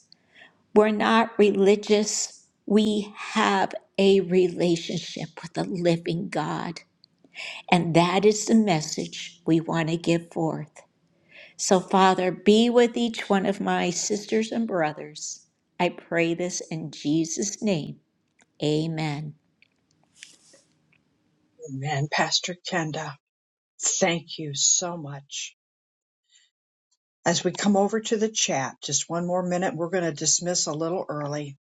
[SPEAKER 3] We're not religious. We have a relationship with the living God. And that is the message we want to give forth. So, Father, be with each one of my sisters and brothers. I pray this in Jesus' name. Amen.
[SPEAKER 1] Amen. Pastor Kenda, thank you so much. As we come over to the chat, just one more minute, we're going to dismiss a little early.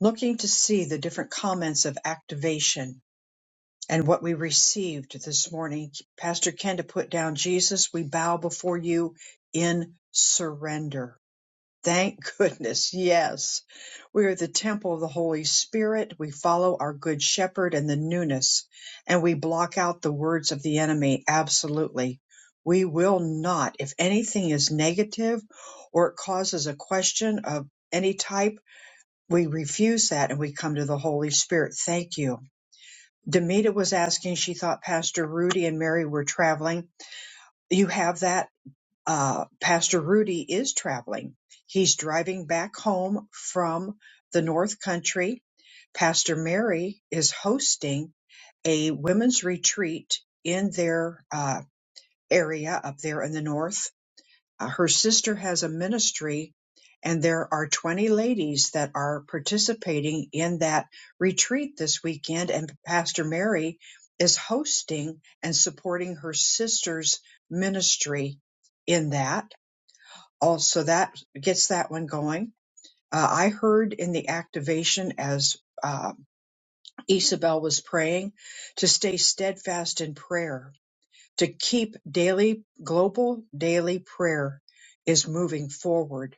[SPEAKER 1] Looking to see the different comments of activation and what we received this morning. Pastor Kenda put down, Jesus, we bow before you in surrender. Thank *laughs* goodness, yes. We are the temple of the Holy Spirit. We follow our good shepherd and the newness, and we block out the words of the enemy. Absolutely. We will not, if anything is negative or it causes a question of any type, we refuse that and we come to the Holy Spirit. Thank you. Demita was asking, she thought Pastor Rudy and Mary were traveling. You have that? uh, Pastor Rudy is traveling. He's driving back home from the North Country. Pastor Mary is hosting a women's retreat in their uh, area up there in the North. Uh, her sister has a ministry, and there are 20 ladies that are participating in that retreat this weekend. And Pastor Mary is hosting and supporting her sister's ministry in that also that gets that one going. Uh, I heard in the activation as uh, Isabel was praying to stay steadfast in prayer, to keep daily, global daily prayer is moving forward.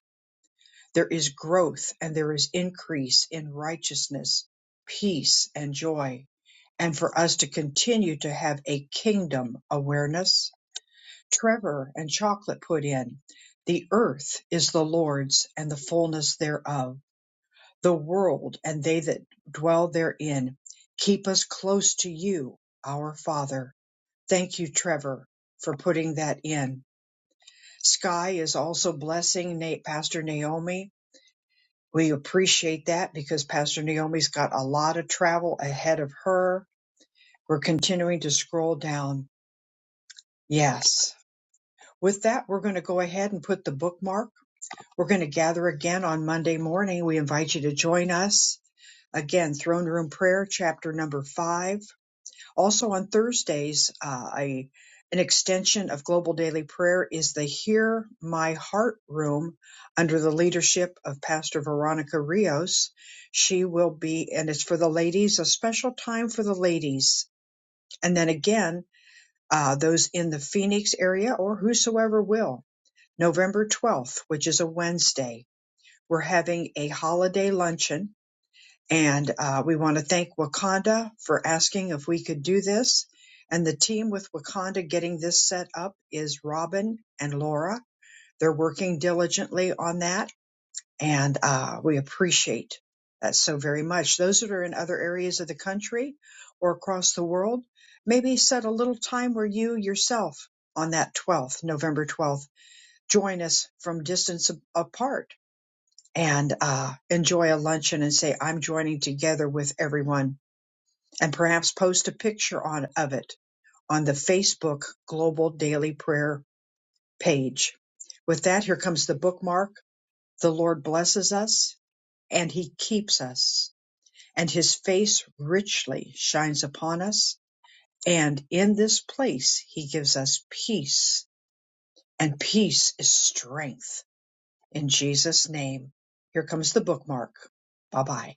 [SPEAKER 1] There is growth and there is increase in righteousness, peace, and joy. And for us to continue to have a kingdom awareness Trevor and Chocolate put in, The earth is the Lord's and the fullness thereof, the world and they that dwell therein. Keep us close to you, our Father. Thank you, Trevor, for putting that in. Sky is also blessing Na- Pastor Naomi. We appreciate that because Pastor Naomi's got a lot of travel ahead of her. We're continuing to scroll down. Yes. With that, we're going to go ahead and put the bookmark We're going to gather again on Monday morning. We invite you to join us. Again, Throne Room Prayer, chapter number five. Also on Thursdays, uh, I, an extension of Global Daily Prayer is the Hear My Heart Room under the leadership of Pastor Veronica Rios. She will be, and it's for the ladies, a special time for the ladies. And then again, uh, those in the Phoenix area or whosoever will, November 12th, which is a Wednesday we're having a holiday luncheon, and uh, we want to thank Wakanda for asking if we could do this. And the team with Wakanda getting this set up is Robin and Laura. They're working diligently on that, and uh, we appreciate that so very much. Those that are in other areas of the country or across the world, maybe set a little time where you yourself on that 12th, November 12th, join us from distance a- apart and uh, enjoy a luncheon and say, I'm joining together with everyone, and perhaps post a picture on of it on the Facebook Global Daily Prayer page. With that, here comes the bookmark. The Lord blesses us and he keeps us, and his face richly shines upon us. And in this place, he gives us peace, and peace is strength. In Jesus' name, here comes the bookmark. Bye bye.